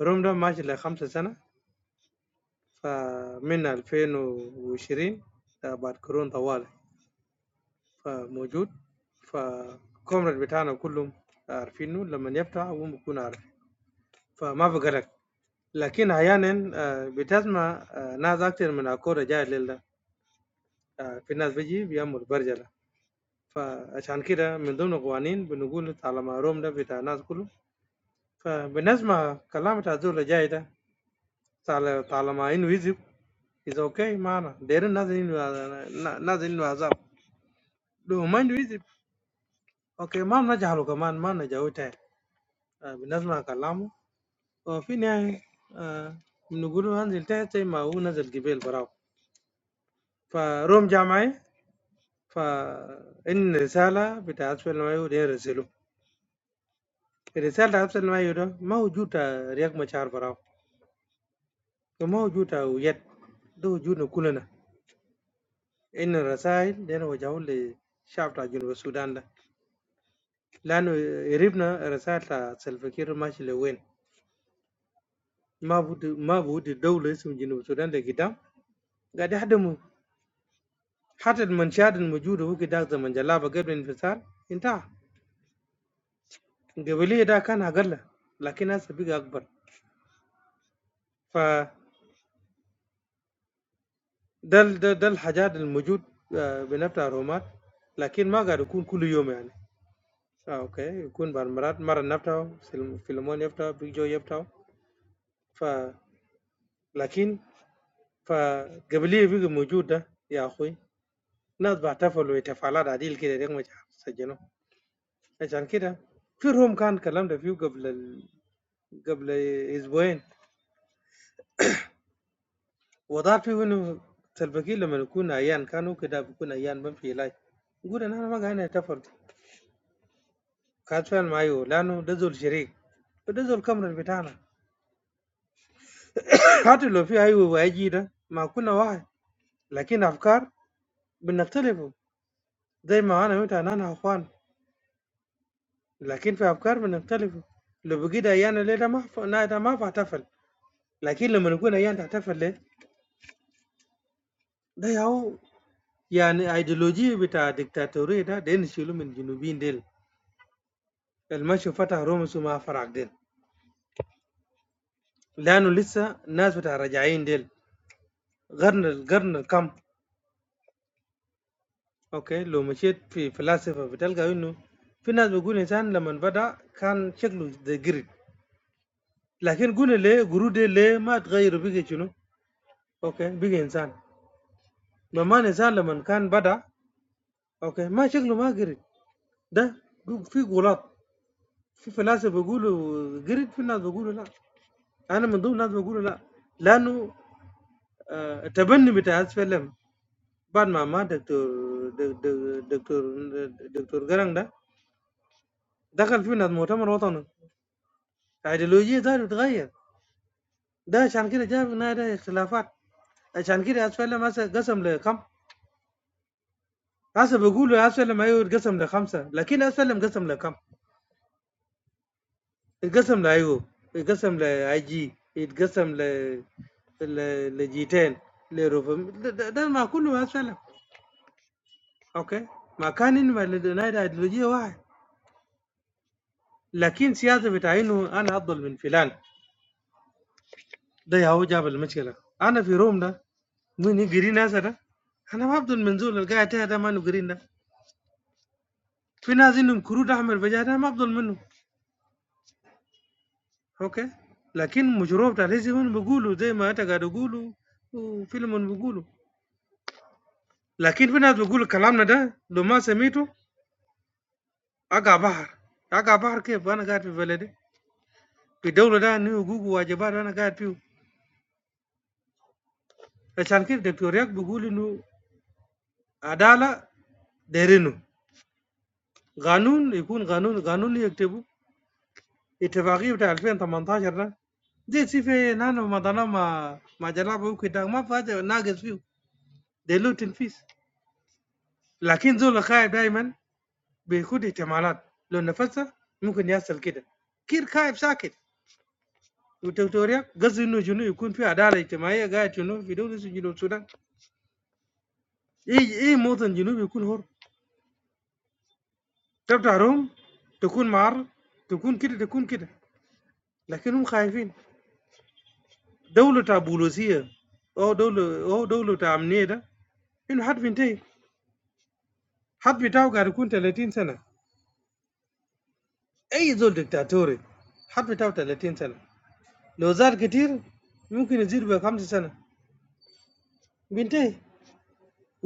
S7: روم ده ماشي لخمسة سنة فمن 2020 آه، بعد كورونا طوال فموجود فكومرد بتاعنا كلهم عارفينه لما يفتح هم بيكونوا عارفين فما في قلق لكن احيانا آه، بتسمع آه، ناس اكتر من الكوره جاي الليل ده آه، في ناس بيجي بيعمل برجله فعشان كده من ضمن القوانين بنقول طالما روم ده بتاع الناس كله فبنسمع كلام بتاع الزول اللي جاي ده طال- طالما انه يزب از اوكي معنا دايرين ناس انه ناس انه عذاب لو ما انه يزب اوكي ما بنجهله كمان ما نجاوه تاني آه، بنسمع كلامه وفي النهاية آه، بنقول له انزل تحت زي ما هو نزل قبيل براو فروم جامعي فإن الرسالة بتاع عزف المايو دي رسله الرسالة بتاع عزف المايو ده ما وجود رياض مشاعر براو وما وجود وجد ده وجودنا كلنا إن الرسائل دي وجهوا للشعب بتاع جنوب السودان ده لأنه قريبنا الرسائل بتاع سلفكير ماشي لوين ما بود ما بود دولة اسم جنوب السودان ده قدام قاعد يحدموا حتى المنشآت الموجودة هو كده زمن جلابة قبل الانفصال انتهى قبلية ده كان أقل لكن هسه بقى أكبر ده ال ده ده الحاجات الموجود آآ بنفتح رومات، لكن ما قاعد يكون كل يوم يعني، آه أوكي، يكون بعض المرات مرة نفتحه فيل فيلمون يفتحه، بيج جو يفتحه، ف لكن فالقبلية بقى موجود ده يا أخوي، ناس بيحتفلوا احتفالات عديل كده ديك ما سجّلوه، عشان كده في room كان كلمت فيه قبل ال قبل أسبوعين، وضحت فيه إنه سلفا كير لمّا يكون عيان كان هو كده بيكون عيان بيمشي يلاج، يقول إن أنا ما قاعدين نحتفل. كانت فعلا أيوه، لأنه ده ذو الشريك، وده ذو الكمرل بتاعنا، حتى لو في أيوه وأيجي ده ما كنا واحد، لكن أفكار بنختلفوا زي ما أنا وأنت أنا أخوان، لكن في أفكار بنختلفوا، لو بقيت أيانا ليه ده ما ف- نا- ده ما بحتفل، لكن لما نكون أيانا تحتفل ليه ده يا هو يعني أيديولوجية بتاع الدكتاتورية ده ده نشيله من جنوبين ديل المشي فتح رومس وما فرق ديل لأنه لسه ناس بتاع رجعين ديل قرن القرن الكم Okay, lo macam tu filosof betul ke? Yunu, filosof gune insan, lo manda kan ceklu the grit. Lahir gune le, guru de le, macam tak gilir bige chunu. Okay, bige insan. Mama insan lo manda kan benda. Okay, macam ceklu macam grit. Dah? Tu, fi golat, fi filosof guguru grit filosof guguru la. Anak mendo filosof guguru la. Lainu taberni betas film, bad mama doctor, doctor, doctor gerang dah. Dah ker filosof muka macam rotanu. أيديولوجية ده بتتغير ده عشان كده جاب هنا ده اختلافات عشان كده اسفلم هسه قسم لكم هسه بيقولوا اسفلم ايوه اتقسم لخمسه لكن اسفلم قسم لكم اتقسم لايوب اتقسم لاي جي اتقسم ل ل- لجيتين لروفم ده ده- ده ما كله اسفلم اوكي ما كان انما النادي ايديولوجيه واحد لكن سياسه بتاع انه انا افضل من فلان ده يا هو جاب المشكله انا في روم ده مين يقري ناس ده انا ما افضل من زول القاعد تحت ده ما نقري ده في ناس انهم كرود احمر بجاه ده ما افضل منه اوكي لكن مشروب بتاع الهزم بيقولوا زي ما انت قاعد تقولوا وفيلم بيقولوا لكن في ناس بيقولوا كلامنا ده لو ما سميته اقع بحر اقع بحر كيف انا قاعد في بلدي في دولة ده انه حقوق وواجبات انا قاعد فيه عشان كده دكتور ياك بيقول انه عدالة دايرينه قانون يكون قانون قانون يكتبه اتفاقية بتاع 2018 ده دي سي في نانو ما ضنا ما ما جلاب ممكن ده ما فاجأ ناقص فيه ده له تنفيذ لكن زول خايف دايما بيخد احتمالات لو نفذها ممكن يحصل كده كير خايف ساكت وتوتوريا قصد انه جنوب يكون في عداله اجتماعيه قاعد جنوب في دوله زي جنوب السودان اي اي مواطن جنوبي يكون حر تبتع روم تكون معرض تكون كده تكون كده لكن هم خايفين دوله تاع بولوسيه او دوله او دوله تاع امنيه ده انه حد بينتهي حد بتاعه قاعد يكون 30 سنه اي زول دكتاتوري حد بتاعه 30 سنه لو زاد كتير ممكن يزيد بخمس سنه بينتهي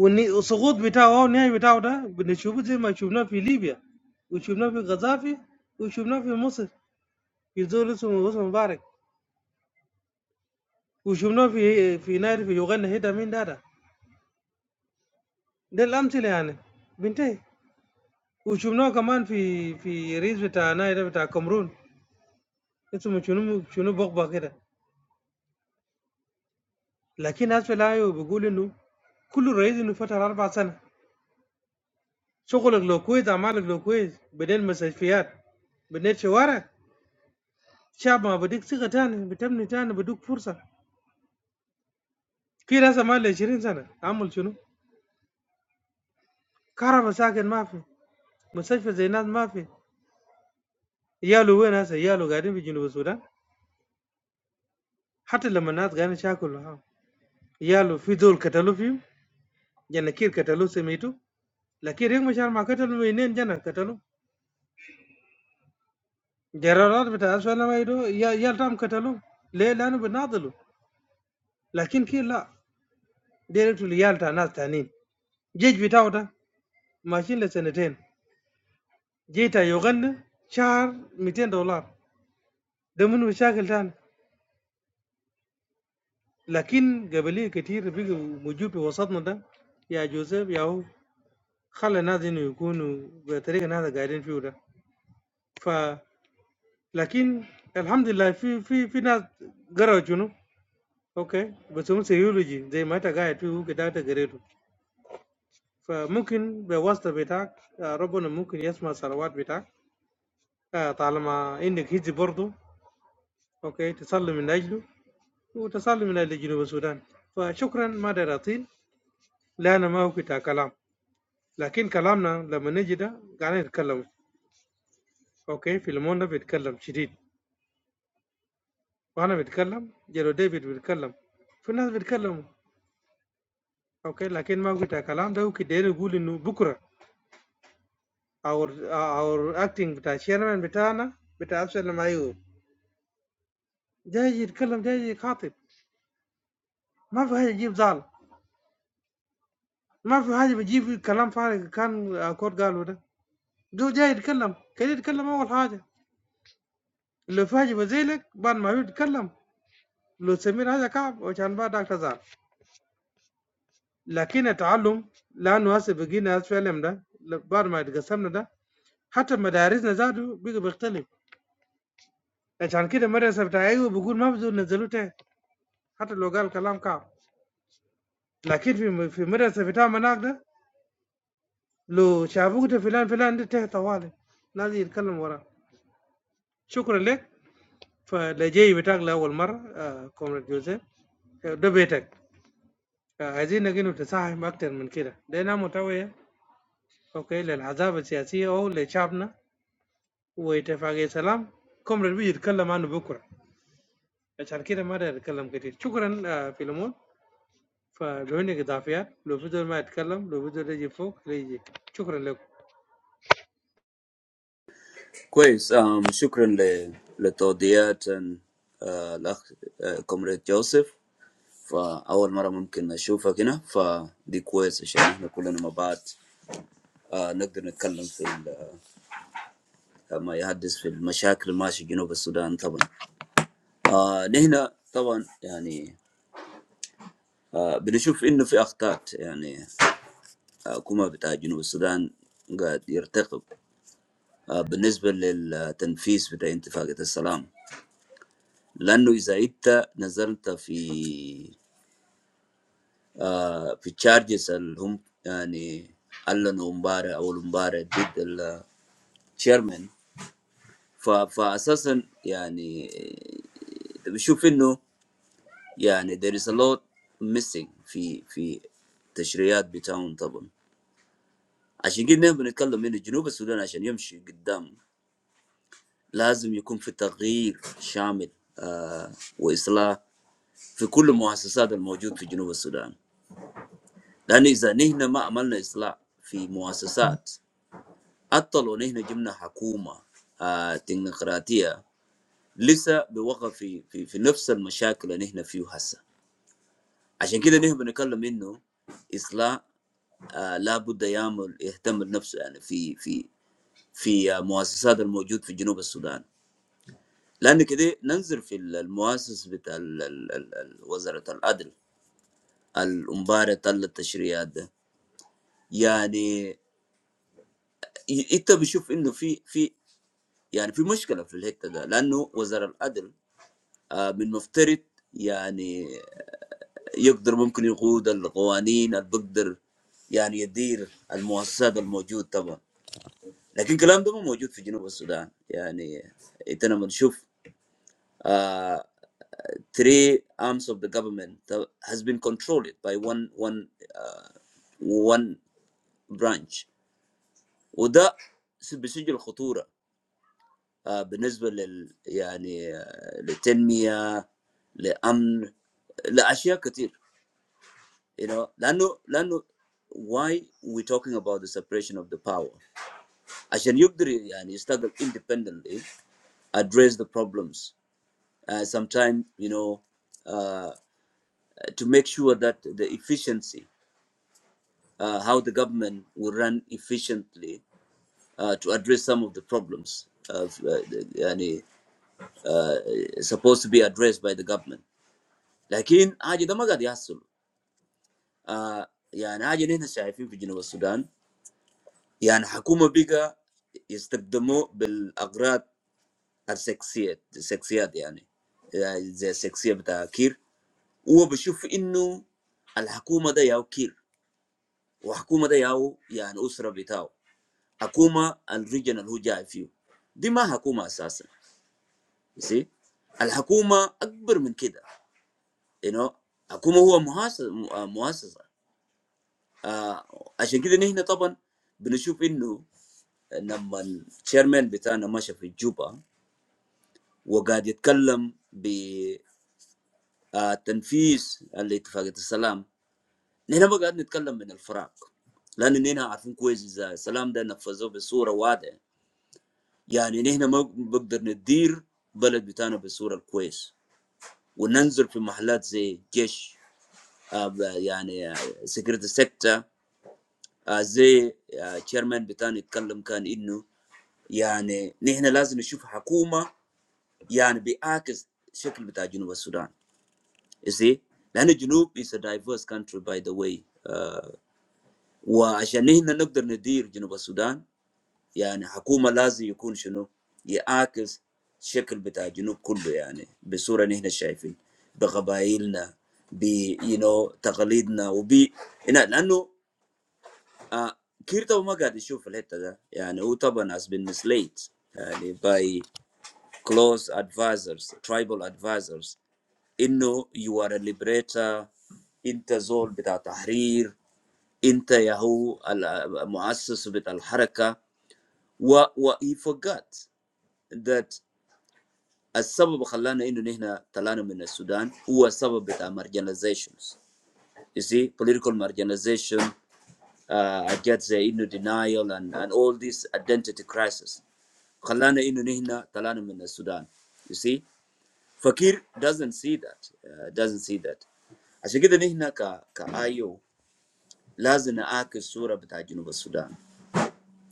S7: والني- والسقوط بتاعه او النهايه بتاعه ده بنشوفه زي ما شفناه في ليبيا وشفناه في غزافي وشفناه في مصر في زول اسمه اسمه مبارك وشفناه في في نادي في يوغندا هيدا مين ده ده ده الامثله يعني بينتهي وشفناه كمان في في رئيس بتاع نادي بتاع كامرون اسمه شنو شنو بغبغ كده لكن أسوأ لا بيقول إنه كل رئيس إنه فترة أربع سنة شغلك لو كويس أعمالك لو كويس بنيت مستشفيات بنيت شوارع شعب ما بديك ثقة تاني بتبني تاني بدوك فرصة في ناس ما 20 سنة عمل شنو؟ كهرباء ساكن ما في مستشفى زي ناس ما في يالو وين هسه يالو قاعدين في جنوب السودان حتى لما الناس قاعدين شاكلوا ها يالو في دول قتلوا فيهم جنكير قتلوا سميتو لكن ريك مشار ما قتلوا منين جنة قتلوا قرارات بتاع اسوأ لما يدو يا يال تام قتلوه ليه لانه بناضلوا لكن كي لا ديريتو ليال تاع ناس تانيين جيج بتاعه ده ماشيين لسنتين جيتا يغنى شهر 200 دولار ده من مشاكل تاني لكن قبليه كتير بيجي موجود في وسطنا ده يا جوزيف يا هو خلى الناس انه يكونوا بطريقه الناس قاعدين فيه ده ف لكن الحمد لله في في في ناس قرأوا شنو اوكي بس هم سيولوجي زي ما انت قاعد فيه كده انت قريته فممكن بواسطة بتاعك آه، ربنا ممكن يسمع صلوات بتاعك آه، طالما عندك هجي برضه أوكي تصلي من أجله وتصلي من أجل جنوب السودان فشكرا ما دار أطيل لا أنا ما وقت كلام لكن كلامنا لما نجي ده قاعدين نتكلم أوكي فيلمون ده بيتكلم شديد وأنا بتكلم جيرو ديفيد بيتكلم في ناس بيتكلموا أوكي لكن ما وقت كلام ده وكده يقول إنه بكرة أو أو أكتنج بتاع الشيرمان بتاعنا بتاع أبسل لما جاي يتكلم جاي يخاطب ما في حاجه يجيب زعل ما في حاجه بيجيب كلام فارغ كان كود قالوا ده جو جاي يتكلم كان يتكلم اول حاجه لو في حاجه بزيلك بعد ما هو يتكلم لو سمير حاجه كعب وكان بعدك تزعل لكن التعلم لانه هسه بقينا هسه في العلم ده بعد ما اتقسمنا ده حتى مدارسنا زادوا بقى بيختلف عشان كده المدرسه بتاع ايوه بيقول ما بزول نزلوه تحت حتى لو قال كلام كعب لكن في في المدرسه بتاع مناك ده لو شافوك ده فلان فلان ده تحت طوالي لازم يتكلم وراه شكرا لك فلجي بتاعك لأول مرة آه كومراد جوزيف آه، ده بيتك آه عايزينك إنه تساهم أكتر من كده لأنها متوية أوكي للعذاب السياسية أو لشعبنا واتفاقية سلام كومراد بيجي يتكلم عنه بكرة عشان كده ما ده يتكلم كتير شكرا آه فيلمون فلو إنك إضافيات لو بدل ما يتكلم لو بدل يجي فوق لا يجي شكرا لكم
S1: Kois? Um, shukran le le todiyat an lakh komrade Joseph. Fa awal mara mum kena shufa kina. Fa di kois shi. Na kulana mabat. Ah, nqdri nikkallam fi ma yhadis fi al mashak al maashi gino b Sudan tawon. Ah, nihna tawon. يعني. Ah, bni shuf inu fi axtat. يعني Coma between South Sudan. It is about the implementation of the peace agreement. Because if you look at the charges, the, I mean, all the embargoes or embargoes did the chairman. So, so basically, I mean, you see that there is a lot missing in in the negotiations. So we need to talk about South Sudan so that we can move forward. لازم يكون في تغيير شامل آه، واصلاح في كل المؤسسات الموجود في جنوب السودان لان اذا نحن ما عملنا اصلاح في مؤسسات حتى لو نحن جبنا حكومة آه، تكنقراطيه لسه بوقع في, في في نفس المشاكل اللي نحن فيه هسه عشان كده نحن بنتكلم انه اصلاح آه، لابد يعمل يهتم بنفسه يعني في في في آه، مؤسسات الموجود في جنوب السودان لان كده ننظر في ال- المؤسس بتاع ال- ال- ال- ال- وزاره العدل المباراه تل التشريعات ده يعني ي- انت بتشوف انه في في يعني في مشكله في الحته ده لانه وزاره العدل آه، من مفترض يعني يقدر ممكن يقود القوانين اللي بقدر يعني يدير المؤسسات الموجود طبعا لكن الكلام ده ما موجود في جنوب السودان يعني انت لما تشوف three arms of the government uh, has been controlled by one one uh, one branch وده بيسجل خطورة آه، بالنسبة لل يعني آه، للتنمية لأمن لأشياء كتير you know لأنه لأنه why we talking about the separation of the power عشان يقدر يعني يستقل independently address the problems uh, sometimes you know uh, to make sure that the efficiency uh, how the government will run efficiently uh, to address some of the problems of, uh, the- yani, uh, supposed to be addressed by the government. لكن حاجة ده ما قاعد يحصل آه، يعني حاجة اللي شايفين في جنوب السودان يعني حكومة بقى يستخدموا بالأغراض السكسيات السكسيات يعني يعني زي السكسية بتاع كير هو بشوف إنه الحكومة ده ياو كير وحكومة ده ياو يعني أسرة بتاعه Hakuma and regional Huja if you. Dima Hakuma Sasa. You see? Al Hakuma Akbar min Kida. You know, Hakuma huwa muhasa- mu- ah, muhasasa. Ah, عشان كده نحن طبعا بنشوف انه لما الشيرمان بتاعنا مشى في جوبا وقاعد يتكلم بتنفيذ الاتفاقية السلام نحن ما قاعد نتكلم من الفراغ لان نحن عارفين كويس اذا السلام ده نفذوه بصوره واضحه يعني نحن ما بقدر ندير بلد بتاعنا بالصورة الكويس وننزل في محلات زي جيش يعني سكرت سكتة زي تشيرمان بتاعنا يتكلم كان انه يعني نحن لازم نشوف حكومة يعني بيعكس شكل بتاع جنوب السودان you لأن الجنوب is a diverse country by the way وعشان نحن نقدر ندير جنوب السودان يعني حكومة لازم يكون شنو يعاكس شكل بتاع الجنوب كله يعني بصورة نحن شايفين بقبائلنا ب you know تقاليدنا وب هنا لأنه آه كير طبعا ما قاعد يشوف الحتة ده يعني هو طبعا has been misled يعني by close advisors tribal advisors إنه you are a liberator انت زول بتاع تحرير انت يا هو المؤسس بتاع الحركة. و, و he forgot that السبب خلانا انه نحن طلعنا من السودان هو السبب بتاع marginalizations you see political marginalization uh, حاجات زي انه denial and, and all this identity crisis خلانا انه نحن طلعنا من السودان you see Fakir doesn't see that uh, doesn't see that عشان كده نحن ك كايو لازم نعاكس الصوره بتاع جنوب السودان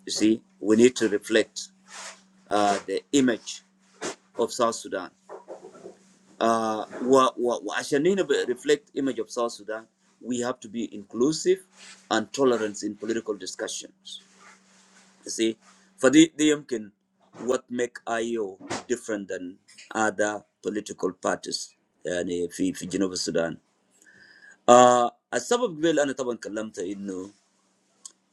S1: you see we need to reflect uh, the image of South Sudan uh, wa- wa- wa- Ashanina be- reflect image of South Sudan, we have to be inclusive and tolerant in political discussions. You see, for the can what make IO different than other political parties يعني في في جنوب السودان؟ آه السبب قبل أنا طبعا كلمت إنه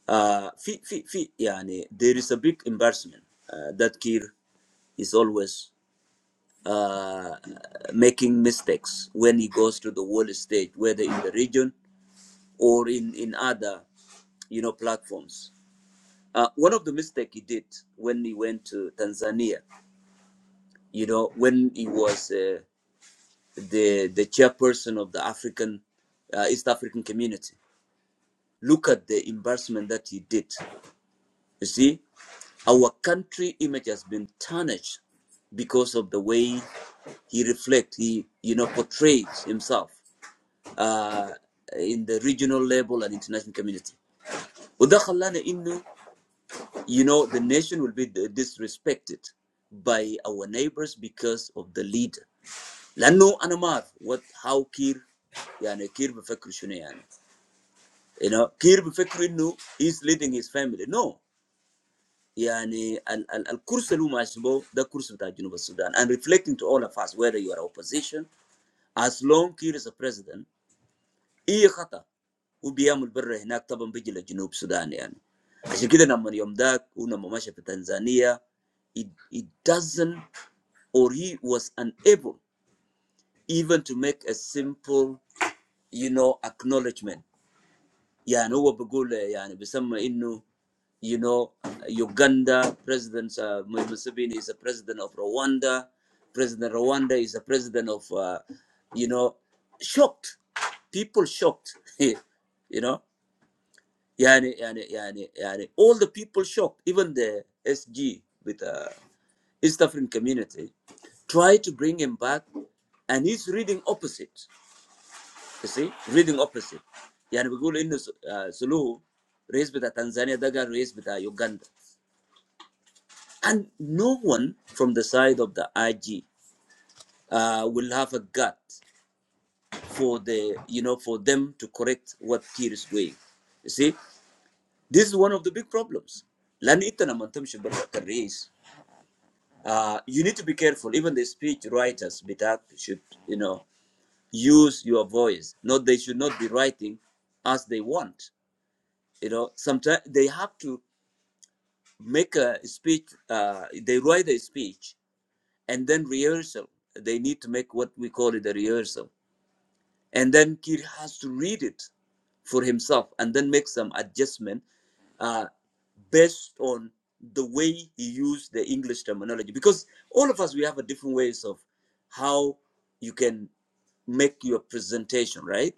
S1: آه في في في يعني there is a big embarrassment uh, that Kir is always uh, making mistakes when he goes to the world stage, whether in the region or in, in other you know platforms. Uh, one of the mistakes he did when he went to Tanzania, you know, when he was uh, the the chairperson of the African uh, East African Community. Look at the embarrassment that he did. You see, our country image has been tarnished because of the way he reflects, he you know portrays himself. uh, in the regional level and international community. وده خلانا إنه you know the nation will be disrespected by our neighbors because of the leader. لأنه أنا ما أعرف what how كير يعني كير بفكر شنو يعني you know كير بفكر إنه he's leading his family no يعني ال ال الكرسي اللي هو ماشي به ده كرسي بتاع جنوب السودان and reflecting to all of us whether you are opposition as long Kiir is a president اي خطا وبيعمل بره هناك طبعا بيجي لجنوب السودان يعني عشان كده لما يوم ذاك ولما مشى في تنزانيا it, it doesn't or he was unable even to make a simple you know acknowledgement يعني هو بيقول يعني بيسمى انه you know Uganda president uh, Museveni is a president of Rwanda president Rwanda is a president of uh, you know shocked people shocked (laughs) you know يعني يعني يعني يعني all the people shocked even the SG with uh, East African community try to bring him back and he's reading opposite you see reading opposite يعني بيقول انه س- آه، سلوه رئيس بتاع تنزانيا ده قال رئيس بتاع يوغندا and no one from the side of the IG uh, will have a gut for the you know for them to correct what Kiir is doing you see this is one of the big problems لان انت لما تمشي برا كرئيس Uh, you need to be careful. Even the speech writers, Bitak, should you know use your voice. Not they should not be writing as they want. You know, sometimes they have to make a speech. Uh, they write a speech and then rehearsal. They need to make what we call it a rehearsal and then Kir has to read it for himself and then make some adjustment uh, based on the way he used the English terminology. Because all of us, we have a different ways of how you can make your presentation, right?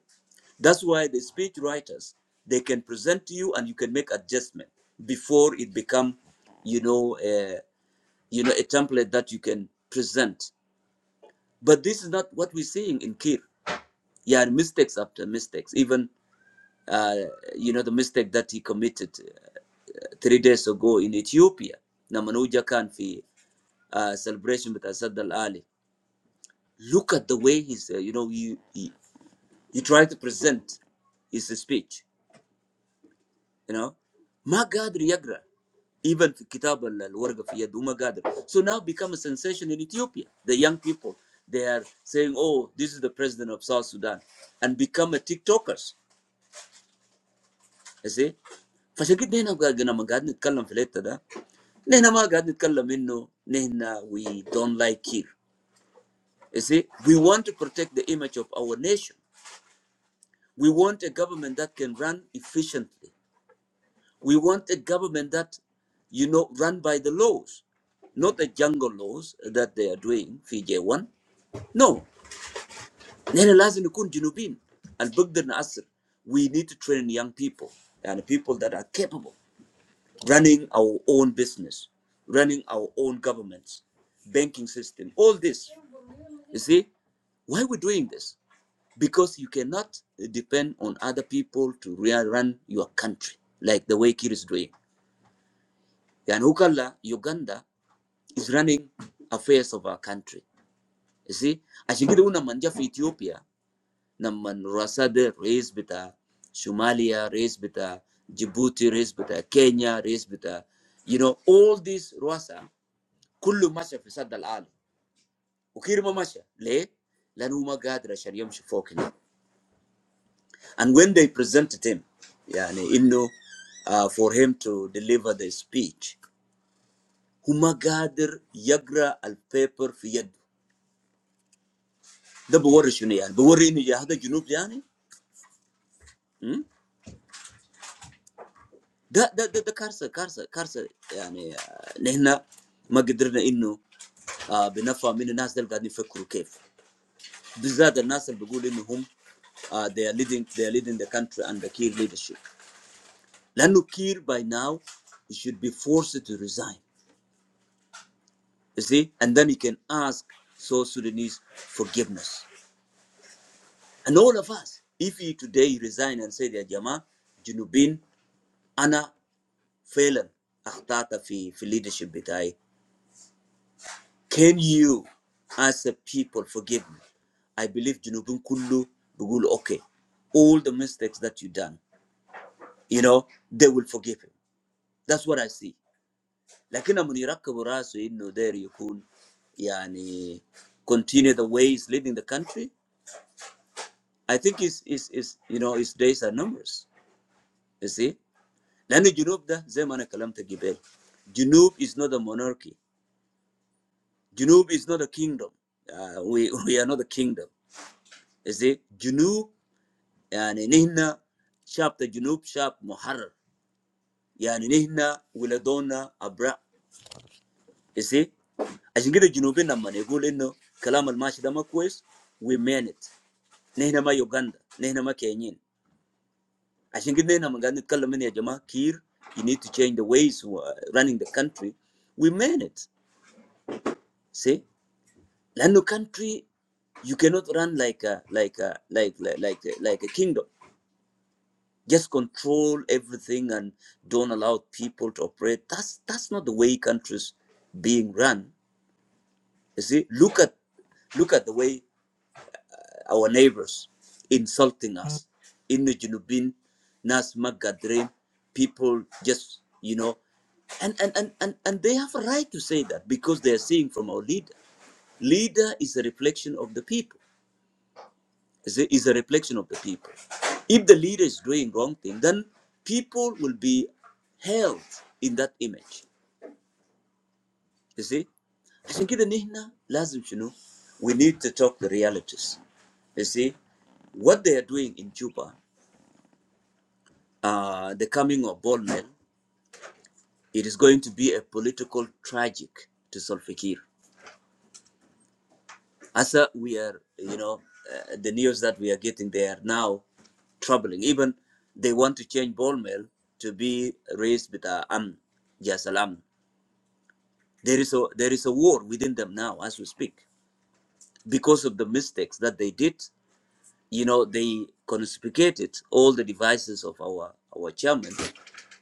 S1: That's why the speech writers, they can present to you and you can make adjustment before it become, you know, a, you know, a template that you can present. But this is not what we're seeing in Kir. Yeah, mistakes after mistakes. Even uh, you know the mistake that he committed uh, three days ago in Ethiopia. Namanuja can fi uh, celebration with Asad Al Ali. Look at the way he's uh, you know he, he he tried to present his speech. You know, Magadri Yagra even في كتاب ال- fi في يد So now become a sensation in Ethiopia. The young people they are saying, "Oh, this is the president of South Sudan," and become a TikTokers. You see, فعشان كده هنا قاعد- لما قاعدين نتكلم في الحتة ده، نحن ما قاعد نتكلم انه نحن we don't like Kir. You see, we want to protect the image of our nation. We want a government that can run efficiently. We want a government that, you know, run by the laws, not the jungle laws that they are doing, FJ1. No. نحن لازم نكون جنوبين. And نأثر. We need to train young people and people that are capable running our own business, running our own governments, banking system, all this You see, why are we doing this? Because you cannot depend on other people to run your country like the way Kir is doing. And Ukala, Uganda, is running affairs of our country. You see, ashigiri una manja fi Ethiopia, naman rasade race bita Somalia, race bita Djibouti, race bita Kenya, race bita, you know, all these Rwasa kullu masha fi sadda al-alam. Ukir ma masha, le? Lan huma gadra shar yamshi fokina. And when they presented him, yani Innu, uh, for him to deliver the speech, Humagadir Yagra al paper Fiyad. The Borisuni and Borini Yahda Junub Yani. hmm? Da da da da Karsa Karsa Karsa Yani uh, Nehna Magidrina Innu uh benafa Min Nasdal gani Fakru Kef. Bizad al Nasal Bugul Innu Hum uh, they are leading they are leading the country under Kiir leadership. Lanu Kiir by now he should be forced to resign. You see, and then you can ask South Sudanese forgiveness. And all of us, if you today you resign and say that Jama, Junubin, Ana, Phelan, Akhtata fi, fi leadership bitai, can you as a people forgive me? I believe Junubin Kullu Bugul okay. All the mistakes that you done, you know, they will forgive him. That's what I see. Like in Rasu inno there you could yani continue the ways leading the country I think his his his you know his days are numerous. You see, Janub Junub, the same man I calmed the Gibel. Junub is not a monarchy. Junub is not a kingdom. Uh, We we are not a kingdom. You see, Junub, ya ni neha, chapter Junub chapter Moharr, ya ni neha wiladona Abra. You see, asingida Junubina mane gule no kalama almasida makwez we manet neha ma yuganda neha ma kenyin. عشان كده هنا لما قاعد نتكلم هنا يا جماعه كير you need to change the ways who are running the country we mean it see لانه country you cannot run like a like a like like like a, like a kingdom just control everything and don't allow people to operate that's that's not the way countries being run you see look at look at the way our neighbors insulting us. In the Junubin, Nas Magadrin, people just, you know, and, and, and, and, and they have a right to say that because they are seeing from our leader. Leader is a reflection of the people, is a, is a reflection of the people. If the leader is doing wrong thing, then people will be held in that image. You see? عشان كده نحن لازم شنو we need to talk the realities you see what they are doing in Juba uh, the coming of Bolmel, it is going to be a political tragic to Solfikir. Asa, we are, you know, uh, the news that we are getting, they are now troubling. Even they want to change Bolmel to be raised with uh, Am Jasalam. There is a there is a war within them now as we speak because of the mistakes that they did you know, they confiscated all the devices of our, our chairman,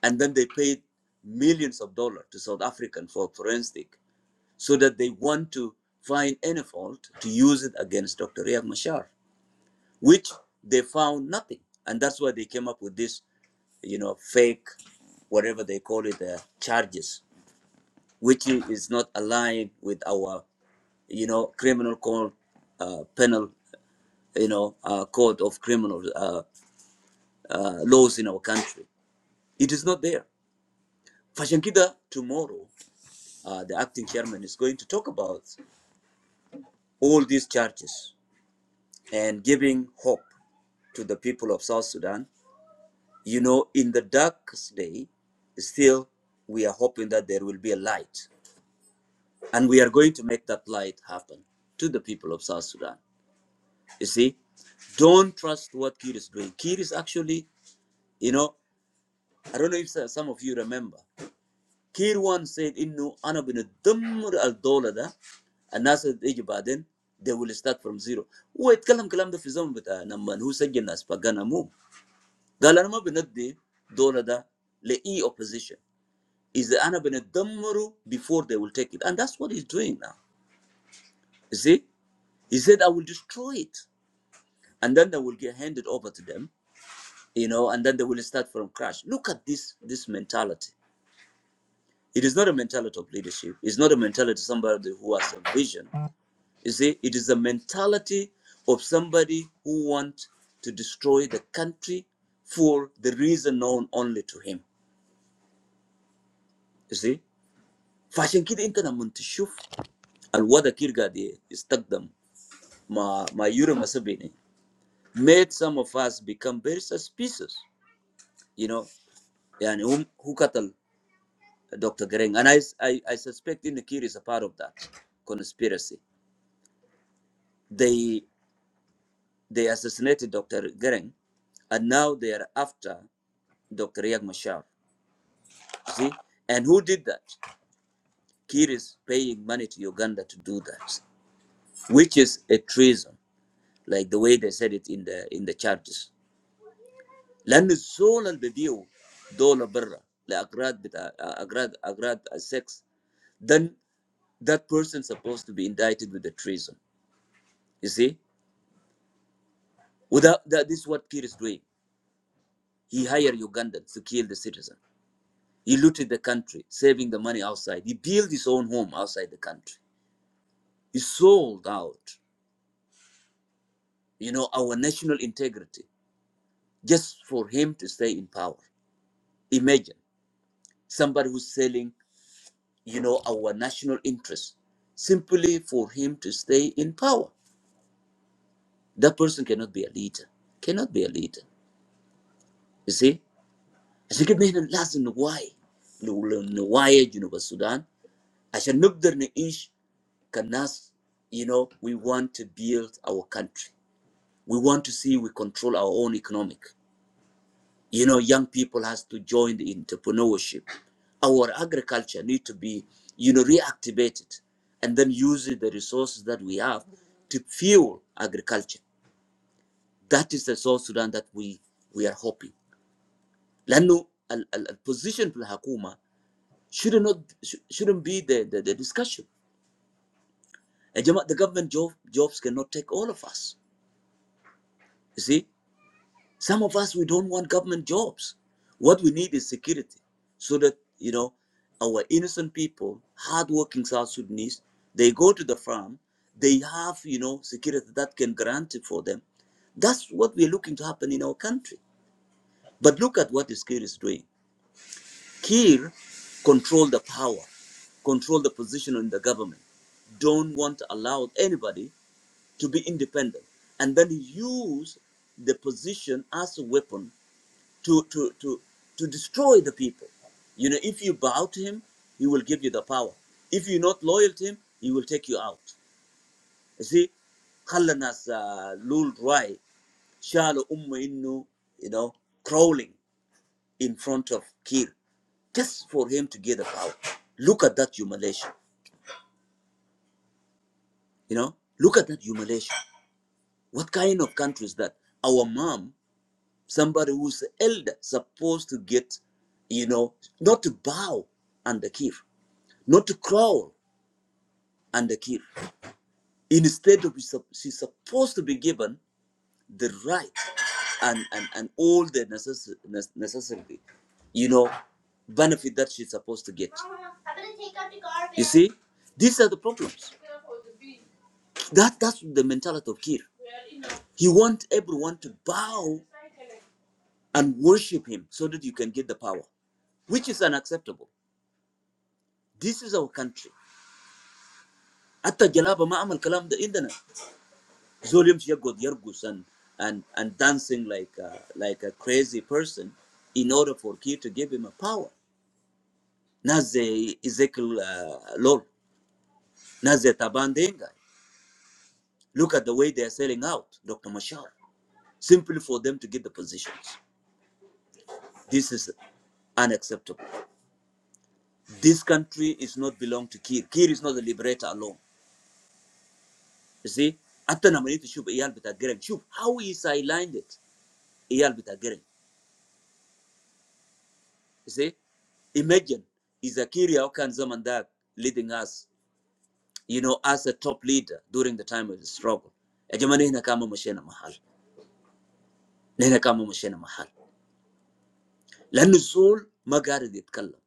S1: and then they paid millions of dollars to South African for forensic, so that they want to find any fault to use it against Dr. Riek Machar, which they found nothing, and that's why they came up with this, you know, fake, whatever they call it, uh, charges, which is not aligned with our, you know, criminal code, uh, penal, you know, uh, code of criminals. uh, laws in our country. It is not there. Fashankida tomorrow, uh, the acting chairman is going to talk about all these charges and giving hope to the people of South Sudan. You know, in the darkest day, still we are hoping that there will be a light, and we are going to make that light happen to the people of South Sudan. You see, don't trust what Kir is doing. Kir is actually, you know, I don't know if some of you remember. كير وان said انه انا بندمر الدولة ده الناس اللي تيجي بعدين they will start from zero هو يتكلم كلام ده في الزمن بتاع لما هو سجل ناس بقانا مو قال انا ما بندي دولة ده لاي opposition اذا انا بندمره before they will take it and that's what he's doing now you see he said I will destroy it and then they will get handed over to them you know and then they will start from crash look at this this mentality it is not a mentality of leadership it's not a mentality of somebody who has a vision You see, it is a mentality of somebody who wants to destroy the country for the reason known only to him. You see? فعشان كده انت لما تشوف الوضع كده قاعد يستخدم مع مع يوري مسابيني made some of us become very suspicious you know يعني هم who قتل Dr. Gering and I, I, I suspect Inakir is a part of that conspiracy they they assassinated Dr. Gering and now they are after Dr. Riek Machar. see? And who did that? Kir is paying money to Uganda to do that, which is a treason, like the way they said it in the in the charges. لأن الزول اللي بيبيعوا دولة برا لأغراض بتاع أغراض أغراض sex then that person supposed to be indicted with the treason. You see? Without that, this is what Kir is doing. He hired Ugandans to kill the citizen. He looted the country, saving the money outside. He built his own home outside the country. He sold out. you know, our national integrity just for him to stay in power. Imagine somebody who's selling, you know, our national interests, simply for him to stay in power. That person cannot be a leader. Cannot be a leader. You see? عشان كده نحن لازم نوعي لو- لو نوعي جنوب السودان عشان نقدر نعيش كناس you know we want to build our country we want to see we control our own economic You know, young people has to join the entrepreneurship. Our agriculture need to be, you know, reactivated and then using the resources that we have to fuel agriculture. That is the South Sudan that we, we are hoping. لأنه ال- ال- الposition في الحكومة should not should- shouldn't be the, the, the discussion. يا جماعة, The government job, jobs cannot take all of us. You see, Some of us, we don't want government jobs. What we need is security so that, you know, our innocent people, hardworking South Sudanese, they go to the farm, they have, you know, security that can grant it for them. That's what we're looking to happen in our country. But look at what Kir is doing. Kir control the power, control the position in the government, don't want to allow anybody to be independent. And then use the position as a weapon to, to, to, to destroy the people. You know, if you bow to him, he will give you the power. If you're not loyal to him, he will take you out. You see, خلى الناس آه، لول راي شالوا you know crawling in front of Kir just for him to get the power. Look at that humiliation. You know, look at that humiliation. What kind of country is that? Our mom, somebody who's elder, supposed to get, you know, not to bow under Kir. not to crawl and kill. Instead, of, she's supposed to be given the right and, and, and all the necessary, necessary, you know, benefit that she's supposed to get. See, these are the problems. That that's the mentality of Kir. He wants everyone to bow and worship him so that you can get the power, which is unacceptable. This is our country. حتى Jalaba ما عمل كلام ده عندنا. Zolium got Yergus and, and, and dancing like a, like a crazy person in order for Kir to give him a power. Naze Ezekiel uh, Lol, Naze Tabandenga. Look at the way they are selling out Dr. Mashar, simply for them to get the positions. This is unacceptable. This country is not belong to Kir. Kir is not the liberator alone. You see, Atta namanito shub iyal bitagereng. Shub, how he sidelined it. Iyal You see, imagine is Akiri Aukan Zamandak leading us, you know, as a top leader during the time of the struggle. يا جماعة نحن كما مشينا محل نحن كما مشينا محل لأن الزول ما قادر يتكلم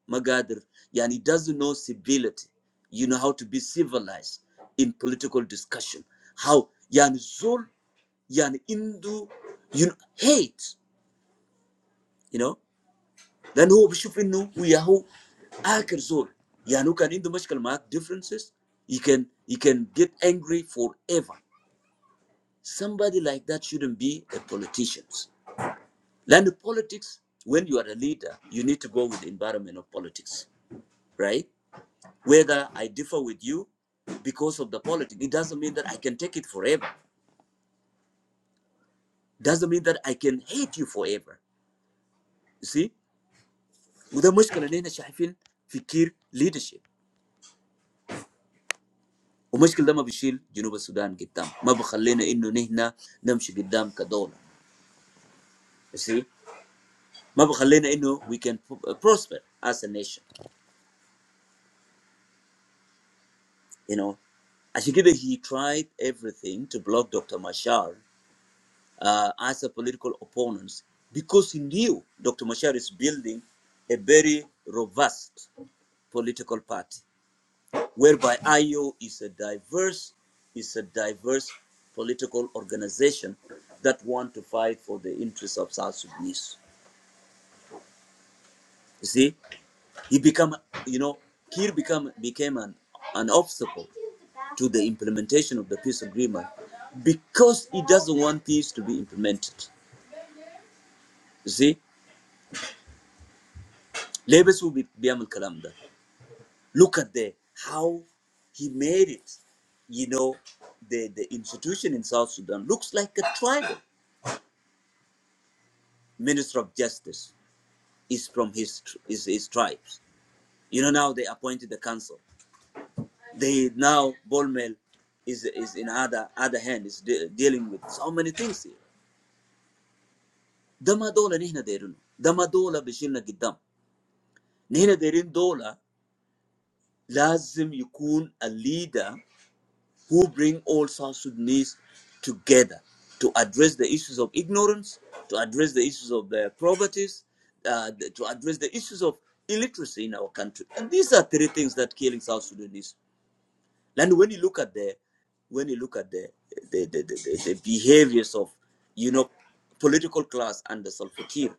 S1: doesn't know civility you know how to be civilized in political discussion how Yani الزول Yani عنده you know, hate you know لانه هو بيشوف انه وياهو اخر زول يعني هو كان عنده مشكله معاك differences you can you can get angry forever somebody like that shouldn't be a politician لان politics when you are a leader you need to go with the environment of politics right whether I differ with you because of the politics it doesn't mean that I can take it forever doesn't mean that I can hate you forever you see وده مشكله اللي احنا شايفين في كير leadership ومشكل ده ما بيشيل جنوب السودان قدام ما بخلينا انه نحن نمشي قدام كدوله You see ما بخلينا انه we can prosper as a nation you know عشان كده he tried everything to block Dr. Mashar uh, as a political opponent because he knew Dr. Mashar is building a very robust political party whereby IO is a diverse is a diverse political organization that want to fight for the interests of South Sudanese. You see, he become you know Kir become became an an obstacle implementation of the agreement because he doesn't want peace to be implemented. You see, Labels will be Kalamda. Look at the how he made it you know, the, the institution in South Sudan looks like a tribal minister of justice. is from his tr- his tribes. You know now they appointed the council. They now Bolmel is is in other other hand is de- dealing with so many things here. ده ما دولة نحن دايرينه ده ما دولة بيشيلنا قدام dola. Lazim دولة a leader who bring all South Sudanese together to address the issues of ignorance, to address the issues of the poverties, uh, to address the issues of illiteracy in our country. And these are three things that killing South Sudanese. And when you look at the when you look at the the, the, the, the, behaviors of you know political class under Salva Kiir,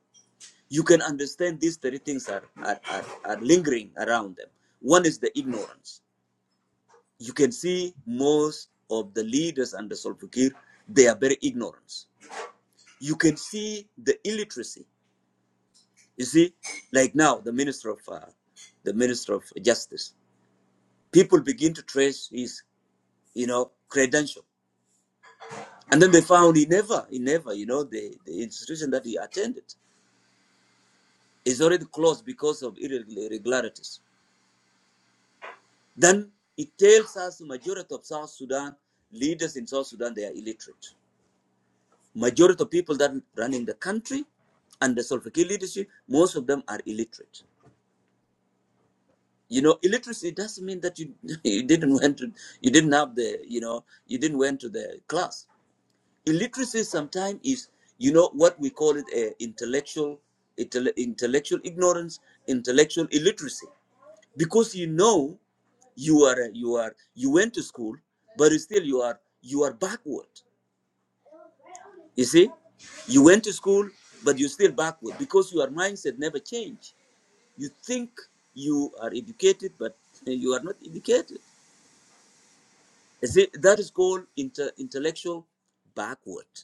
S1: you can understand these three things are, are, are, are lingering around them. One is the ignorance. You can see most of the leaders under Salva Kiir, they are very ignorant. You can see the illiteracy. You see, like now the minister of uh, the minister of justice, people begin to trace his you know credential And then they found he never, he never, you know, the, the institution that he attended is already closed because of irregularities. Then it tells us the majority of South Sudan leaders in South Sudan they are illiterate. Majority of people that running the country and the Salva Kiir leadership, most of them are illiterate. You know, illiteracy doesn't mean that you (laughs) you didn't went to you didn't have the you know you didn't went to the class. illiteracy sometimes is you know what we call it uh, intellectual intellectual ignorance intellectual illiteracy because you know you are you are you went to school but still you are you are backward you see you went to school but you're still backward because your mindset never changed you think you are educated but you are not educated you see that is called inter- intellectual backward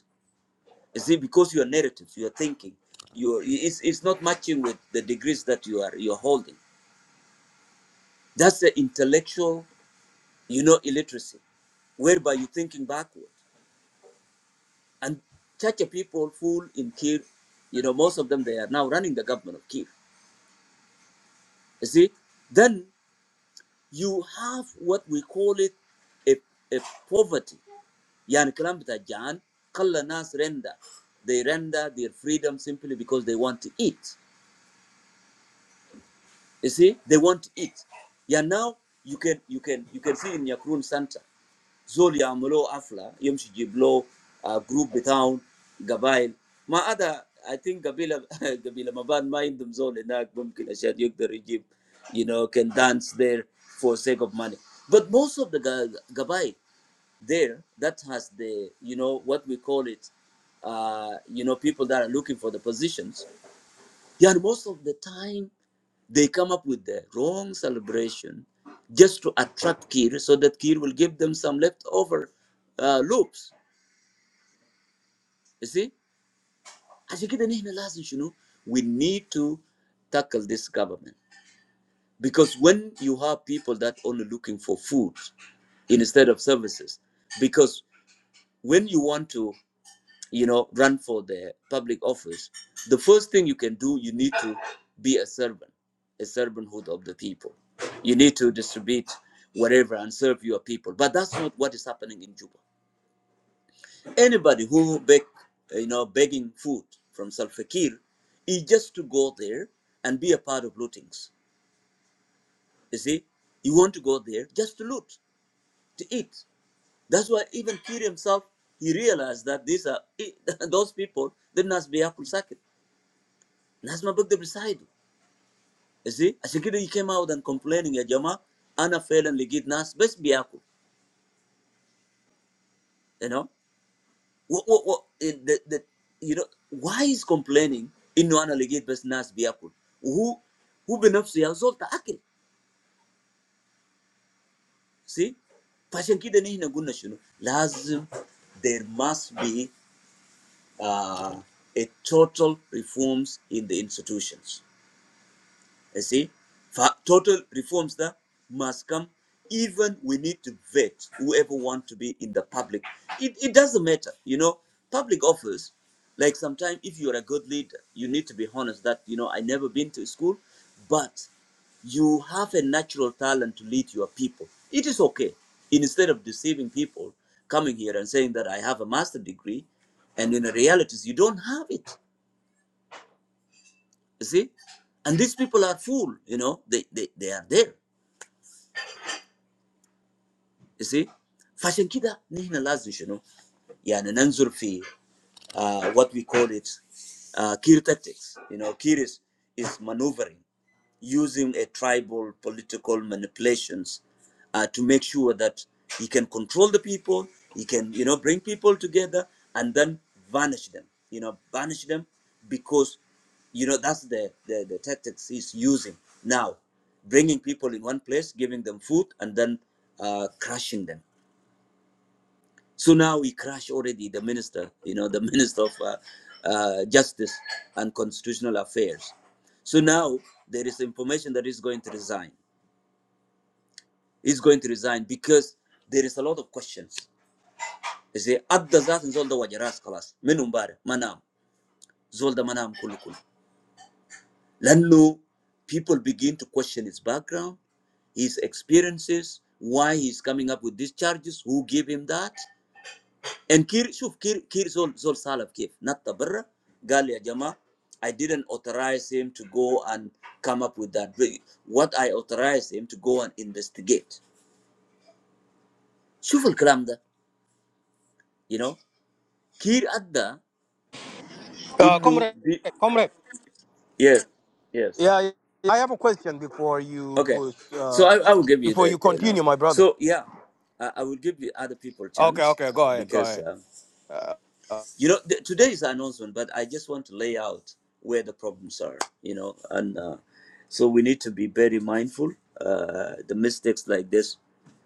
S1: You see, because your narratives, your thinking, your it's, it's not matching with the degrees that you are you're holding. That's the intellectual, you know, illiteracy, whereby you're thinking backward. And Chacha people fool in Kir, you know, most of them they are now running the government of Kir. You see, then you have what we call it a, a poverty. Yani kalam bita Jan, kalla nas render. They render their freedom simply because they want to eat. You see, they want to eat. Yeah, now you can you can you can see in Yakrun Center, Zol Yamlo Afla, Yom Shijiblo, uh, Group Betown, Gabail. My other, I think Gabila (laughs) Gabila Maban mind them Zol and Mumkin Ashad Yuk the regime, you know, can dance there for sake of money. But most of the Ga- Gabail there, that has the, you know, what we call it, uh, you know, people that are looking for the positions, yeah, most of the time they come up with the wrong celebration just to attract Kir so that Kir will give them some leftover uh, loops. You see? عشان كده نحن لازم شنو? We need to tackle this government. Because when you have people that only looking for food instead of services, because when you want to you know, run for the public office, the first thing you can do, you need to be a servant, a servanthood of the people. You need to distribute whatever and serve your people. But that's not what is happening in Juba. Anybody who beg, you know, begging food from Salva Kiir is just to go there and be a part of lootings. You see, you want to go there just to loot, to eat. That's why even Kiir himself, he realized that these are (laughs) those people, they must be apple sacked ناس ما بقدر يساعدوا You see عشان كده he came out and complaining يا جماعة أنا فعلا لقيت ناس بس بياكل you know what, what, what, the, the, you know why is complaining إنه أنا لقيت بس ناس بياكل وهو هو بنفسه يا زول تأكل see فعشان كده نحن قلنا شنو لازم there must be uh, a total reforms in the institutions You see, for total reforms that must come. Even we need to vet whoever want to be in the public. It, it doesn't matter, you know. Public office, like sometimes if you're a good leader, you need to be honest that you know I never been to school, but you have a natural talent to lead your people. It is okay. Instead of deceiving people, coming here and saying that I have a master degree, and in the realities you don't have it you see and these people are full you know they they, they are there you see فعشان كده نحن لازم شنو يعني ننظر في uh, what we call it uh, Kir tactics you know Kir is, is maneuvering using a tribal political manipulations uh, to make sure that he can control the people, he can, you know, bring people together and then vanish them, you know, vanish them because, you know, that's the, the, the tactics he's using now, bringing people in one place, giving them food and then uh, crushing them. So now we crash already the minister, you know, the (laughs) minister of uh, uh, justice and constitutional affairs. So now there is information that he's going to resign. He's going to resign because there is a lot of questions. They say, "Adda zatin zol da waje ras kalas, min manam, zolda manam kulukul. kullu." Lanno, people begin to question his background, his experiences, why he's coming up with these charges, who gave him that. And Kir, شوف Kir, Kir زول زول سالف كيف نط برا قال يا جماعة I didn't authorize him to go and come up with that What I authorized him to go and investigate. شوف الكلام ده you know Kir أدى
S10: Uh,
S1: إنه
S10: comrade,
S1: دي-
S10: comrade.
S1: yes yes
S10: Yeah, yeah, I have a question before you
S1: okay
S10: push.
S1: so
S10: Uh,
S1: I, I will give you
S10: before you
S1: the you know
S10: continue, my brother.
S1: so yeah I, I will give you other people
S10: Okay,
S1: chance
S10: okay,
S1: uh,
S10: go ahead, go
S1: because
S10: ahead.
S1: uh,
S10: Uh, uh,
S1: you know th- today is an announcement but i just want to lay out where the problems are you know and uh, so we need to be very mindful uh, the mistakes like this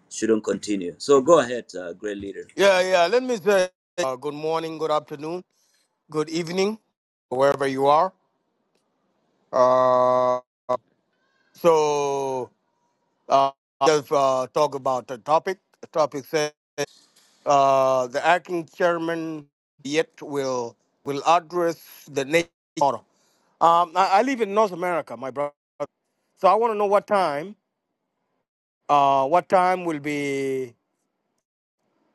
S1: shouldn't continue so go ahead uh, great leader
S10: yeah, yeah. Let me say uh, good morning, good afternoon, good evening, wherever you are. Uh, so uh, just uh, talk about the topic. The topic says uh, the acting chairman yet will will address the nation. tomorrow. Um, I, I live in North America, my brother. So I want to know what time, uh, what time will be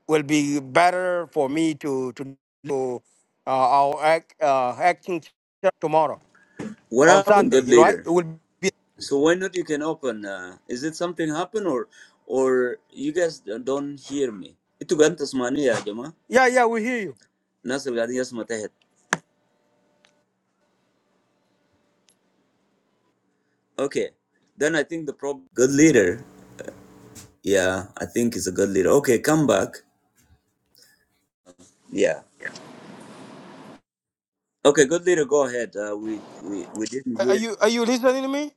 S10: will be better for me to to do uh, our act, uh, acting tomorrow
S1: what
S10: on
S1: happened
S10: Sunday,
S1: good
S10: right?
S1: leader
S10: It will be.
S1: so why not you can open uh, is it something happened or or you guys don't hear me Itu kan tasmani ya, jemaah.
S10: Yeah, yeah, we hear you.
S1: Nas yang gading ya semua tehet. okay then i think the problem good leader yeah i think he's a good leader okay come back Yeah. Okay, good leader, go ahead. Uh, we, we we didn't
S10: Are
S1: hear you.
S10: you are you listening to me?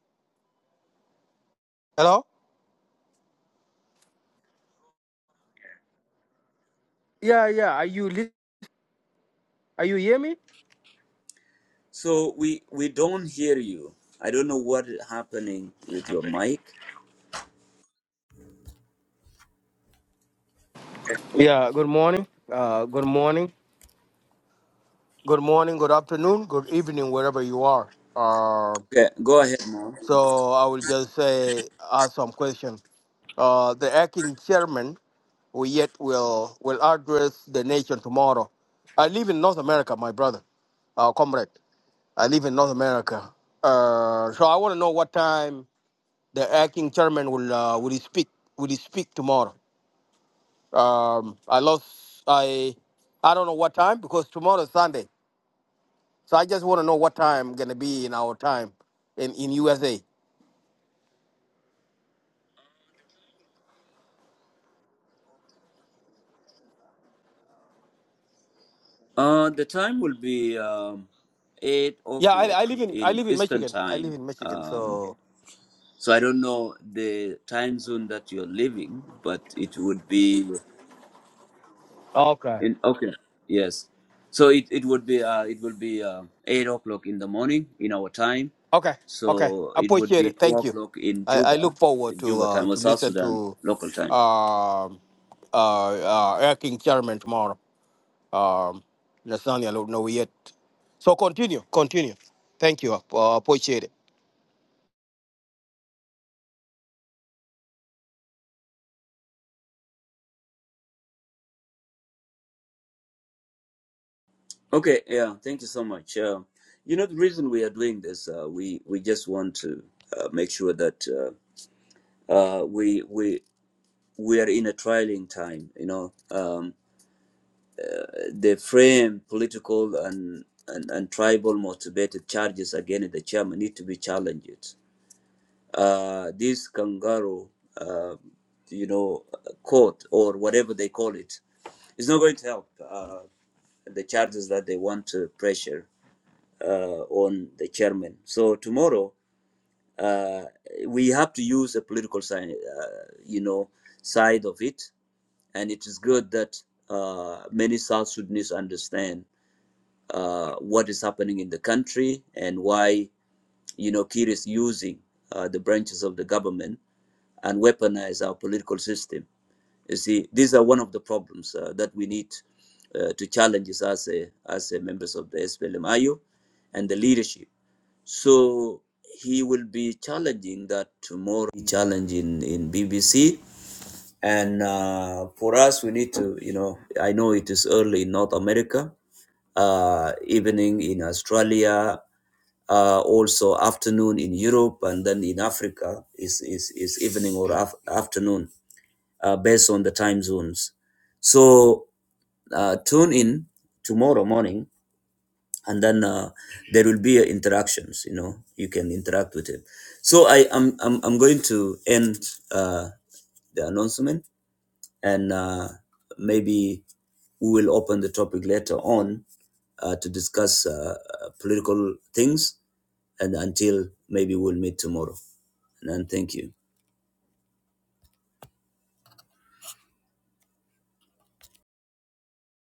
S10: Hello. Yeah, yeah. Are you li- are you hear me?
S1: So we we don't hear you. I don't know what is happening with your mic.
S10: Yeah. Good morning. Uh, good morning. Good morning. Good afternoon. Good evening, wherever you are. Uh,
S1: Okay, go ahead, mom.
S10: so I will just say ask some question. Uh, the acting chairman we yet will will address the nation tomorrow. I live in North America, my brother, uh, comrade. I live in North America, uh, so I want to know what time the acting chairman will uh, will he speak will he speak tomorrow. Um, I lost I I don't know what time because tomorrow is Sunday, so I just want to know what time gonna be in our time in in USA.
S1: Uh, the time will be um, eight
S10: Yeah, I, I
S1: o'clock
S10: live in I
S1: in
S10: live in
S1: Eastern
S10: Michigan. I live
S1: time.
S10: in Michigan,
S1: Um,
S10: so.
S1: so I don't know the time zone that you're living, but it would be.
S10: Okay.
S1: In, okay. Yes. So it, it would be uh, it will be uh, eight o'clock in the morning in our time.
S10: Okay, okay.
S1: So it would
S10: Appreciate
S1: be
S10: it.
S1: two
S10: Thank you.
S1: o'clock in
S10: I, I look
S1: Juba,
S10: forward
S1: in
S10: to
S1: Juba
S10: uh,
S1: time or
S10: to
S1: South
S10: listen
S1: Sudan
S10: to
S1: local time.
S10: um, uh, uh, acting chairman tomorrow. Um, Nathaniel, I don't know yet. So continue, continue. Thank you. Uh, appreciate it.
S1: Okay. Yeah. Thank you so much. Uh, you know the reason we are doing this. Uh, we we just want to uh, make sure that uh, uh, we we we are in a trialing time. You know um, they frame political and and, and tribal motivated charges against the chairman need to be challenged uh, this kangaroo, uh, you know, court or whatever they call it's not going to help uh, the charges that they want to pressure uh, on the chairman. So tomorrow, uh, we have to use a political side, uh, you know, side of it, and it is good that uh, many South Sudanese understand uh, what is happening in the country and why. You know, Kir is using uh, the branches of the government and weaponize our political system. You see, these are one of the problems uh, that we need uh, to challenge as a, as a members of the SPLMIU and the leadership. So he will be challenging that tomorrow, challenging in BBC and uh, for us we need to you know i know it is early in north america uh, evening in australia uh, also afternoon in europe and then in africa is is, is evening or af- afternoon uh, based on the time zones so uh, tune in tomorrow morning and then uh, there will be uh, interactions you know you can interact with him so i am i'm, I'm I'm going to end uh, the announcement and uh, maybe we will open the topic later on uh, to discuss uh, uh, political things and until maybe we'll meet tomorrow and then thank you